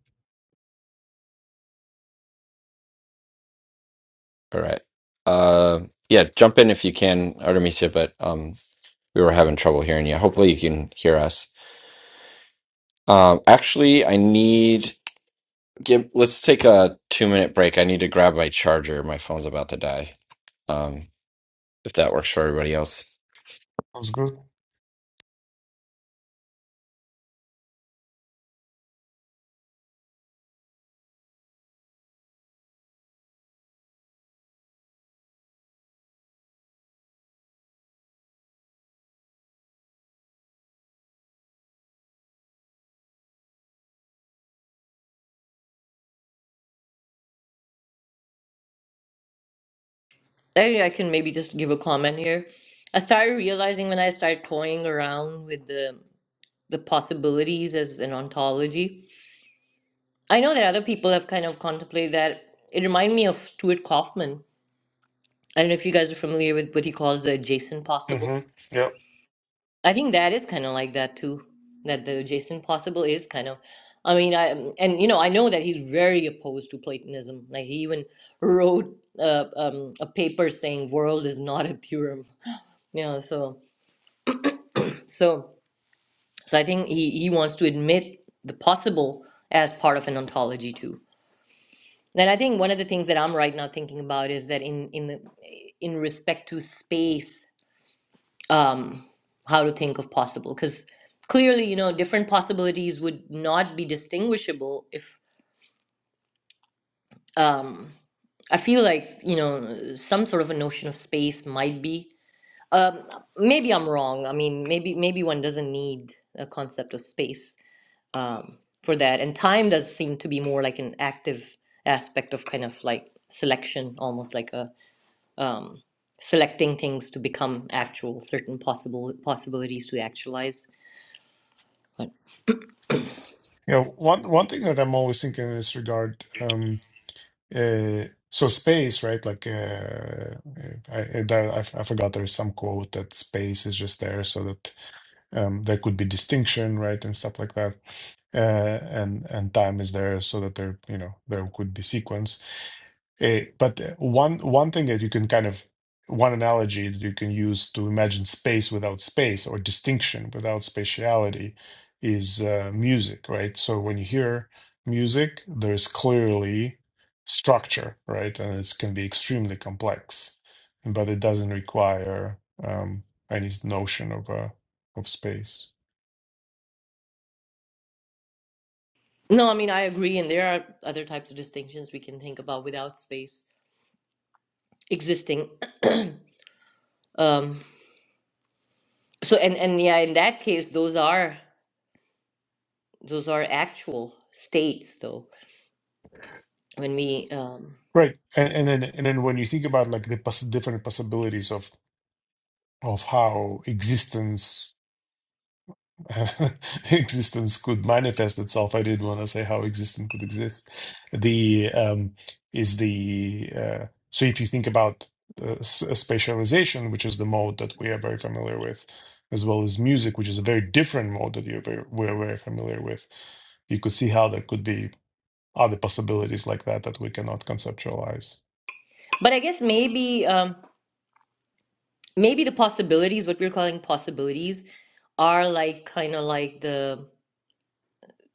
Speaker 1: All right. Uh, yeah, jump in if you can, Artemisia, but um, we were having trouble hearing you. Hopefully you can hear us. Um, actually, I need, give, let's take a two minute break. I need to grab my charger. My phone's about to die. Um, if that works for everybody else.
Speaker 4: Sounds good.
Speaker 3: I, I can maybe just give a comment here. I started realizing when I started toying around with the the possibilities as an ontology. I know that other people have kind of contemplated that. It reminded me of Stuart Kaufman. I don't know if you guys are familiar with what he calls the adjacent
Speaker 4: hmm
Speaker 3: possible.
Speaker 4: Yeah.
Speaker 3: I think that is kind of like that too. That the adjacent possible is kind of. I mean, I and you know I know that he's very opposed to Platonism. Like he even wrote uh, um, a paper saying world is not a theorem. You know, so So, so I think he, he wants to admit the possible as part of an ontology too. And I think one of the things that I'm right now thinking about is that in in the, in respect to space, um, how to think of possible, because clearly, you know, different possibilities would not be distinguishable if um, I feel like you know some sort of a notion of space might be. Um, maybe I'm wrong. I mean, maybe maybe one doesn't need a concept of space um, for that. And time does seem to be more like an active aspect of kind of like selection, almost like a um, selecting things to become actual, certain possible possibilities to actualize. But
Speaker 4: Yeah, one one thing that I'm always thinking in this regard, um, uh, so space, right? Like, uh, uh, I, I, there, I f- I forgot there is some quote that space is just there so that um, there could be distinction, right, and stuff like that. uh, and and time is there so that there you know there could be sequence. Eh, but uh, one one thing that you can kind of one analogy that you can use to imagine space without space or distinction without spatiality is uh, music, right? So when you hear music, there's clearly structure, right? And it can be extremely complex, but it doesn't require um, any notion of uh, of space.
Speaker 3: no, I mean I agree, and there are other types of distinctions we can think about without space existing. Um, so and and yeah, in that case, those are those are actual states, though. When we um,
Speaker 4: Right. And, and then and then when you think about like the poss different possibilities of of how existence existence could manifest itself, I did want to say how existence could exist. The um is the uh, so if you think about uh, s- uh, spatialization, which is the mode that we are very familiar with, as well as music, which is a very different mode that you're very, we're very familiar with, you could see how there could be other possibilities like that that we cannot conceptualize.
Speaker 3: but I guess maybe. Um, maybe the possibilities, what we're calling possibilities, are like kind of like the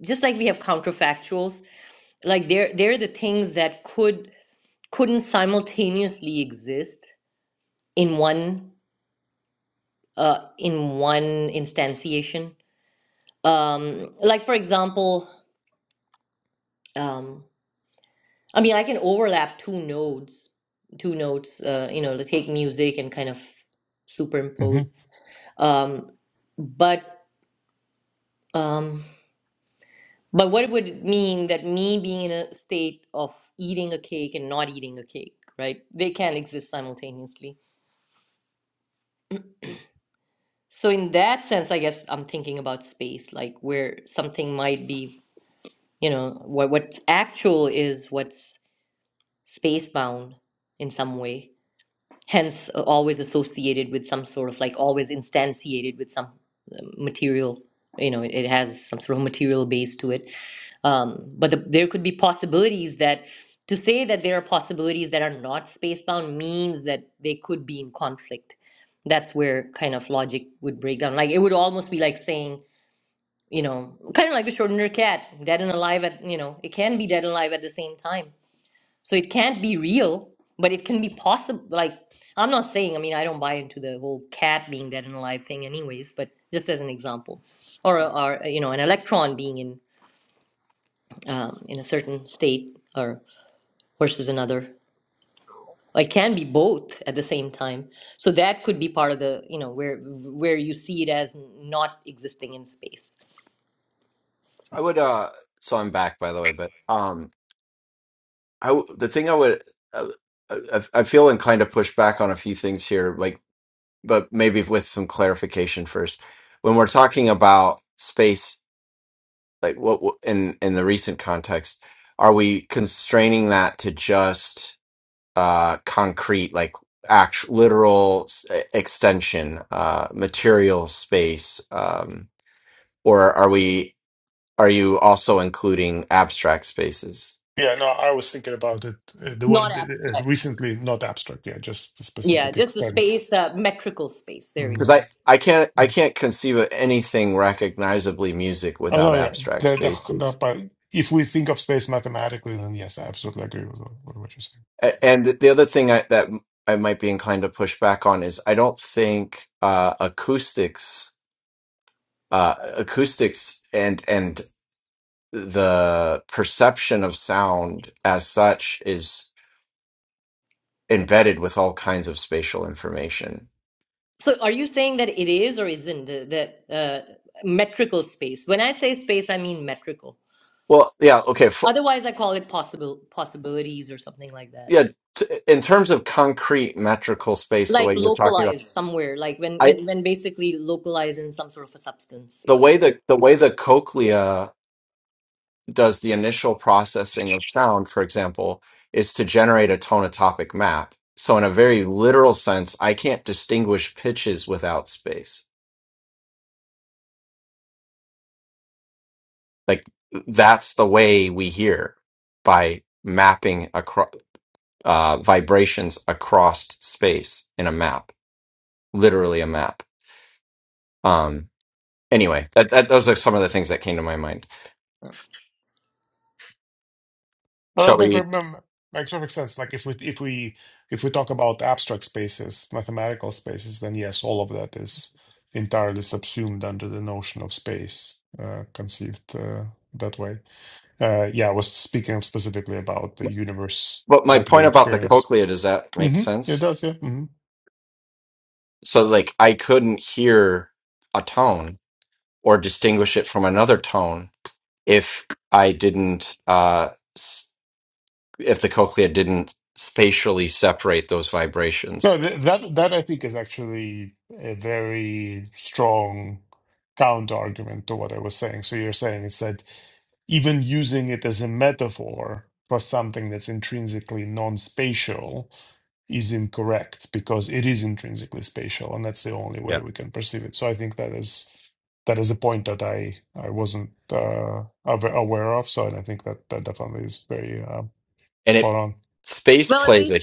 Speaker 3: just like we have counterfactuals, like they're they're the things that could couldn't simultaneously exist in one uh in one instantiation. Um like for example, um I mean I can overlap two nodes, two notes, uh, you know, let's take music and kind of
Speaker 4: Mm-hmm.
Speaker 3: superimpose. Um but um But what would it mean that me being in a state of eating a cake and not eating a cake, right? They can't exist simultaneously. So in that sense, I guess I'm thinking about space, like where something might be, you know, what what's actual is what's space bound in some way. Hence, uh, always associated with some sort of like always instantiated with some uh, material. You know, it, it has some sort of material base to it Um, but the, there could be possibilities that to say that there are possibilities that are not spacebound means that they could be in conflict. That's where kind of logic would break down. Like it would almost be like saying, you know, kind of like the Schrodinger cat, dead and alive at, you know, it can be dead and alive at the same time. So it can't be real, but it can be possible. Like I'm not saying, I mean, I don't buy into the whole cat being dead and alive thing, anyways. But just as an example, or or you know, an electron being in um, in a certain state or versus another. It can be both at the same time. So that could be part of the you know where where you see it as not existing in space,
Speaker 1: I would. Uh, so I'm back, by the way. But um, I w- the thing I would, uh, uh, I, I feel inclined to push back on a few things here, like, but maybe with some clarification first. When we're talking about space, like what what- in in the recent context, are we constraining that to just uh concrete, like actual literal s- e, extension, uh, material space, um, or are we? are you also including abstract spaces?
Speaker 4: Yeah, no, I was thinking about it uh, the
Speaker 3: not
Speaker 4: word uh,
Speaker 3: abstract.
Speaker 4: recently, not abstract, yeah, just the
Speaker 3: Yeah,
Speaker 4: specific
Speaker 3: just the
Speaker 4: extent.
Speaker 3: space, uh, metrical space. There we
Speaker 4: Mm.
Speaker 1: Because
Speaker 3: go.
Speaker 1: I, I can't I can't conceive of anything recognizably music
Speaker 4: Oh
Speaker 1: without
Speaker 4: no, yeah,
Speaker 1: abstract
Speaker 4: the, the, the,
Speaker 1: spaces.
Speaker 4: but if we think of space mathematically, then yes, I absolutely agree with what, what you're saying.
Speaker 1: A- And the other thing I, that I might be inclined to push back on is I don't think uh, acoustics uh, acoustics and and the perception of sound as such is embedded with all kinds of spatial information.
Speaker 3: So are you saying that it is or isn't the, the uh, metrical space? When I say space, I mean metrical.
Speaker 1: Well, yeah, okay.
Speaker 3: Otherwise, I call it possible possibilities or something like that.
Speaker 1: yeah t- in terms of concrete metrical space the
Speaker 3: Like
Speaker 1: way you're talking about
Speaker 3: localized somewhere, like when
Speaker 1: i
Speaker 3: when when basically localized in some sort of a substance.
Speaker 1: the
Speaker 3: Yeah.
Speaker 1: way that the way the cochlea does the initial processing of sound for example is to generate a tonotopic map so in a very literal sense i can't distinguish pitches without space like that's the way we hear by mapping across uh, vibrations across space in a map literally a map um anyway that, that those are some of the things that came to my mind
Speaker 4: Well,
Speaker 1: Shall
Speaker 4: that makes,
Speaker 1: we?
Speaker 4: um, makes perfect sense. Like if we if we if we talk about abstract spaces, mathematical spaces, then yes, all of that is entirely subsumed under the notion of space, uh, conceived uh, that way. Uh, yeah, I was speaking specifically about the universe
Speaker 1: But my
Speaker 4: that we
Speaker 1: point about the
Speaker 4: experience.
Speaker 1: cochlea does that make
Speaker 4: hmm It
Speaker 1: sense?
Speaker 4: does, yeah. hmm
Speaker 1: So, like, I couldn't hear a tone or distinguish it from another tone if I didn't. Uh, if the cochlea didn't spatially separate those
Speaker 4: No,
Speaker 1: vibrations.
Speaker 4: th- that that I think is actually a very strong counter argument to what I was saying. So you're saying is that even using it as a metaphor for something that's intrinsically non-spatial is incorrect because it is intrinsically spatial, and that's the only way
Speaker 1: Yeah.
Speaker 4: we can perceive it. So I think that is that is a point that I I wasn't uh, awa- aware of. So and I think that that definitely is very uh,
Speaker 1: And
Speaker 4: spot
Speaker 1: it
Speaker 4: on.
Speaker 1: space
Speaker 3: Well, at
Speaker 1: plays
Speaker 3: least
Speaker 1: a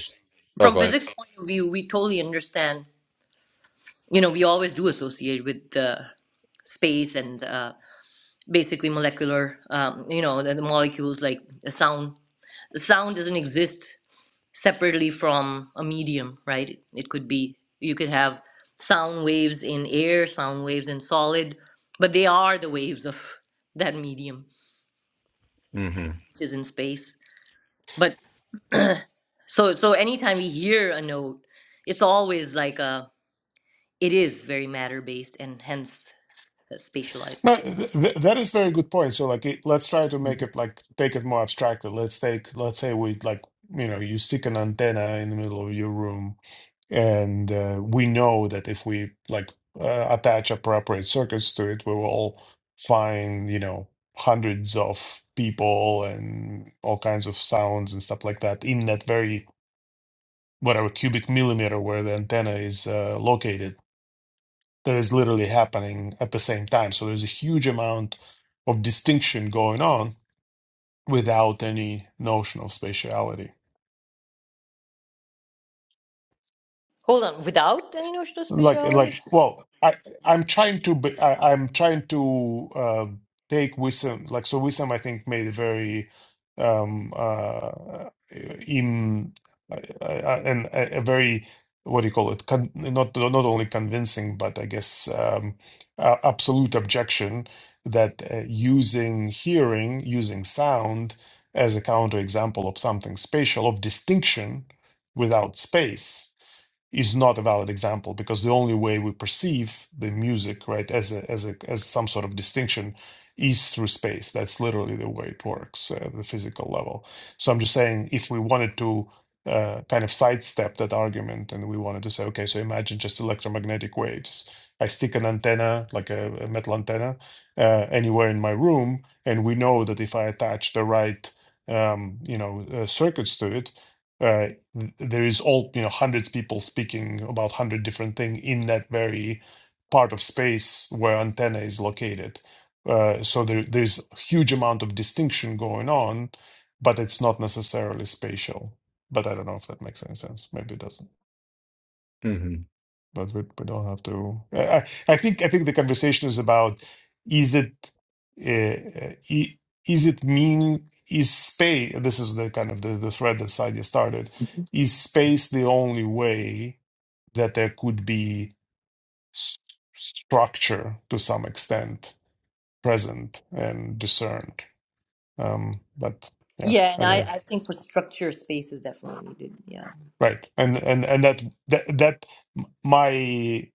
Speaker 1: oh
Speaker 3: from
Speaker 1: go ahead.
Speaker 3: physics point of view, we totally understand. You know, we always do associate with uh, space and uh, basically molecular. Um, you know, the, the molecules like the sound. The sound doesn't exist separately from a medium, right? It could be you could have sound waves in air, sound waves in solid, but they are the waves of that medium, which is in space. But so so anytime we hear a note, it's always like a It is very matter based and hence uh, spatialized.
Speaker 4: No, th- th- that is very good point. So, like, it, let's try to make it like take it more abstractly. Let's take, let's say we like, you know, you stick an antenna in the middle of your room, and uh, we know that if we like uh, attach appropriate circuits to it, we will find, you know, hundreds of people and all kinds of sounds and stuff like that in that very whatever cubic millimeter where the antenna is uh, located that is literally happening at the same time. So there's a huge amount of distinction going on without any notion of spatiality.
Speaker 3: Hold on, without any notion of
Speaker 4: like
Speaker 3: spatiality?
Speaker 4: like well i i'm trying to be, I, i'm trying to um take wisdom like so wisdom i think made a very um uh in uh, uh, uh, and a, a very what do you call it con- not not only convincing but i guess um uh, absolute objection that uh, using hearing using sound as a counterexample of something spatial of distinction without space is not a valid example because the only way we perceive the music right as a as a as some sort of distinction is through space that's literally the way it works uh, the physical level so i'm just saying if we wanted to uh, kind of sidestep that argument and we wanted to say okay so imagine just electromagnetic waves i stick an antenna like a, a metal antenna uh, anywhere in my room and we know that if i attach the right um, you know uh, circuits to it uh, there is all you know hundreds people speaking about hundred different thing in that very part of space where antenna is located. Uh, so there there's a huge amount of distinction going on, but it's not necessarily spatial. But I don't know if that makes any sense. Maybe it doesn't
Speaker 1: hmm
Speaker 4: but we, we don't have to. I, I I think I think the conversation is about is it uh, i- is it mean is space? This is the kind of the, the thread that Sadia started. Is space the only way that there could be s- structure to some extent present and discerned? Um, but yeah,
Speaker 3: Yeah, and I,
Speaker 4: anyway,
Speaker 3: I think for structure, space is definitely needed. Yeah.
Speaker 4: right, and and and that that that my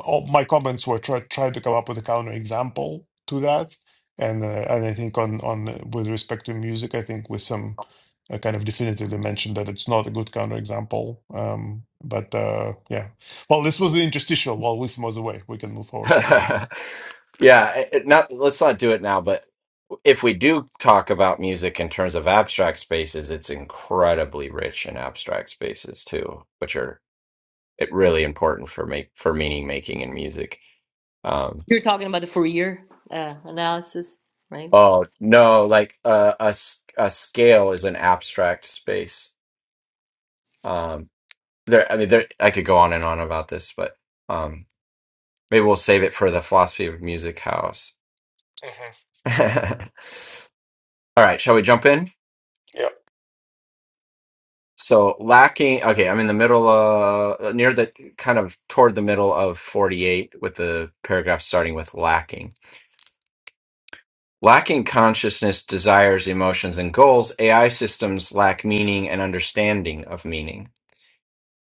Speaker 4: all my comments were try, try to come up with a counter example to that and uh, and i think on on uh, with respect to music i think with some uh, kind of definitively mentioned that it's not a good counter example um but uh yeah well this was the interstitial while wisdom was away we can move forward with the reading
Speaker 1: yeah, it, it- not let's not do it now, but if we do talk about music in terms of abstract spaces, it's incredibly rich in abstract spaces too, which are it really important for make for meaning making in music. Um,
Speaker 3: You're talking about the Fourier uh, analysis, right?
Speaker 1: oh no, like uh, a s- a scale is an abstract space. Um, there, I mean, there I could go on and on about this, but um, maybe we'll save it for the philosophy of music house.
Speaker 4: Mhm.
Speaker 1: All right, shall we jump in?
Speaker 4: yeah
Speaker 1: So lacking, okay, I'm in the middle, uh, near the kind of toward the middle of 48 with the paragraph starting with lacking. Lacking consciousness, desires, emotions, and goals, AI systems lack meaning and understanding of meaning.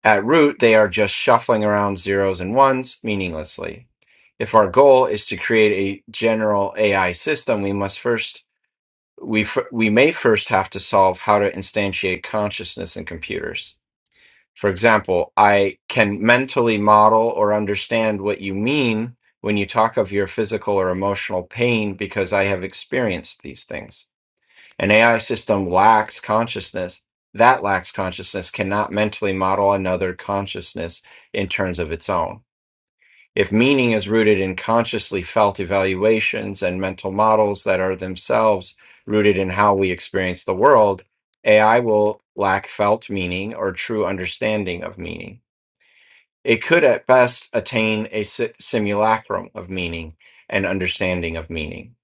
Speaker 1: At root, they are just shuffling around zeros and ones meaninglessly. If our goal is to create a general AI system, we must first, we, f- we may first have to solve how to instantiate consciousness in computers. For example, I can mentally model or understand what you mean when you talk of your physical or emotional pain because I have experienced these things. An AI system lacks consciousness. That lacks consciousness cannot mentally model another consciousness in terms of its own. If meaning is rooted in consciously felt evaluations and mental models that are themselves rooted in how we experience the world, AI will lack felt meaning or true understanding of meaning. It could at best attain a si- simulacrum of meaning and understanding of meaning.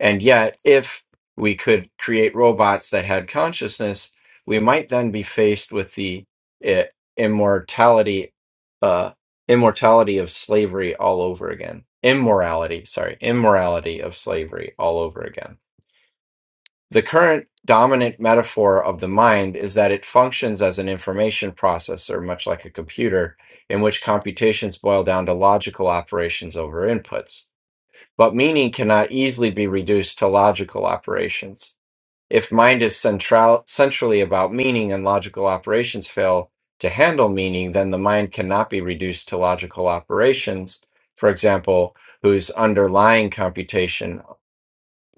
Speaker 1: And yet, if we could create robots that had consciousness, we might then be faced with the uh, immortality, uh, immortality of slavery all over again. Immorality, sorry, immorality of slavery all over again. The current dominant metaphor of the mind is that it functions as an information processor, much like a computer, in which computations boil down to logical operations over inputs. But meaning cannot easily be reduced to logical operations. If mind is central, centrally about meaning and logical operations fail to handle meaning, then the mind cannot be reduced to logical operations. For example, whose underlying computation,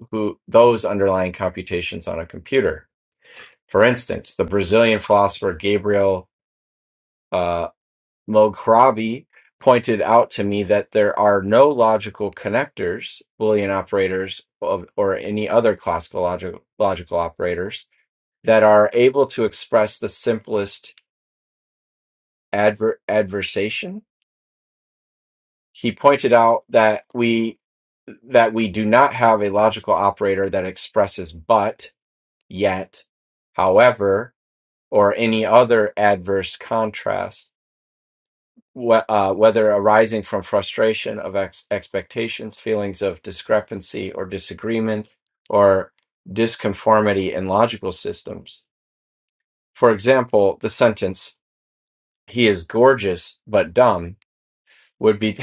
Speaker 1: who those underlying computations on a computer. For instance, the Brazilian philosopher Gabriel uh, Mugrabi pointed out to me that there are no logical connectors, Boolean operators, of, or any other classical logical, logical operators that are able to express the simplest adver- adversation. He pointed out that we that we do not have a logical operator that expresses but, yet, however, or any other adverse contrast wh- uh, whether arising from frustration of ex- expectations, feelings of discrepancy or disagreement, or disconformity in logical systems. For example, the sentence "He is gorgeous but dumb" would be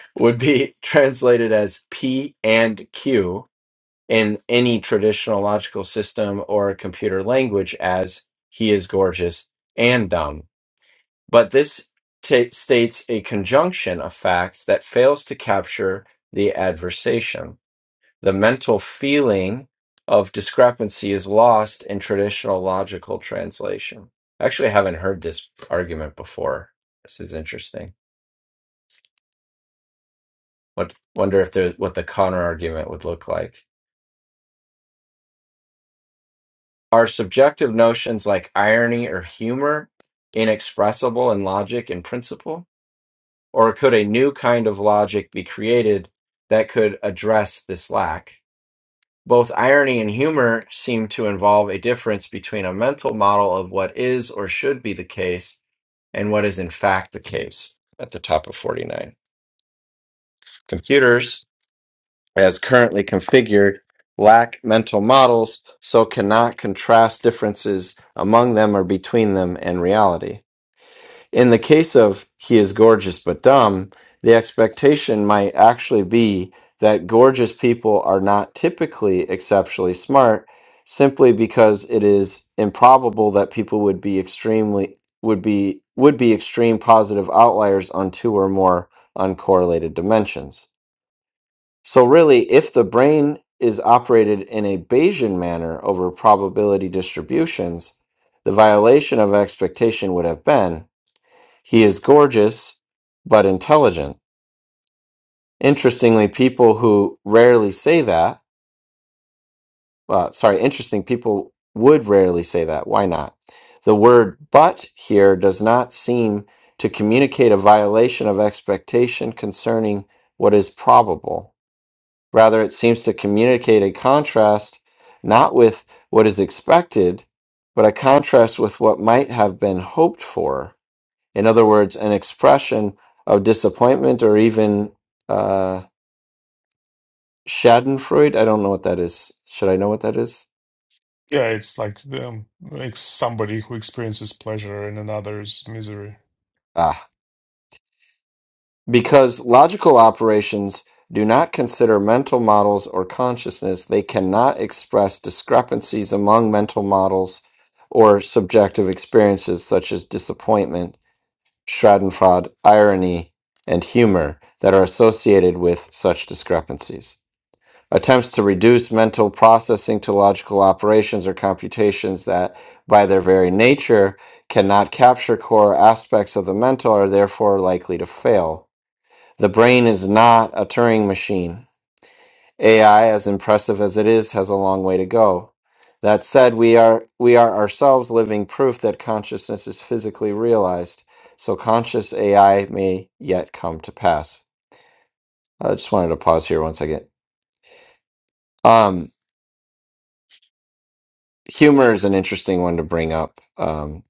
Speaker 1: would be translated as P and Q in any traditional logical system or computer language as "He is gorgeous and dumb." But this ta states a conjunction of facts that fails to capture the adversation. The mental feeling of discrepancy is lost in traditional logical translation. I actually haven't heard this argument before. This is interesting. What, wonder if there, what the counter argument would look like. Are subjective notions like irony or humor inexpressible in logic and principle? Or could a new kind of logic be created that could address this lack? Both irony and humor seem to involve a difference between a mental model of what is or should be the case and what is in fact the case. At the top of 49. Computers, as currently configured, lack mental models, so cannot contrast differences among them or between them and reality. In the case of he is gorgeous but dumb, the expectation might actually be that gorgeous people are not typically exceptionally smart simply because it is improbable that people would be extremely would be would be extreme positive outliers on two or more uncorrelated dimensions. So really if the brain is operated in a Bayesian manner over probability distributions, the violation of expectation would have been he is gorgeous, but intelligent. Interestingly, people who rarely say that, uh, sorry, interesting people would rarely say that. Why not? The word but here does not seem to communicate a violation of expectation concerning what is probable. Rather, it seems to communicate a contrast not with what is expected, but a contrast with what might have been hoped for In other words, an expression of disappointment or even uh, Schadenfreude. I don't know what that is. Should I know what that is?
Speaker 4: yeah it's like um, like somebody who experiences pleasure in another's misery
Speaker 1: Ah, because logical operations do not consider mental models or consciousness, they cannot express discrepancies among mental models or subjective experiences such as disappointment, Schadenfreude, irony, and humor that are associated with such discrepancies. attempts to reduce mental processing to logical operations or computations that, by their very nature, cannot capture core aspects of the mental are therefore likely to fail. The brain is not a Turing machine. AI, as impressive as it is, has a long way to go. That said, we are we are ourselves living proof that consciousness is physically realized, so conscious AI may yet come to pass. I just wanted to pause here one second. Um, humor is an interesting one to bring up. Um,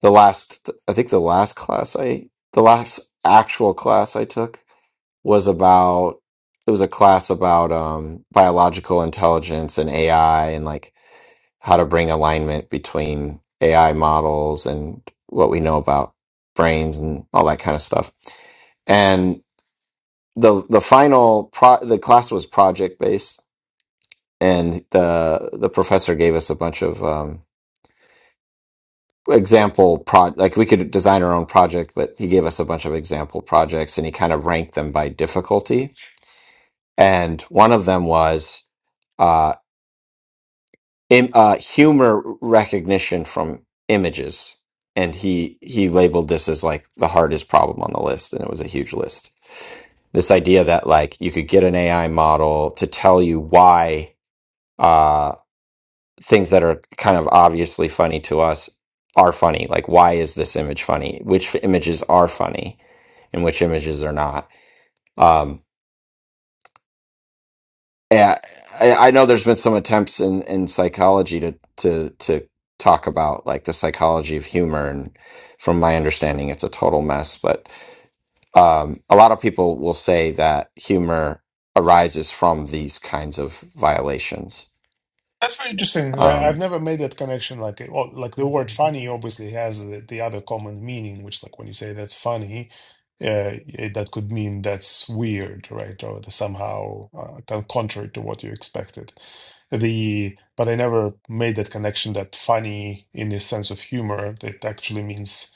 Speaker 1: the last, I think the last class I, the last actual class I took was about, it was a class about um, biological intelligence and AI and like how to bring alignment between AI models and what we know about brains and all that kind of stuff. And the the final pro, the class was project based, and the the professor gave us a bunch of um, example pro like we could design our own project but he gave us a bunch of example projects and he kind of ranked them by difficulty and one of them was uh, Im- uh humor recognition from images and he he labeled this as like the hardest problem on the list and it was a huge list this idea that like you could get an ai model to tell you why uh, things that are kind of obviously funny to us are funny. Like, why is this image funny? Which images are funny and which images are not? Um, and I, I know there's been some attempts in, in psychology to, to, to talk about like the psychology of humor. And from my understanding, it's a total mess. But um, a lot of people will say that humor arises from these kinds of violations.
Speaker 4: That's very interesting. I- I've
Speaker 1: Um,
Speaker 4: never made that connection. Like, well, like the word funny obviously has the, the other common meaning, which, like, when you say that's funny, uh, it- that could mean that's weird, right? Or the somehow uh, con- contrary to what you expected. The but I never made that connection that funny in the sense of humor that actually means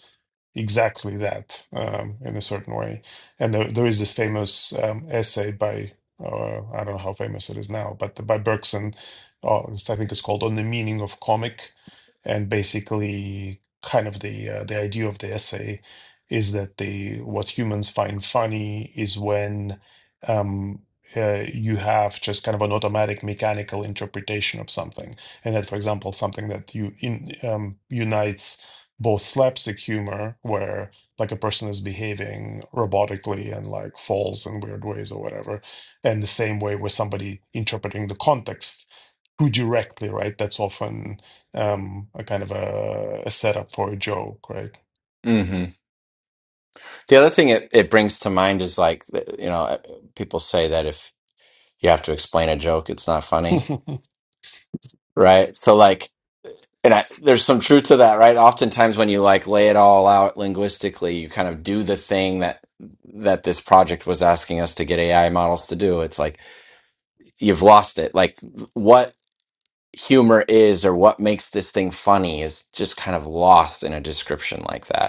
Speaker 4: exactly that um, in a certain way. And there, there is this famous um, essay by, uh, I don't know how famous it is now, but by Bergson or it's- I think it's called On the Meaning of Comic. And basically, kind of the uh, the idea of the essay is that the what humans find funny is when um, uh, you have just kind of an automatic mechanical interpretation of something, and that, for example, something that you in um, unites both slapstick humor, where like a person is behaving robotically and like falls in weird ways or whatever, and the same way with somebody interpreting the context too directly, right? That's often um, a kind of a, a setup for a joke, right?
Speaker 1: The other thing it, it brings to mind is like, you know, uh, people say that if you have to explain a joke, it's not funny,
Speaker 4: but
Speaker 1: right? So, like, and I, there's some truth to that, right? Oftentimes, when you like lay it all out linguistically, you kind of do the thing that that this project was asking us to get AI models to do. It's like you've lost it. Like, what humor is or what makes this thing funny is just kind of lost in a description like that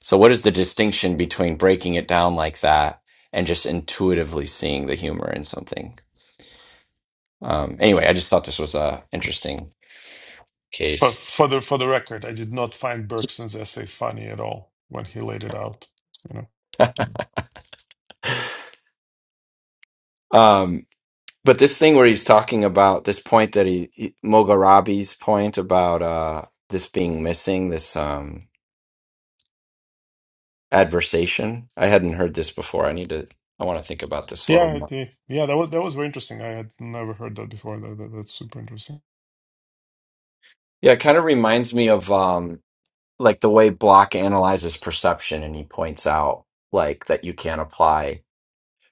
Speaker 1: So, what is the distinction between breaking it down like that and just intuitively seeing the humor in something? Um, anyway, I just thought this was a interesting case.
Speaker 4: for the for the record, I did not find Bergson's essay funny at all when he laid it out. You know,
Speaker 1: Um, but this thing where he's talking about this point that he, he Mogarabi's point about uh, this being missing, this um, adversation. I hadn't heard this before. I need to. I want to think about this a little
Speaker 4: yeah,
Speaker 1: more.
Speaker 4: I- yeah, that was that was very interesting. I had never heard that before. That, that- that's super interesting.
Speaker 1: Yeah, it kind of reminds me of um, like the way Block analyzes perception, and he points out like that you can't apply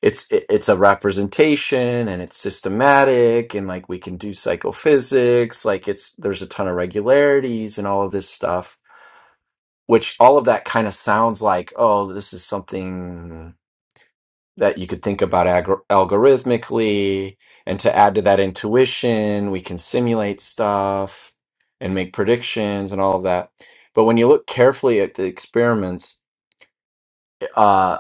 Speaker 1: it's it, it's a representation and it's systematic and like we can do psychophysics like it's there's a ton of regularities and all of this stuff which all of that kind of sounds like oh this is something that you could think about agor algorithmically and to add to that intuition we can simulate stuff and make predictions and all of that but when you look carefully at the experiments uh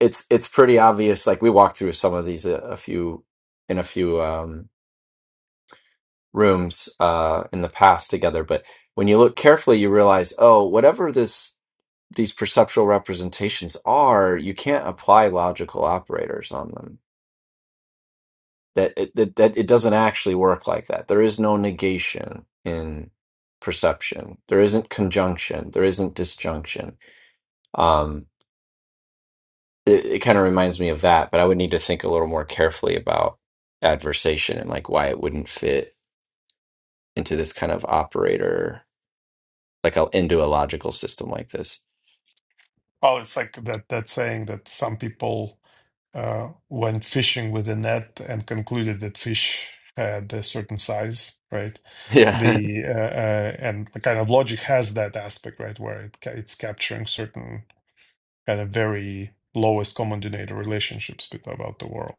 Speaker 1: it's it's pretty obvious. Like we walked through some of these a, a few in a few um, rooms uh, in the past together, but when you look carefully, you realize, oh, whatever this these perceptual representations are, you can't apply logical operators on them. That it, that, that it doesn't actually work like that. There is no negation in perception. There isn't conjunction. There isn't disjunction. Um, it, it kind of reminds me of that, but I would need to think a little more carefully about adversation and like why it wouldn't fit into this kind of operator, like a, into a logical system like this.
Speaker 4: Well, it's like that that saying that some people uh, went fishing with a net and concluded that fish had a certain size, right?
Speaker 1: Yeah.
Speaker 4: The uh, uh, and the kind of logic has that aspect, right, where it ca- it's capturing certain kind of very lowest common denominator relationships with, about the world.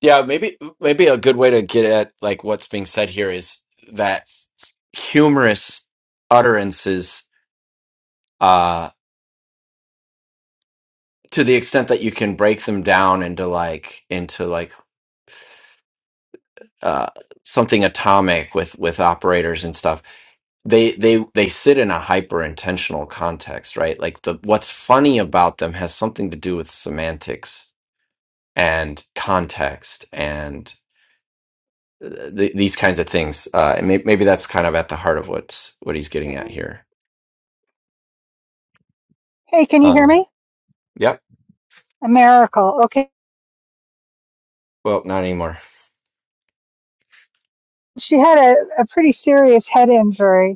Speaker 1: Yeah. Maybe, maybe a good way to get at like what's being said here is that humorous utterances, uh, to the extent that you can break them down into like, into like uh, something atomic with with operators and stuff they they they sit in a hyper intentional context right like the what's funny about them has something to do with semantics and context and uh, th- these kinds of things uh and may- maybe that's kind of at the heart of what's what he's getting at
Speaker 4: hmm
Speaker 1: here
Speaker 2: Hey, can you hear
Speaker 1: um
Speaker 2: me?
Speaker 1: yep
Speaker 2: A miracle. Okay.
Speaker 1: well not anymore
Speaker 2: She had a, a pretty serious head injury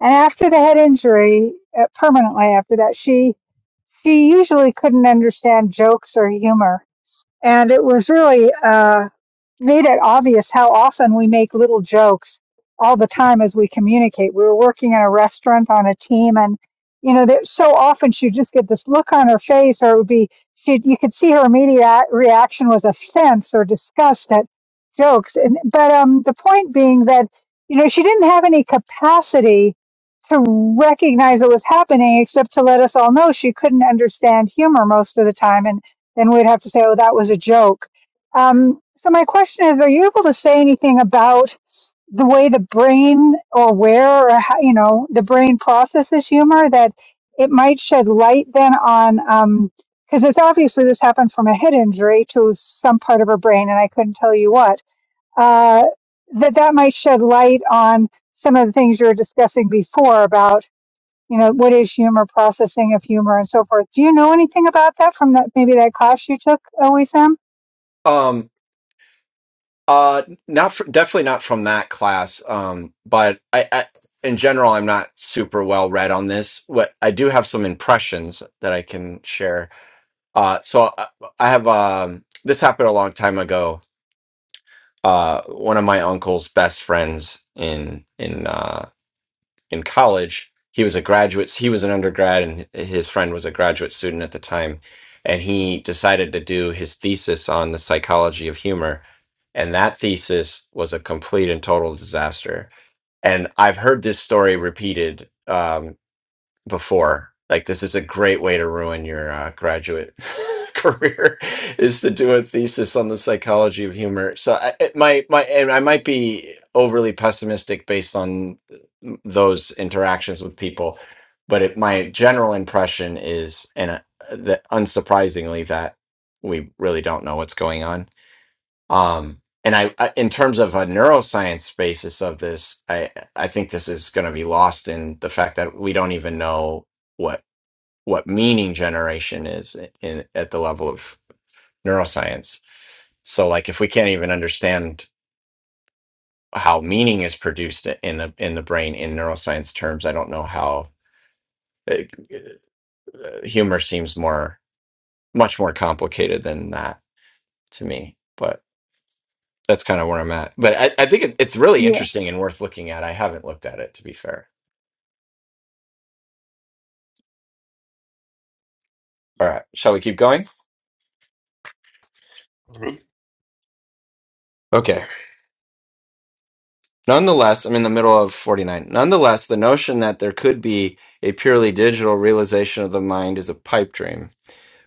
Speaker 2: And after the head injury, uh, permanently after that, she she usually couldn't understand jokes or humor, and it was really uh, made it obvious how often we make little jokes all the time as we communicate. We were working in a restaurant on a team, and you know, that so often she'd just get this look on her face, or it would be she. You could see her immediate reaction was offense or disgust at jokes. And but um, the point being that you know she didn't have any capacity to recognize what was happening, except to let us all know she couldn't understand humor most of the time, and then we'd have to say, "Oh, that was a joke." Um, so my question is, are you able to say anything about the way the brain or where or how, you know the brain processes humor that it might shed light then on because it's obviously this happened from a head injury to some part of her brain and I couldn't tell you what uh, that that might shed light on some of the things you were discussing before about you know what is humor processing of humor and so forth. Do you know anything about that from that maybe that class you took, OSM?
Speaker 1: um Uh, not fr definitely not from that class. Um, but I, I, in general, I'm not super well read on this. What I do have some impressions that I can share. Uh, so I, I have um, this happened a long time ago. Uh, one of my uncle's best friends in in uh in college. He was a graduate. He was an undergrad, and his friend was a graduate student at the time. And he decided to do his thesis on the psychology of humor. And that thesis was a complete and total disaster. And I've heard this story repeated Um, before. Like this is a great way to ruin your uh, graduate career is to do a thesis on the psychology of humor. So I, it- my my and I might be overly pessimistic based on uh, those interactions with people, but it, my general impression is, and uh, that unsurprisingly, that we really don't know what's going on um, and I, I, in terms of a neuroscience basis of this, I, I think this is going to be lost in the fact that we don't even know what what meaning generation is in at the level of neuroscience. So, like, if we can't even understand how meaning is produced in the in the brain in neuroscience terms, I don't know how uh, uh, humor seems more much more complicated than that to me. but. that's kind of where I'm at. But I, I think it, it's really interesting and worth looking at. I haven't looked at it to be fair. All right, shall we keep going?
Speaker 4: Good.
Speaker 1: Okay. Nonetheless, I'm in the middle of 49. Nonetheless, the notion that there could be a purely digital realization of the mind is a pipe dream.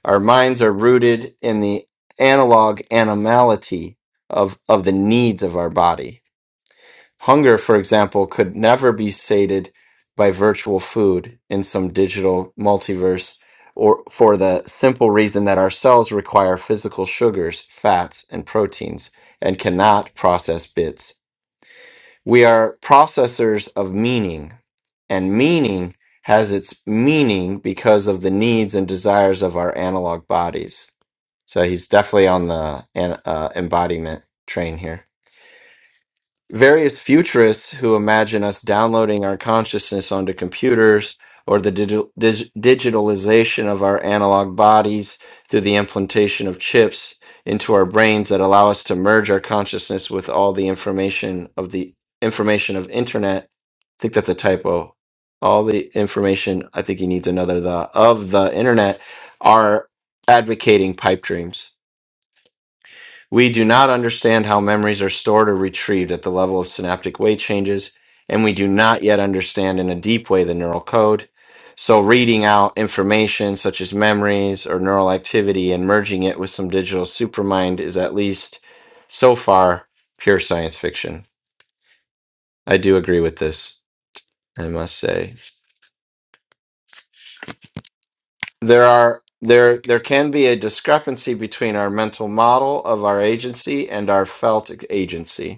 Speaker 1: Our minds are rooted in the analog animality of of the needs of our body Hunger, for example, could never be sated by virtual food in some digital multiverse, or for the simple reason that our cells require physical sugars, fats, and proteins, and cannot process bits. We are processors of meaning, and meaning has its meaning because of the needs and desires of our analog bodies. So he's definitely on the an- uh, embodiment train here various futurists who imagine us downloading our consciousness onto computers or the digital, dig, digitalization of our analog bodies through the implantation of chips into our brains that allow us to merge our consciousness with all the information of the information of internet i think that's a typo all the information i think he needs another the of the internet are advocating pipe dreams we do not understand how memories are stored or retrieved at the level of synaptic weight changes, and we do not yet understand in a deep way the neural code. So, reading out information such as memories or neural activity and merging it with some digital supermind is at least so far pure science fiction. I do agree with this, I must say. There are there there can be a discrepancy between our mental model of our agency and our felt agency.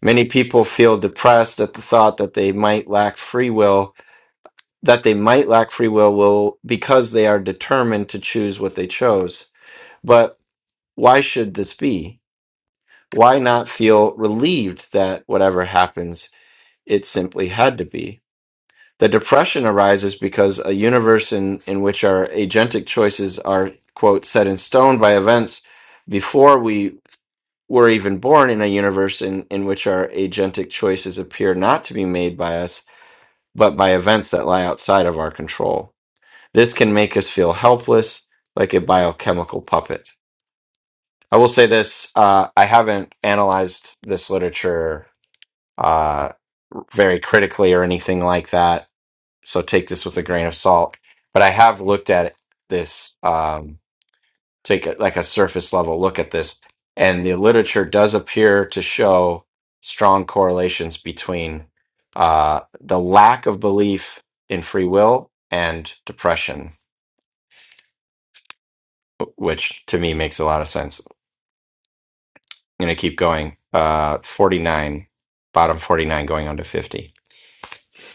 Speaker 1: Many people feel depressed at the thought that they might lack free will, that they might lack free will, will because they are determined to choose what they chose. But why should this be? Why not feel relieved that whatever happens, it simply had to be? The depression arises because a universe in, in which our agentic choices are, quote, set in stone by events before we were even born in a universe in, in which our agentic choices appear not to be made by us but by events that lie outside of our control. This can make us feel helpless, like a biochemical puppet. I will say this uh, I haven't analyzed this literature uh, very critically or anything like that, so take this with a grain of salt. But I have looked at this. Um, take a, like a surface level look at this and the literature does appear to show strong correlations between uh, the lack of belief in free will and depression wh- which to me makes a lot of sense i'm going to keep going uh, 49 bottom 49 going on to 50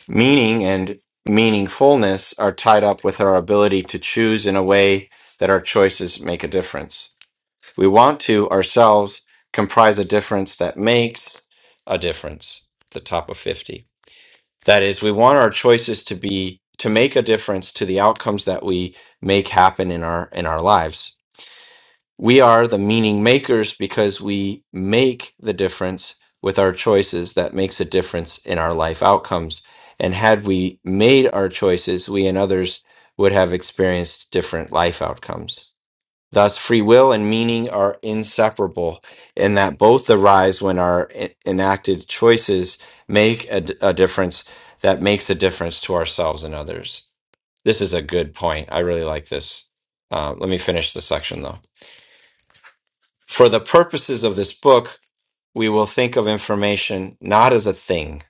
Speaker 1: meaning and meaningfulness are tied up with our ability to choose in a way that our choices make a difference we want to ourselves comprise a difference that makes a difference, the top of 50. That is, we want our choices to be to make a difference to the outcomes that we make happen in our in our lives. We are the meaning makers because we make the difference with our choices that makes a difference in our life outcomes. And had we made our choices, we and others would have experienced different life outcomes. Thus, free will and meaning are inseparable, in that both arise when our e- enacted choices make a, d- a difference that makes a difference to ourselves and others. This is a good point. I really like this. Uh, let me finish the section though. For the purposes of this book, we will think of information not as a thing,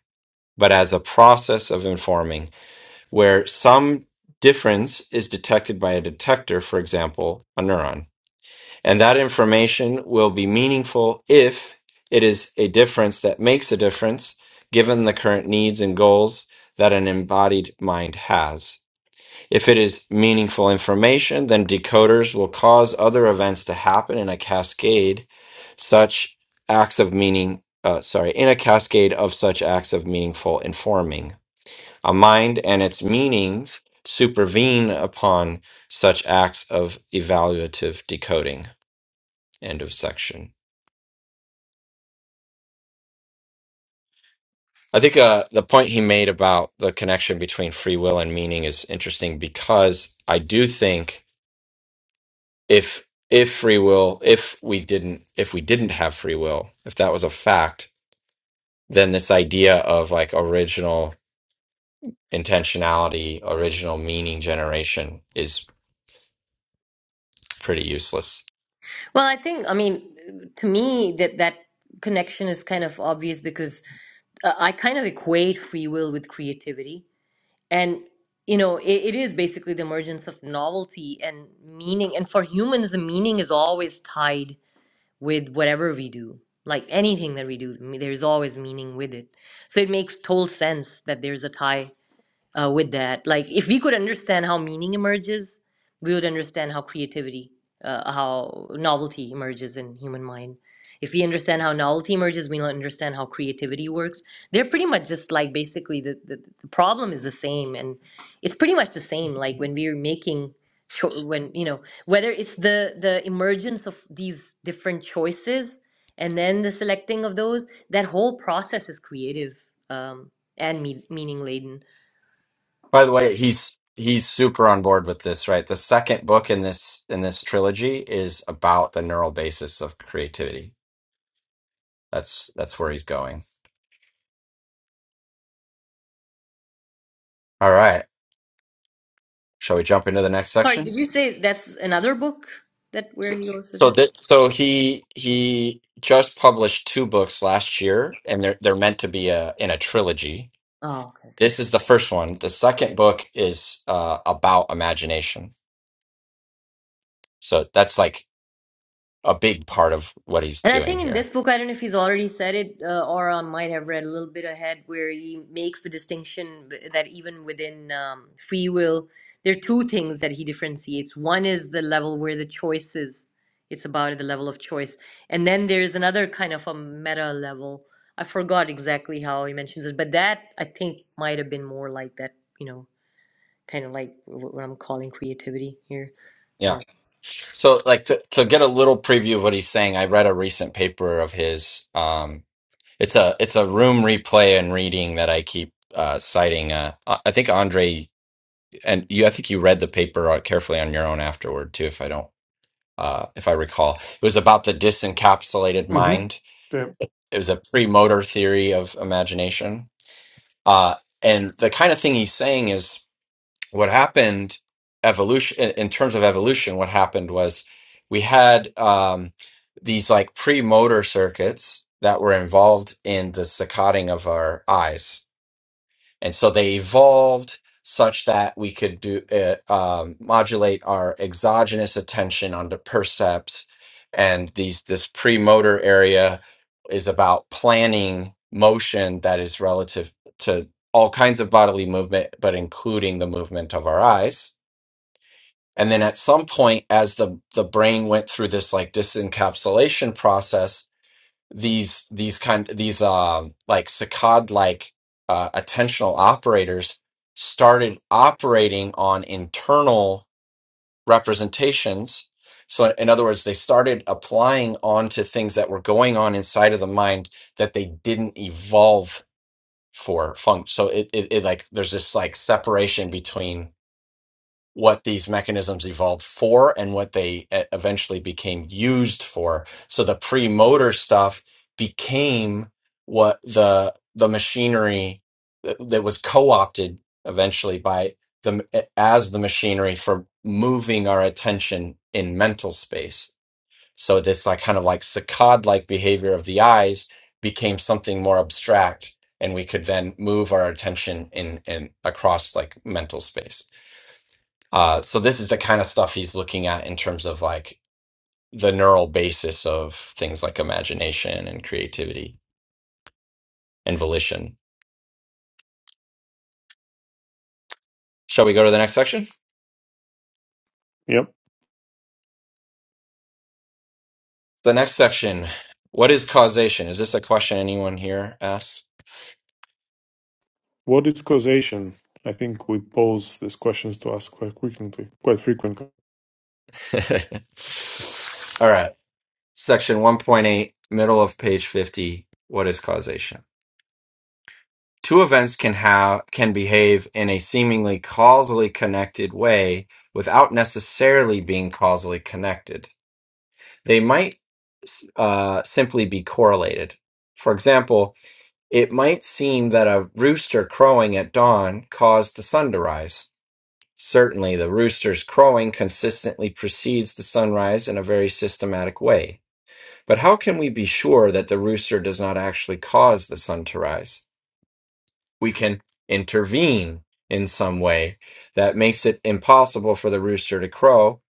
Speaker 1: but as a process of informing, where some difference is detected by a detector, for example, a neuron. And that information will be meaningful if it is a difference that makes a difference, given the current needs and goals that an embodied mind has. If it is meaningful information, then decoders will cause other events to happen in a cascade, such acts of meaning, uh, sorry, in a cascade of such acts of meaningful informing. A mind and its meanings supervene upon such acts of evaluative decoding. End of section. I think uh, the point he made about the connection between free will and meaning is interesting because I do think if if free will, if we didn't if we didn't have free will, if that was a fact, then this idea of like original intentionality, original meaning generation is pretty useless.
Speaker 3: Well, I think, I mean, to me, that that connection is kind of obvious because uh, I kind of equate free will with creativity. And, you know, it, it is basically the emergence of novelty and meaning. And for humans, the meaning is always tied with whatever we do. Like anything that we do, there's always meaning with it. So it makes total sense that there's a tie uh, with that. Like, if we could understand how meaning emerges, we would understand how creativity, uh, how novelty emerges in human mind. If we understand how novelty emerges, we'll understand how creativity works. They're pretty much just like basically the, the, the problem is the same, and it's pretty much the same. Like when we're making, cho- when you know whether it's the the emergence of these different choices and then the selecting of those, that whole process is creative um, and me- meaning laden
Speaker 1: By the way, he's he's super on board with this, right? The second book in this in this trilogy is about the neural basis of creativity That's that's where he's going. All right. Shall we jump into the next
Speaker 3: Sorry, did
Speaker 1: section?
Speaker 3: you say that's another book that where
Speaker 1: So,
Speaker 3: he goes with
Speaker 1: so
Speaker 3: that?
Speaker 1: that so he he just published two books last year, and they're they're meant to be a in a trilogy.
Speaker 3: Oh, okay.
Speaker 1: This is the first one. The second book is uh, about imagination. So that's like a big part of what he's
Speaker 3: And I
Speaker 1: doing
Speaker 3: think in
Speaker 1: here.
Speaker 3: this book, I don't know if he's already said it, uh, or I might have read a little bit ahead where he makes the distinction b- that even within um, free will, there are two things that he differentiates. One is the level where the choice is, it's about the level of choice. And then there's another kind of a meta level. I forgot exactly how he mentions it, but that I think might have been more like that, you know, kind of like wh- what I'm calling creativity here. or.
Speaker 1: Yeah. So, like to, to get a little preview of what he's saying, I read a recent paper of his. Um, it's a it's a room replay and reading that I keep uh, citing. Uh, I I think Andre and you. I think you read the paper uh, carefully on your own afterward too. If I don't, uh, if I recall, it was about the disencapsulated
Speaker 4: hmm
Speaker 1: mind.
Speaker 4: Yeah.
Speaker 1: It was a pre-motor theory of imagination, uh, and the kind of thing he's saying is what happened evolution in in terms of evolution what happened was we had um, these like pre-motor circuits that were involved in the saccading of our eyes and so they evolved such that we could do uh, um, modulate our exogenous attention onto percepts and these this premotor area is about planning motion that is relative to all kinds of bodily movement but including the movement of our eyes and then at some point as the the brain went through this like disencapsulation process these these kind these um like saccad like uh, attentional operators started operating on internal representations so in other words they started applying onto things that were going on inside of the mind that they didn't evolve for function so it, it, it like there's this like separation between what these mechanisms evolved for and what they e- eventually became used for. So the pre-motor stuff became what the the machinery that, that was co-opted eventually by the e, as the machinery for moving our attention in mental space. So this like kind of like saccade-like behavior of the eyes became something more abstract, and we could then move our attention in in across like mental space. Uh, so this is the kind of stuff he's looking at in terms of like the neural basis of things like imagination and creativity and volition. Shall we go to the next section?
Speaker 4: Yep.
Speaker 1: The next section, what is causation? Is this a question anyone here asks?
Speaker 4: What is causation? I think we pose these questions to ask quite frequently. Quite frequently.
Speaker 1: All right. Section 1.8, middle of page 50, what is causation? Two events can have can behave in a seemingly causally connected way without necessarily being causally connected. They might uh, simply be correlated. For example, it might seem that a rooster crowing at dawn caused the sun to rise. Certainly, the rooster's crowing consistently precedes the sunrise in a very systematic way. But how can we be sure that the rooster does not actually cause the sun to rise? We can intervene in some way that makes it impossible for the rooster to crow,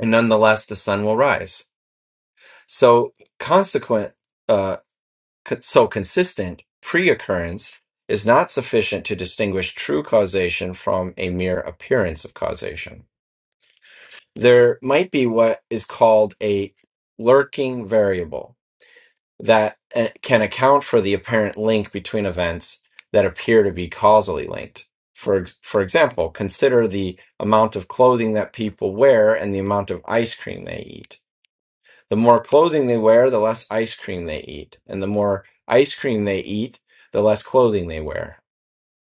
Speaker 1: and nonetheless, the sun will rise. So, consequent. uh, c- so consistent pre-occurrence is not sufficient to distinguish true causation from a mere appearance of causation. There might be what is called a lurking variable that uh, can account for the apparent link between events that appear to be causally linked. For, ex- for example, consider the amount of clothing that people wear and the amount of ice cream they eat the more clothing they wear, the less ice cream they eat. And the more ice cream they eat, the less clothing they wear.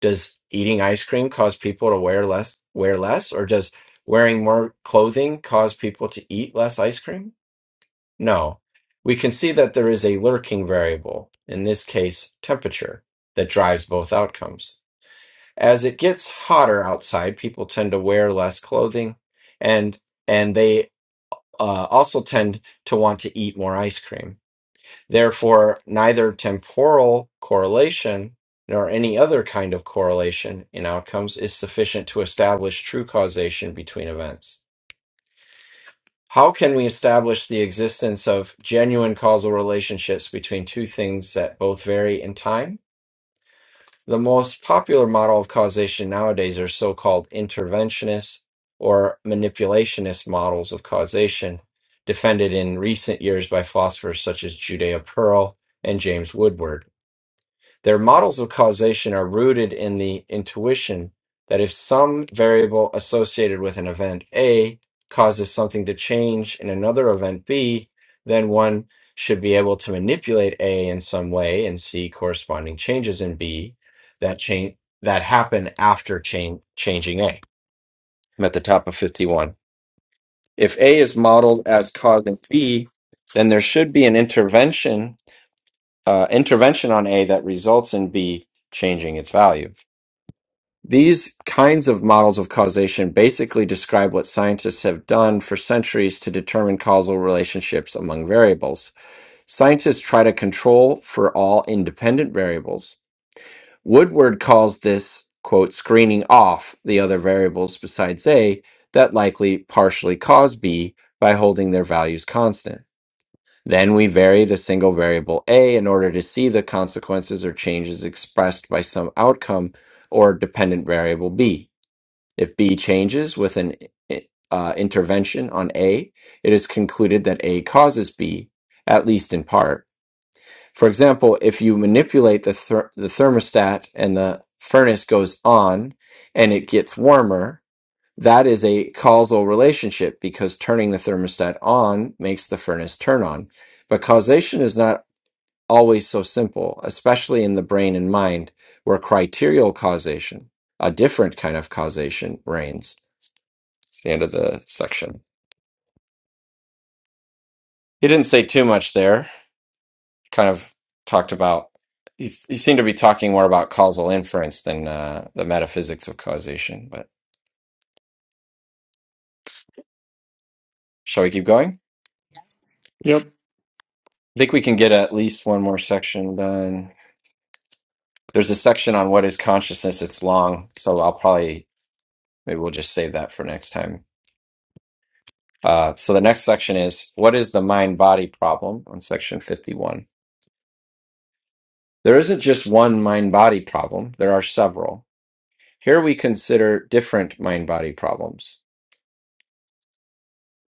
Speaker 1: Does eating ice cream cause people to wear less wear less or does wearing more clothing cause people to eat less ice cream? No. We can see that there is a lurking variable, in this case temperature, that drives both outcomes. As it gets hotter outside, people tend to wear less clothing and and they uh, also tend to want to eat more ice cream Therefore, neither temporal correlation nor any other kind of correlation in outcomes is sufficient to establish true causation between events. How can we establish the existence of genuine causal relationships between two things that both vary in time? The most popular model of causation nowadays are so called interventionist or manipulationist models of causation, defended in recent years by philosophers such as Judea Pearl and James Woodward. Their models of causation are rooted in the intuition that if some variable associated with an event A causes something to change in another event B, then one should be able to manipulate A in some way and see corresponding changes in B that change that happen after change changing A. I'm at the top of 51. If A is modeled as causing B, then there should be an intervention uh, intervention on A that results in B changing its value. These kinds of models of causation basically describe what scientists have done for centuries to determine causal relationships among variables. Scientists try to control for all independent variables. Woodward calls this, quote, screening off the other variables besides A that likely partially cause B by holding their values constant. Then we vary the single variable a in order to see the consequences or changes expressed by some outcome or dependent variable b. If b changes with an uh, intervention on a, it is concluded that a causes b, at least in part. For example, if you manipulate the, ther- the thermostat and the furnace goes on and it gets warmer, that is a causal relationship because turning the thermostat on makes the furnace turn on. But causation is not always so simple, especially in the brain and mind, where criterial causation, a different kind of causation, reigns. It's the end of the section. He didn't say too much there. Kind of talked about, he, he seemed to be talking more about causal inference than uh, the metaphysics of causation. But shall we keep going?
Speaker 4: Yep.
Speaker 1: I think we can get at least one more section done. There's a section on what is consciousness. It's long, so I'll probably maybe we'll just save that for next time. Uh, so the next section is what is the mind body problem on section 51. There isn't just one mind body problem, there are several. Here we consider different mind body problems.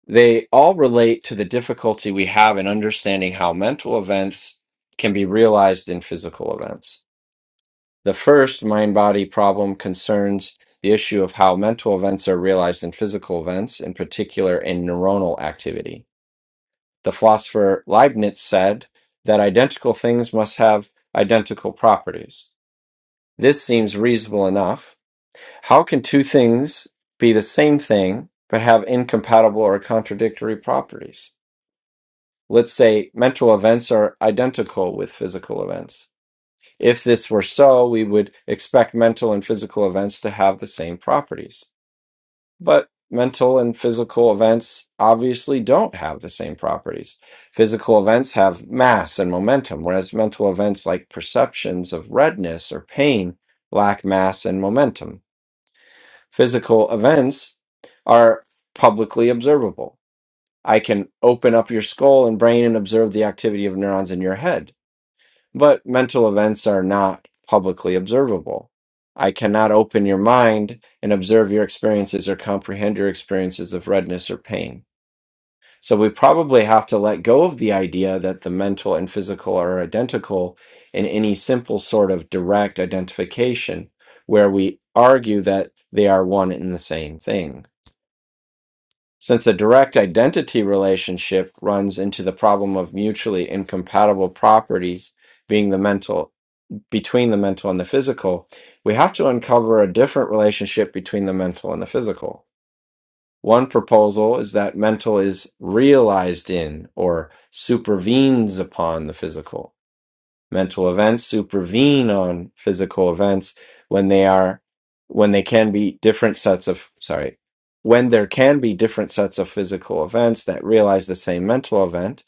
Speaker 1: They all relate to the difficulty we have in understanding how mental events can be realized in physical events. The first mind body problem concerns the issue of how mental events are realized in physical events, in particular in neuronal activity. The philosopher Leibniz said that identical things must have identical properties. This seems reasonable enough. How can two things be the same thing but have incompatible or contradictory properties? Let's say mental events are identical with physical events If this were so, we would expect mental and physical events to have the same properties. But mental and physical events obviously don't have the same properties. Physical events have mass and momentum, whereas mental events like perceptions of redness or pain lack mass and momentum. Physical events are publicly observable. I can open up your skull and brain and observe the activity of neurons in your head but mental events are not publicly observable. I cannot open your mind and observe your experiences or comprehend your experiences of redness or pain. So we probably have to let go of the idea that the mental and physical are identical in any simple sort of direct identification where we argue that they are one and the same thing. Since a direct identity relationship runs into the problem of mutually incompatible properties being the mental between the mental and the physical, we have to uncover a different relationship between the mental and the physical. One proposal is that mental is realized in or supervenes upon the physical. Mental events supervene on physical events when they are when they can be different sets of sorry, when there can be different sets of physical events that realize the same mental event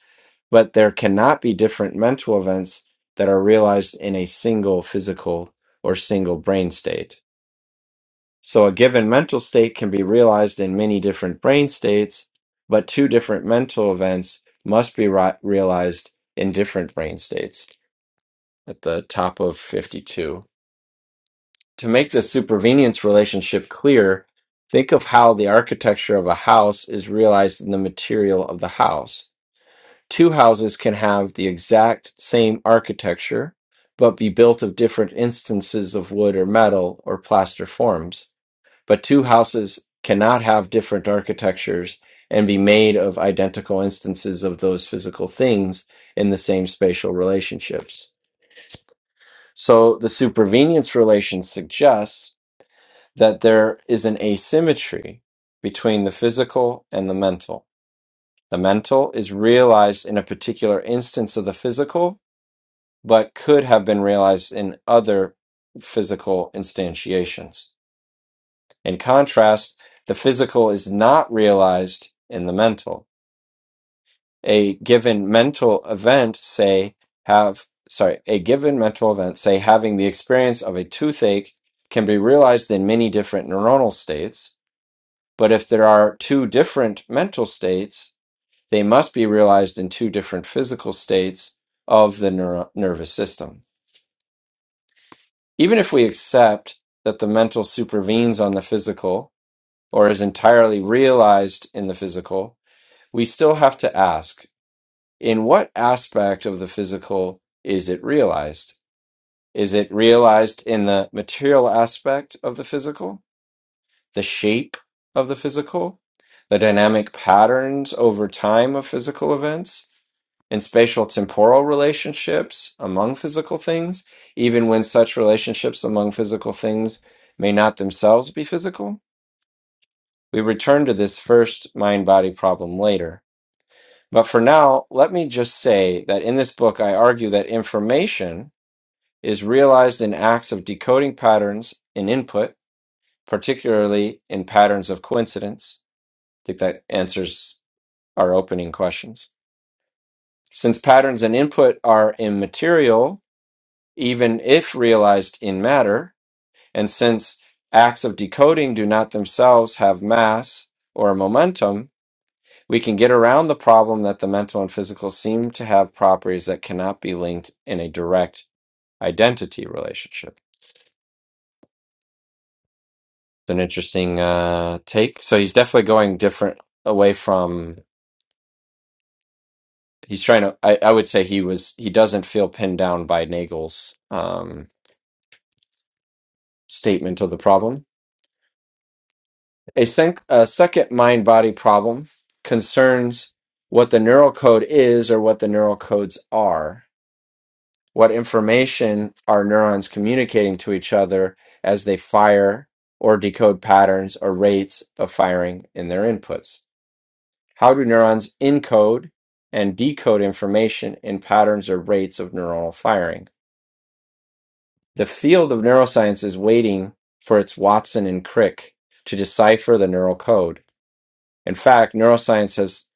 Speaker 1: but there cannot be different mental events that are realized in a single physical or single brain state. So a given mental state can be realized in many different brain states, but two different mental events must be ri- realized in different brain states at the top of 52. To make the supervenience relationship clear, think of how the architecture of a house is realized in the material of the house Two houses can have the exact same architecture, but be built of different instances of wood or metal or plaster forms. But two houses cannot have different architectures and be made of identical instances of those physical things in the same spatial relationships. So the supervenience relation suggests that there is an asymmetry between the physical and the mental. The mental is realized in a particular instance of the physical, but could have been realized in other physical instantiations. In contrast, the physical is not realized in the mental. A given mental event, say, have, sorry, a given mental event, say, having the experience of a toothache can be realized in many different neuronal states. But if there are two different mental states, they must be realized in two different physical states of the neuro- nervous system. Even if we accept that the mental supervenes on the physical or is entirely realized in the physical, we still have to ask in what aspect of the physical is it realized? Is it realized in the material aspect of the physical, the shape of the physical, the dynamic patterns over time of physical events? in spatial temporal relationships among physical things, even when such relationships among physical things may not themselves be physical? We return to this first mind body problem later. But for now, let me just say that in this book, I argue that information is realized in acts of decoding patterns in input, particularly in patterns of coincidence. I think that answers our opening questions. Since patterns and input are immaterial, even if realized in matter, and since acts of decoding do not themselves have mass or momentum, we can get around the problem that the mental and physical seem to have properties that cannot be linked in a direct identity relationship. It's an interesting uh, take. So he's definitely going different away from. He's trying to. I, I would say he was. He doesn't feel pinned down by Nagel's um, statement of the problem A, sec- a second mind body problem concerns what the neural code is or what the neural codes are. What information are neurons communicating to each other as they fire or decode patterns or rates of firing in their inputs? How do neurons encode and decode information in patterns or rates of neuronal firing? The field of neuroscience is waiting for its Watson and Crick to decipher the neural code In fact, neuroscience has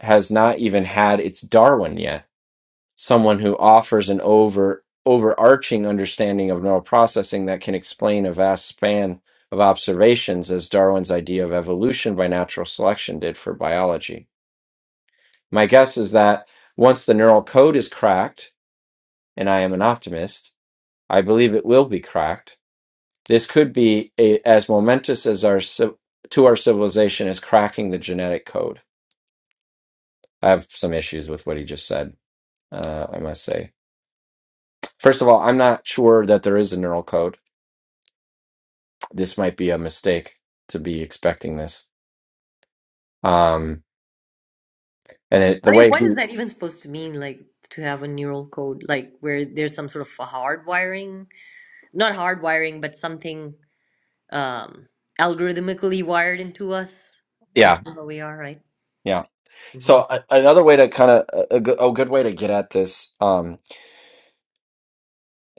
Speaker 1: has not even had its Darwin yet, someone who offers an over overarching understanding of neural processing that can explain a vast span of observations as Darwin's idea of evolution by natural selection did for biology. My guess is that once the neural code is cracked, and I am an optimist, I believe it will be cracked. This could be a, as momentous as our civ- to our civilization as cracking the genetic code. I have some issues with what he just said. Uh, I must say. First of all, I'm not sure that there is a neural code. This might be a mistake to be expecting this. Um, and it,
Speaker 3: I
Speaker 1: the
Speaker 3: mean,
Speaker 1: way
Speaker 3: what is
Speaker 1: he,
Speaker 3: that even supposed to mean? Like to have a neural code, like where there's some sort of a hardwiring, not hardwiring, but something um, algorithmically wired into us as
Speaker 1: yeah,
Speaker 3: to how we are, right?
Speaker 1: yeah.
Speaker 3: hmm
Speaker 1: So a, another way to kind of a, a, good- a good way to get at this, um,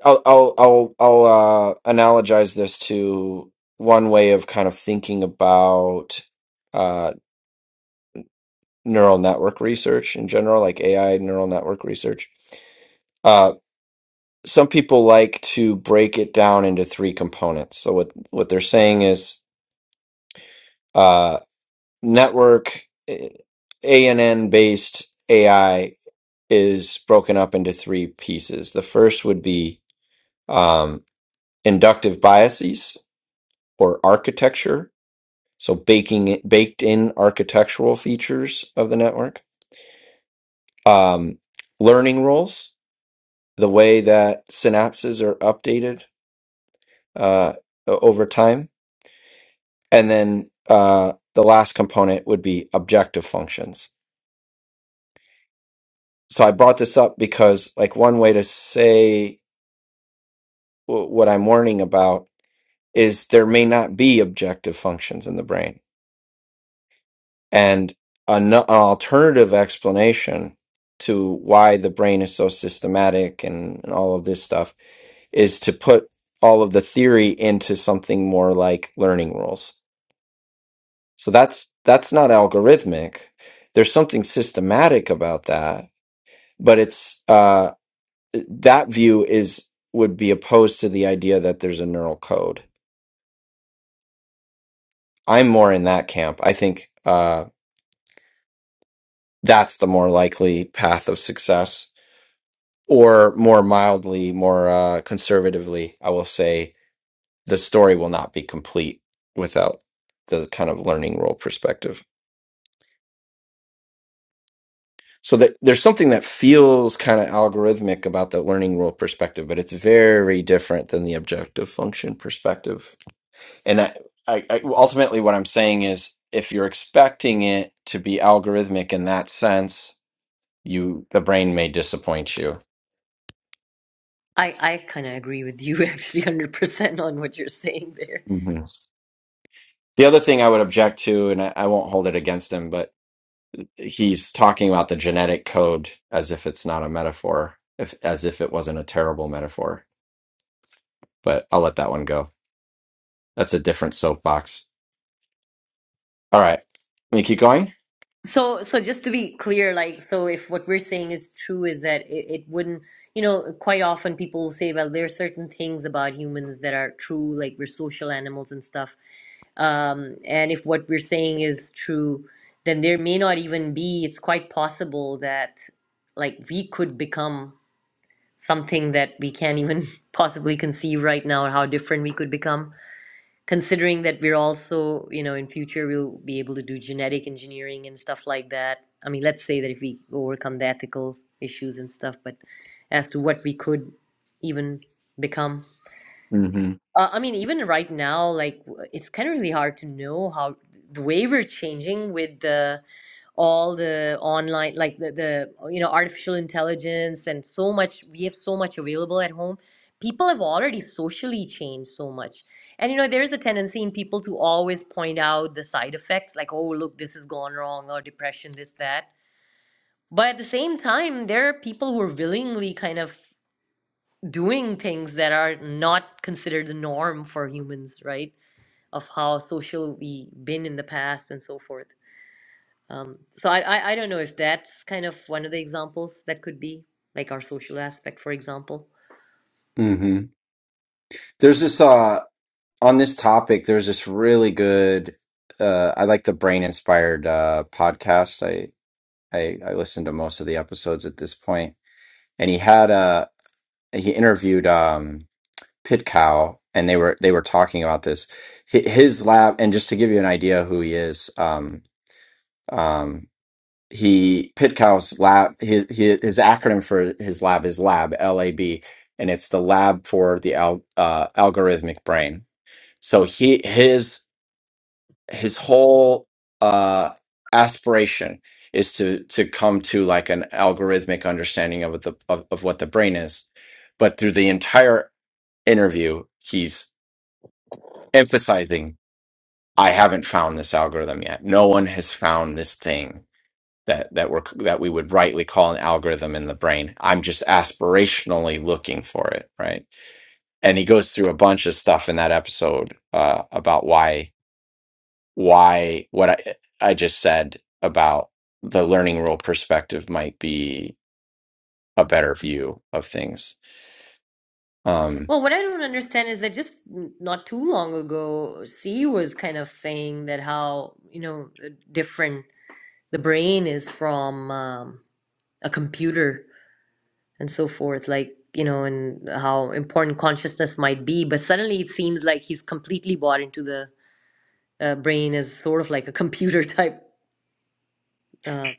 Speaker 1: I'll I'll I'll, I'll uh, analogize this to one way of kind of thinking about uh, neural network research in general, like AI neural network research. Uh, some people like to break it down into three components. So what what they're saying is uh, network eh, ANN based AI is broken up into three pieces. The first would be um, inductive biases or architecture, so baking it, baked in architectural features of the network. Um, learning rules, the way that synapses are updated uh, o- over time And then uh, the last component would be objective functions. So I brought this up because, like, one way to say w- what I'm warning about is there may not be objective functions in the brain. And an, an alternative explanation to why the brain is so systematic and, and all of this stuff is to put all of the theory into something more like learning rules. So that's that's not algorithmic. There's something systematic about that but it's uh that view is would be opposed to the idea that there's a neural code i'm more in that camp i think uh that's the more likely path of success or more mildly more uh conservatively i will say the story will not be complete without the kind of learning role perspective so that there's something that feels kind of algorithmic about the learning role perspective but it's very different than the objective function perspective and I, I, I well, ultimately what i'm saying is if you're expecting it to be algorithmic in that sense you the brain may disappoint you
Speaker 3: I I kind of agree with you actually, hundred percent on what you're saying there.
Speaker 1: Mhm. the other thing i would object to and I, I won't hold it against him but he's talking about the genetic code as if it's not a metaphor if as if it wasn't a terrible metaphor but i'll let that one go that's a different soapbox all right let me keep going
Speaker 3: So, so just to be clear, like, so if what we're saying is true, is that it, it wouldn't, you know, quite often people say, well, there are certain things about humans that are true, like we're social animals and stuff. Um, and if what we're saying is true, then there may not even be, it's quite possible that like we could become something that we can't even possibly conceive right now, or how different we could become considering that we're also you know in future we'll be able to do genetic engineering and stuff like that i mean let's say that if we overcome the ethical issues and stuff but as to what we could even become
Speaker 1: hmm
Speaker 3: uh, i mean even right now like w- it's kind of really hard to know how the way we're changing with the all the online like the, the you know artificial intelligence and so much we have so much available at home people have already socially changed so much and you know there is a tendency in people to always point out the side effects like oh look this has gone wrong or depression this that but at the same time there are people who are willingly kind of doing things that are not considered the norm for humans right of how social we've been in the past and so forth um, so I, I I don't know if that's kind of one of the examples that could be like our social aspect, for example.
Speaker 1: hmm There's this. Uh, on this topic, there's this really good. Uh, I like the brain inspired uh, podcast. I, I I listen to most of the episodes at this point, and he had a he interviewed um, Pitcow, and they were they were talking about this. Hi- His lab, and just to give you an idea who he is, um, um, he Pitcow's lab. His, his his acronym for his lab is LAB, L A B, and it's the lab for the al, uh, algorithmic brain. So he his his whole uh aspiration is to to come to like an algorithmic understanding of what the of, of what the brain is but through the entire interview he's emphasizing i haven't found this algorithm yet no one has found this thing that that we're that we would rightly call an algorithm in the brain i'm just aspirationally looking for it right and he goes through a bunch of stuff in that episode uh, about why why what I I just said about the learning rule perspective might be a better view of things. Um
Speaker 3: Well, what I don't understand is that just n- not too long ago, C was kind of saying that how, you know, uh, different the brain is from um, a computer and so forth, like, you know, and how important consciousness might be. But suddenly it seems like he's completely bought into the uh, brain as sort of like a computer type. uh,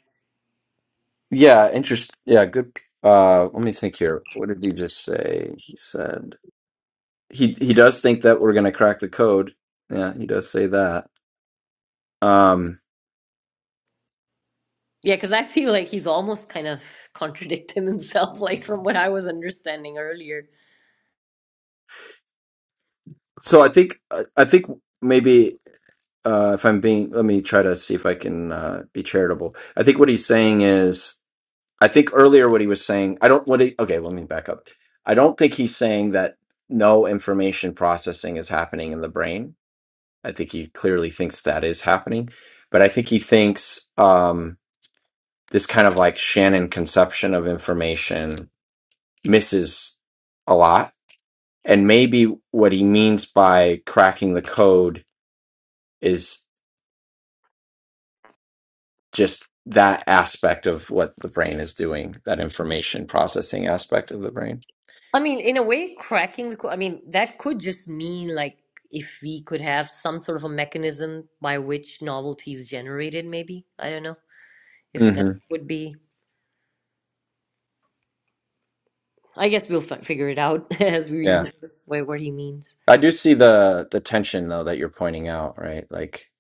Speaker 1: yeah, interest yeah, good uh let me think here. What did he just say? He said he he does think that we're going to crack the code. Yeah, he does say that. Um
Speaker 3: Yeah, because I feel like he's almost kind of contradicting himself, like from what I was understanding earlier.
Speaker 1: so I think I I think maybe uh if I'm being let me try to see if I can uh be charitable. I think what he's saying is I think earlier what he was saying, I don't what he okay, let me back up. I don't think he's saying that no information processing is happening in the brain. I think he clearly thinks that is happening, but I think he thinks um this kind of like Shannon conception of information misses a lot. And maybe what he means by cracking the code is just that aspect of what the brain is doing, that information processing aspect of the brain.
Speaker 3: I mean, in a way, cracking the code, I mean, that could just mean like if we could have some sort of a mechanism by which novelty is generated, maybe. I don't know if that
Speaker 1: hmm
Speaker 3: would be. I guess we'll f figure it out as we read
Speaker 1: Yeah.
Speaker 3: more what, what he means.
Speaker 1: I do see the the tension though that you're pointing out, right? Like,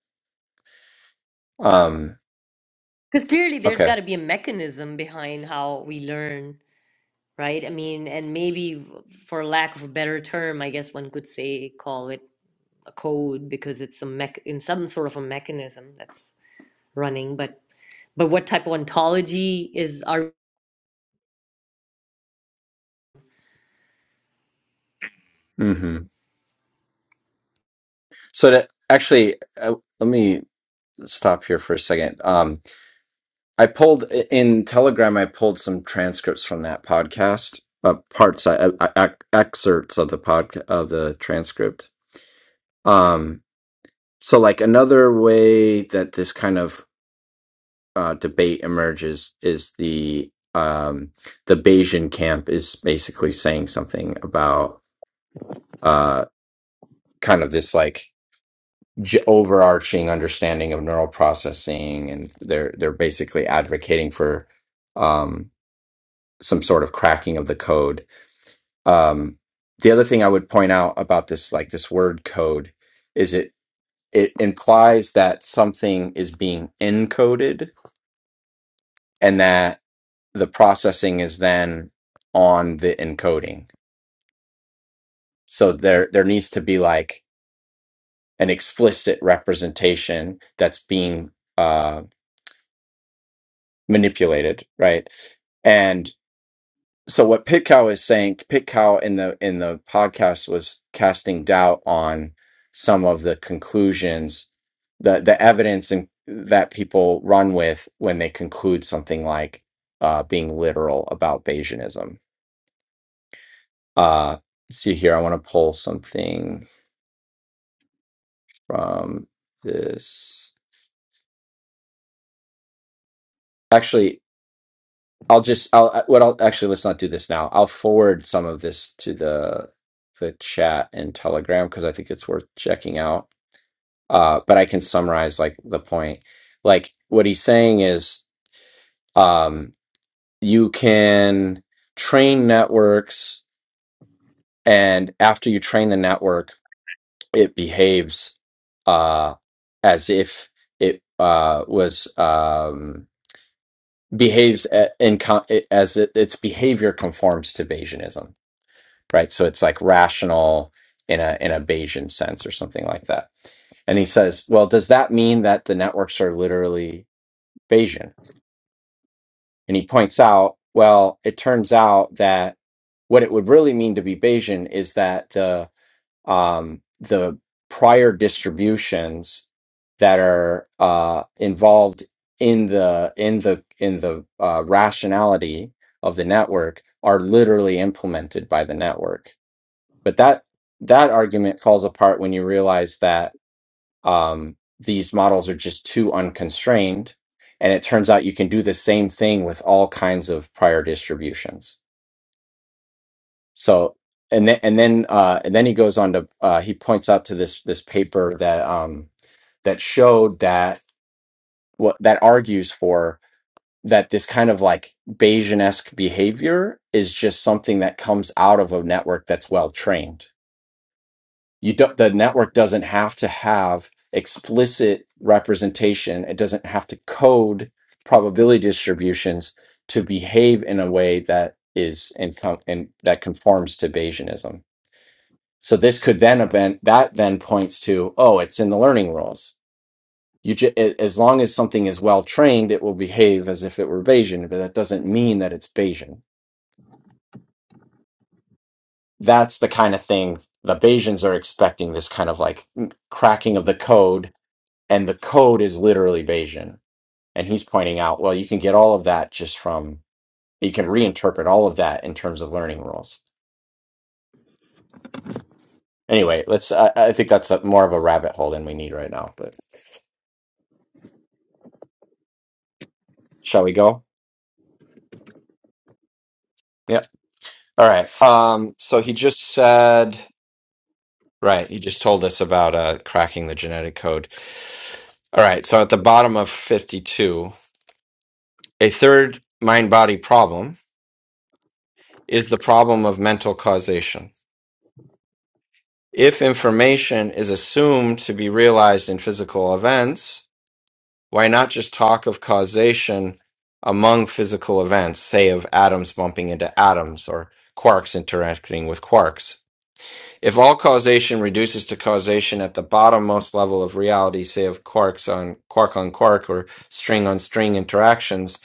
Speaker 1: um,
Speaker 3: Because clearly there's got
Speaker 1: okay.
Speaker 3: to be a mechanism behind how we learn, right? I mean, and maybe for lack of a better term, I guess one could say, call it. a code because it's a mech in some sort of a mechanism that's running but but what type of ontology is our
Speaker 1: hmm So that actually, uh, let me stop here for a second. Um, I pulled in Telegram. I pulled some transcripts from that podcast, uh, parts, uh, uh, ac- excerpts of the podcast of the transcript. Um, so like another way that this kind of uh, debate emerges is the um, the Bayesian camp is basically saying something about uh, kind of this like j- overarching understanding of neural processing, and they're they're basically advocating for um, some sort of cracking of the code. Um, the other thing I would point out about this like this word code is it it implies that something is being encoded and that the processing is then on the encoding. So there there needs to be like an explicit representation that's being uh, manipulated, right? And so what Pitcow is saying, Pitcow in the in the podcast was casting doubt on some of the conclusions, the the evidence and that people run with when they conclude something like uh, being literal about Bayesianism Uh, see here, I want to pull something from this. Actually, I'll just I'll I- what I'll actually let's not do this now. I'll forward some of this to the the chat and Telegram because I think it's worth checking out. Uh, but I can summarize like the point. Like what he's saying is, um, you can train networks, and after you train the network it behaves uh, as if it uh, was um, behaves a- in con- as it, its behavior conforms to Bayesianism, right? So it's like rational in a in a Bayesian sense or something like that. And he says, well, does that mean that the networks are literally Bayesian? And he points out, well, it turns out that what it would really mean to be Bayesian is that the." um, the prior distributions that are uh, involved in the in the in the uh, rationality of the network are literally implemented by the network. But that that argument falls apart when you realize that um, these models are just too unconstrained, and it turns out you can do the same thing with all kinds of prior distributions. So and then and then uh, and then he goes on to uh, he points out to this this paper that um, that showed that what that argues for that this kind of like Bayesian-esque behavior is just something that comes out of a network that's well trained. You don't the network doesn't have to have explicit representation. It doesn't have to code probability distributions to behave in a way that is in, and that conforms to Bayesianism So this could then event that then points to oh, it's in the learning rules. You ju- a- as long as something is well trained, it will behave as if it were Bayesian, but that doesn't mean that it's Bayesian. That's the kind of thing the Bayesians are expecting. This kind of like cracking of the code, and the code is literally Bayesian. And he's pointing out, well, you can get all of that just from you can reinterpret all of that in terms of learning rules. Anyway, let's. I, I think that's a, more of a rabbit hole than we need right now. But shall we go? Yeah. All right. Um, so he just said, right, he just told us about uh, cracking the genetic code. All right. So at the bottom of 52, a third mind body problem is the problem of mental causation. If information is assumed to be realized in physical events, why not just talk of causation among physical events, say of atoms bumping into atoms or quarks interacting with quarks? If all causation reduces to causation at the bottommost level of reality, say of quarks on quark on quark or string on string interactions,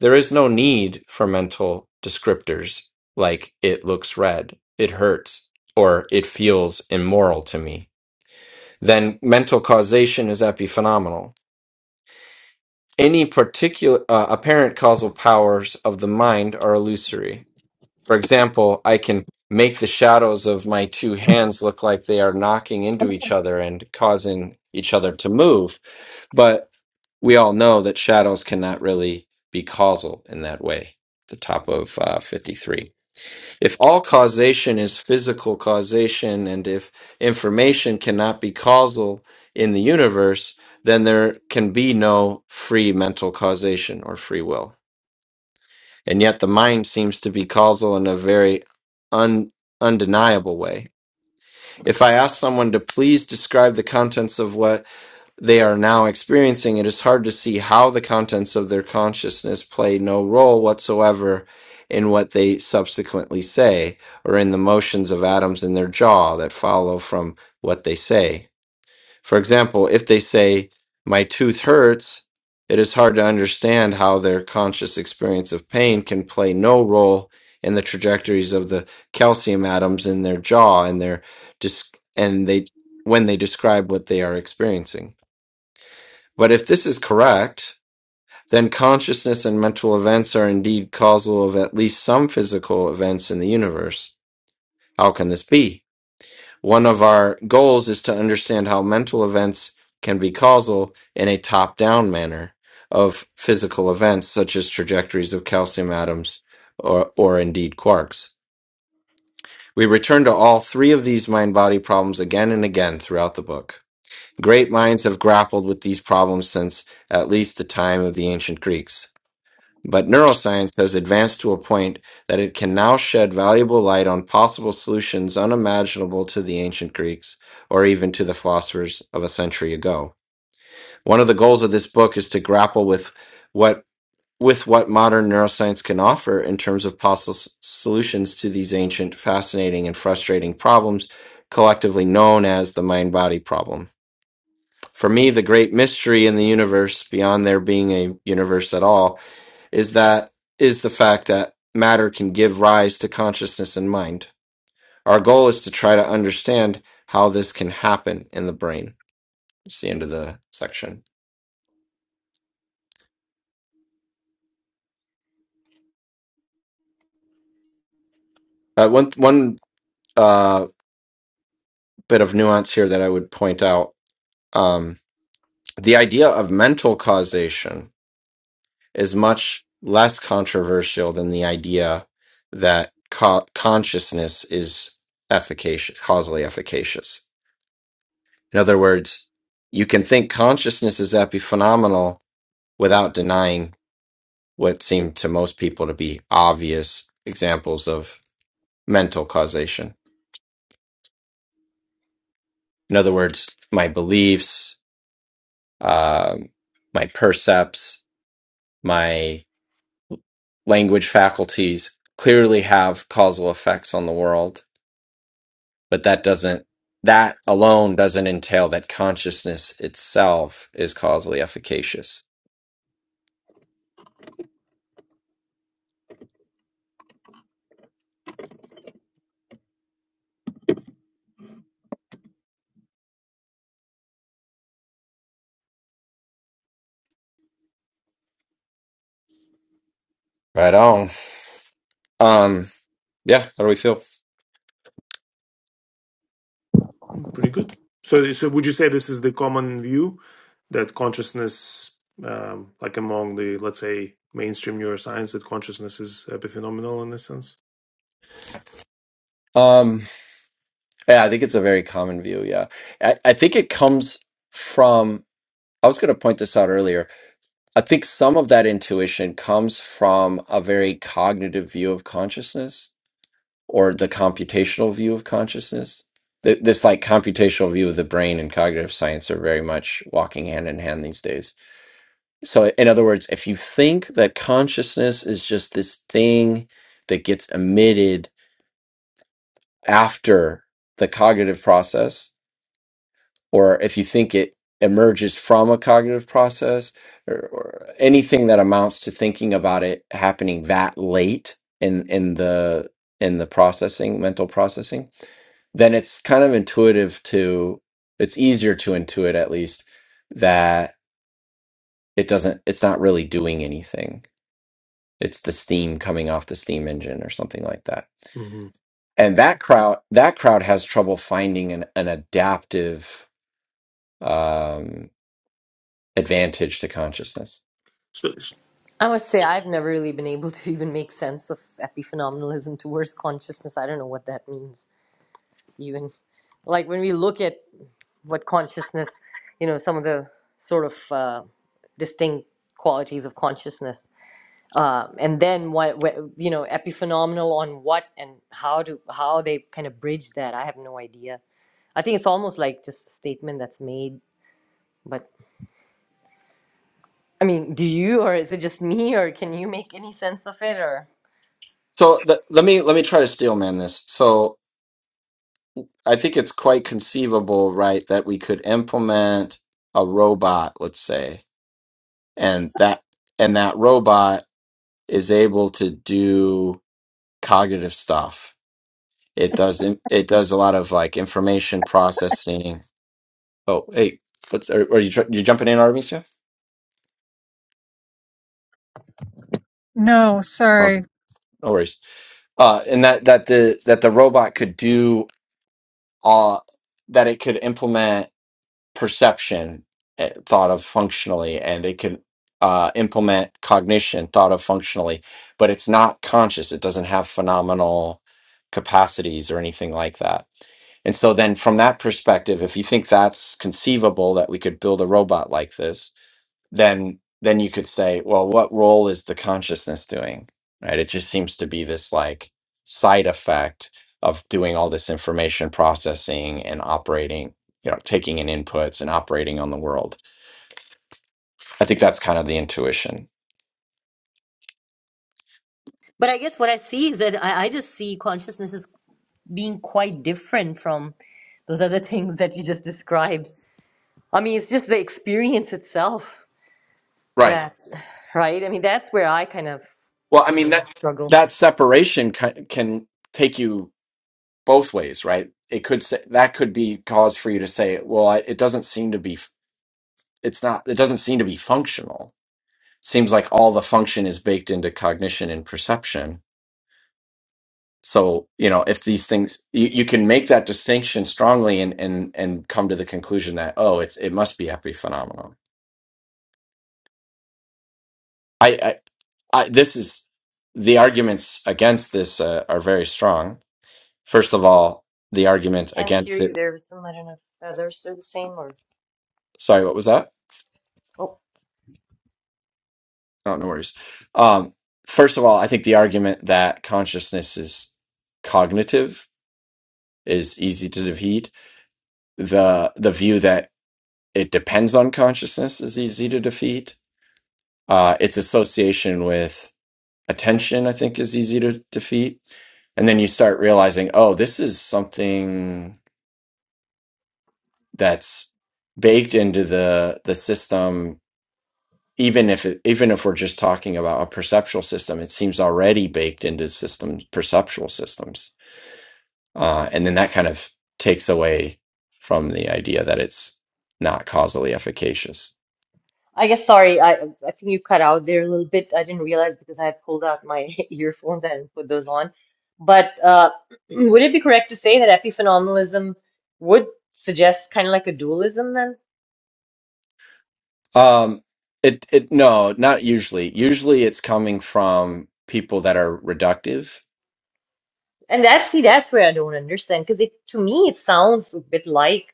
Speaker 1: there is no need for mental descriptors like it looks red, it hurts, or it feels immoral to me. Then mental causation is epiphenomenal. Any particular uh, apparent causal powers of the mind are illusory. For example, I can make the shadows of my two hands look like they are knocking into each other and causing each other to move. But we all know that shadows cannot really be causal in that way. The top of uh, 53. If all causation is physical causation and if information cannot be causal in the universe, then there can be no free mental causation or free will and yet the mind seems to be causal in a very un, undeniable way. If I ask someone to please describe the contents of what they are now experiencing, it is hard to see how the contents of their consciousness play no role whatsoever in what they subsequently say or in the motions of atoms in their jaw that follow from what they say. For example, if they say, My tooth hurts, it is hard to understand how their conscious experience of pain can play no role in the trajectories of the calcium atoms in their jaw and their dis- and they when they describe what they are experiencing. But if this is correct, then consciousness and mental events are indeed causal of at least some physical events in the universe. How can this be? One of our goals is to understand how mental events can be causal in a top down manner of physical events, such as trajectories of calcium atoms or, or indeed quarks. We return to all three of these mind body problems again and again throughout the book. Great minds have grappled with these problems since at least the time of the ancient Greeks. But neuroscience has advanced to a point that it can now shed valuable light on possible solutions unimaginable to the ancient Greeks or even to the philosophers of a century ago. One of the goals of this book is to grapple with what with what modern neuroscience can offer in terms of possible s- solutions to these ancient, fascinating, and frustrating problems, collectively known as the mind body problem. For me, the great mystery in the universe, beyond there being a universe at all, is that is the fact that matter can give rise to consciousness and mind. Our goal is to try to understand how this can happen in the brain. It's the end of the section. Uh, one one uh, bit of nuance here that I would point out: um, the idea of mental causation is much less controversial than the idea that co- consciousness is efficacious, causally efficacious In other words, you can think consciousness is epiphenomenal without denying what seem to most people to be obvious examples of mental causation. In other words, my beliefs, um, my percepts, my language faculties clearly have causal effects on the world, but that doesn't that alone doesn't entail that consciousness itself is causally efficacious. Right on. Um, yeah, how do we feel?
Speaker 4: Mm, Pretty good. So, so would you say this is the common view that consciousness, um, like among the, let's say, mainstream neuroscience, that consciousness is epiphenomenal in this sense?
Speaker 1: Um, yeah, I think it's a very common view. Yeah, I, I think it comes from. I was going to point this out earlier. I think some of that intuition comes from a very cognitive view of consciousness or the computational view of consciousness. Th- This like computational view of the brain and cognitive science are very much walking hand in hand these days. So, in other words, if you think that consciousness is just this thing that gets emitted after the cognitive process, or if you think it emerges from a cognitive process or, or anything that amounts to thinking about it happening that late in in the in the processing mental processing then it's kind of intuitive to it's easier to intuit at least that it doesn't it's not really doing anything it's the steam coming off the steam engine or something like that
Speaker 4: hmm
Speaker 1: and that crowd that crowd has trouble finding an, an adaptive um advantage to consciousness.
Speaker 4: So, s-
Speaker 3: I must say I've never really been able to even make sense of epiphenomenalism towards consciousness. I don't know what that means even like when we look at what consciousness, you know, some of the sort of uh, distinct qualities of consciousness, uh, and then what, what, you know, epiphenomenal on what and how to how they kind of bridge that. I have no idea. I think it's almost like just a statement that's made. But I mean, do you, or is it just me, or can you make any sense of it? Or
Speaker 1: So th- let me let me try to steel man this. So I think it's quite conceivable, right, that we could implement a robot, let's say, and that and that robot is able to do cognitive stuff. It does in- it does a lot of like information processing. Oh, hey, what's are, are you tr- you jumping in, Artemisia?
Speaker 2: No,
Speaker 1: Okay,
Speaker 2: sorry.
Speaker 1: no worries. Uh, and that that the that the robot could do uh that it could implement. perception eh, thought of functionally and it can uh, implement cognition thought of functionally but it's not conscious it doesn't have phenomenal capacities or anything like that and so then from that perspective if you think that's conceivable that we could build a robot like this then then you could say well what role is the consciousness doing right it just seems to be this like side effect of doing all this information processing and operating you know taking in inputs and operating on the world i think that's kind of the intuition
Speaker 3: but I guess what I see is that I, I just see consciousness as being quite different from those other things that you just described. I mean, it's just the experience itself
Speaker 1: right
Speaker 3: that, right? I mean, that's where I kind of
Speaker 1: well i
Speaker 3: you
Speaker 1: mean
Speaker 3: know,
Speaker 1: that
Speaker 3: struggle.
Speaker 1: that separation can, can take you both ways right it could say that could be cause for you to say well I, it doesn't seem to be f- it's not it doesn't seem to be functional seems like all the function is baked into cognition and perception so you know if these things you, you can make that distinction strongly and and and come to the conclusion that oh it's it must be epiphenomenal i i, I this is the arguments against this uh, are very strong first of all the argument
Speaker 3: Can't hear
Speaker 1: against
Speaker 3: you
Speaker 1: it
Speaker 3: there. Some I don't know if others are the same or.
Speaker 1: sorry what was that oh no worries um first of all i think the argument that consciousness is cognitive is easy to defeat the the view that it depends on consciousness is easy to defeat. Uh, its association with attention, I think, is easy to defeat. And then you start realizing, oh, this is something that's baked into the the system. Even if it, even if we're just talking about a perceptual system, it seems already baked into systems, perceptual systems. Uh, and then that kind of takes away from the idea that it's not causally efficacious.
Speaker 3: I guess, sorry, I I think you cut out there a little bit. I didn't realize because I had pulled out my earphones and put those on. But uh, would it be correct to say that epiphenomenalism would suggest kind of like a dualism then?
Speaker 1: Um, it it no, not usually. Usually, it's coming from people that are reductive.
Speaker 3: And that's see, that's where I don't understand because it to me it sounds a bit like.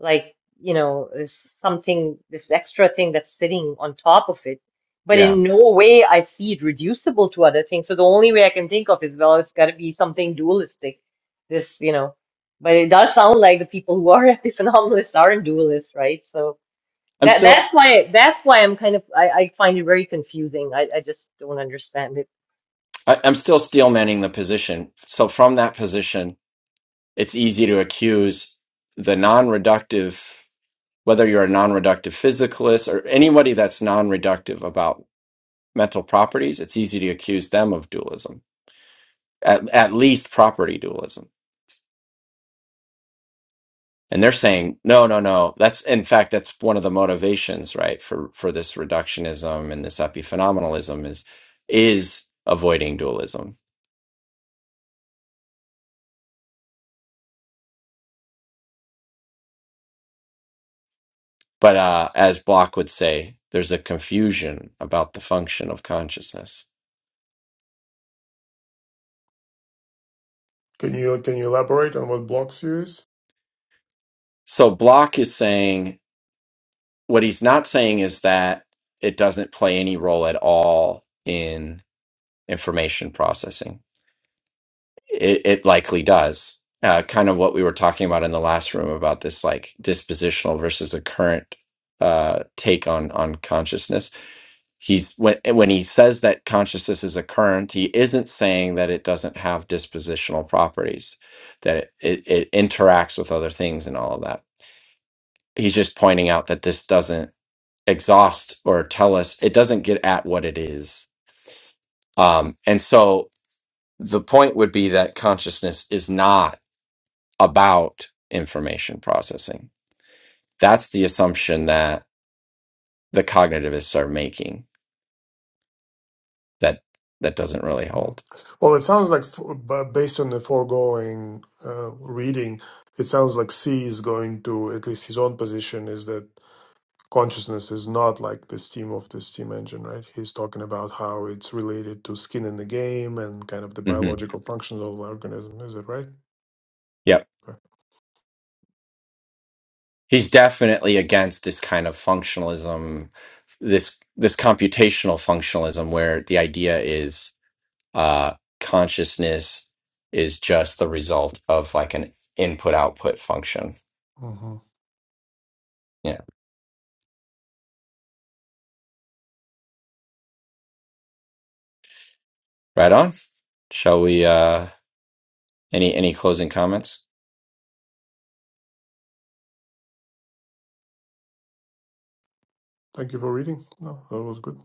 Speaker 3: like you know is something this extra thing that's sitting on top of it but
Speaker 1: Yeah,
Speaker 3: in no way I see it reducible to other things so the only way I can think of is well it's got to be something dualistic this you know but it does sound like the people who are epiphenomenalists aren't dualists right so
Speaker 1: I'm
Speaker 3: that
Speaker 1: still
Speaker 3: that's why that's why I'm kind of I, I find it very confusing I, I just don't understand it
Speaker 1: I, I'm still steelmanning the position. So from that position, it's easy to accuse the non-reductive whether you're a non-reductive physicalist or anybody that's non-reductive about mental properties, it's easy to accuse them of dualism, at, at least property dualism. And they're saying, no, no, no. That's in fact, that's one of the motivations, right, for for this reductionism and this epiphenomenalism is is avoiding dualism. But uh, as Block would say, there's a confusion about the function of consciousness.
Speaker 4: can you can you elaborate on what blocks you use?
Speaker 1: So Block is saying what he's not saying is that it doesn't play any role at all in information processing. It, it likely does. Uh, kind of what we were talking about in the last room about this like dispositional versus the current uh, take on on consciousness. He's when when he says that consciousness is a current, he isn't saying that it doesn't have dispositional properties, that it, it, it interacts with other things and all of that. He's just pointing out that this doesn't. exhaust or tell us it doesn't get at what it is um and so the point would be that consciousness is not about information processing that's the assumption that the cognitivists are making that that doesn't really
Speaker 4: Mm.
Speaker 1: hold
Speaker 4: Well, it sounds like f- b- based on the foregoing uh, reading, it sounds like C is going to at least his own position is that. consciousness is not like the steam of the steam engine right he's talking about how it's related to skin in the game and kind of the
Speaker 1: hmm
Speaker 4: biological function of the organism is it right
Speaker 1: yep
Speaker 4: okay.
Speaker 1: he's definitely against this kind of functionalism this this computational functionalism where the idea is uh consciousness is just the result of like an input output function
Speaker 4: hmm
Speaker 1: yeah right on shall we uh any any closing comments
Speaker 4: thank you for reading no that was good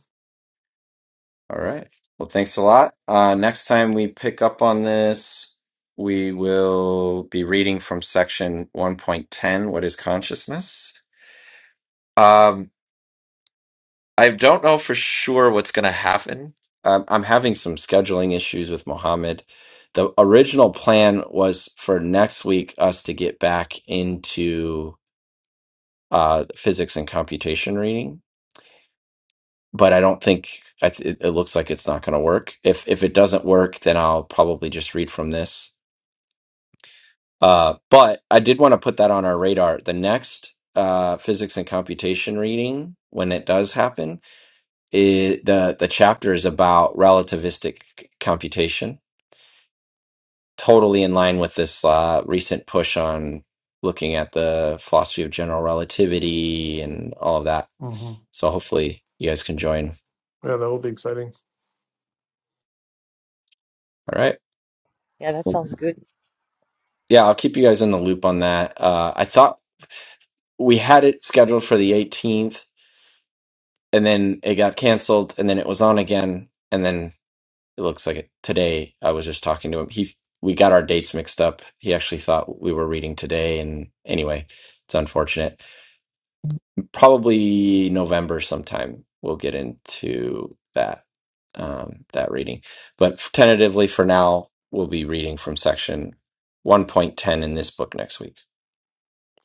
Speaker 1: all right well thanks a lot uh next time we pick up on this we will be reading from section 1.10 what is consciousness Um. I don't know for sure what's going to happen. I'm, I'm having some scheduling issues with Mohammed. The original plan was for next week us to get back into uh, physics and computation reading, but I don't think I th- it, it looks like it's not going to work. If if it doesn't work, then I'll probably just read from this. Uh, but I did want to put that on our radar. The next uh, physics and computation reading, when it does happen, It, the the chapter is about relativistic c- computation, totally in line with this uh, recent push on looking at the philosophy of general relativity and all of that.
Speaker 4: hmm
Speaker 1: So hopefully you guys can join.
Speaker 4: yeah that will be exciting
Speaker 1: All right. Yeah, I'll keep you guys in the loop on that. Uh, I thought we had it scheduled for the 18th, and then it got canceled, and then it was on again, and then it looks like it today i was just talking to him he we got our dates mixed up he actually thought we were reading today and anyway it's unfortunate probably november sometime we'll get into that um, that reading but tentatively for now we'll be reading from section 1.10 in this book next week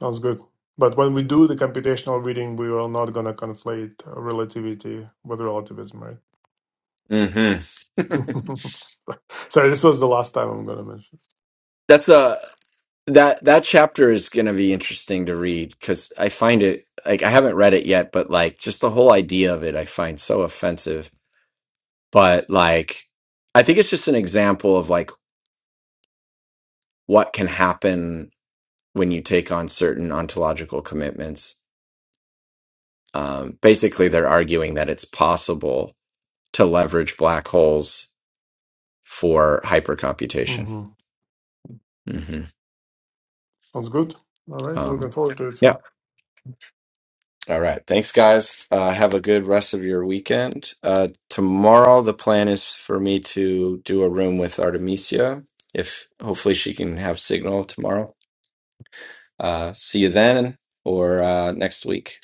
Speaker 4: sounds good but when we do the computational reading we are not going to conflate uh, relativity with relativism right
Speaker 1: hmm
Speaker 4: Sorry, this was the last time I'm gonna mention.
Speaker 1: That's a that that chapter is going to be interesting to read because I find it like I haven't read it yet, but like just the whole idea of it, I find so offensive. But like, I think it's just an example of like what can happen when you take on certain ontological commitments. Um, basically, they're arguing that it's possible to leverage black holes for hypercomputation.
Speaker 4: hmm
Speaker 1: hmm
Speaker 4: Sounds good. All right,
Speaker 1: Um,
Speaker 4: looking forward to it.
Speaker 1: yeah. All right. Thanks, guys. Uh, have a good rest of your weekend. Uh, tomorrow, the plan is for me to do a room with Artemisia. If hopefully she can have signal tomorrow. Uh, see you then or uh, next week.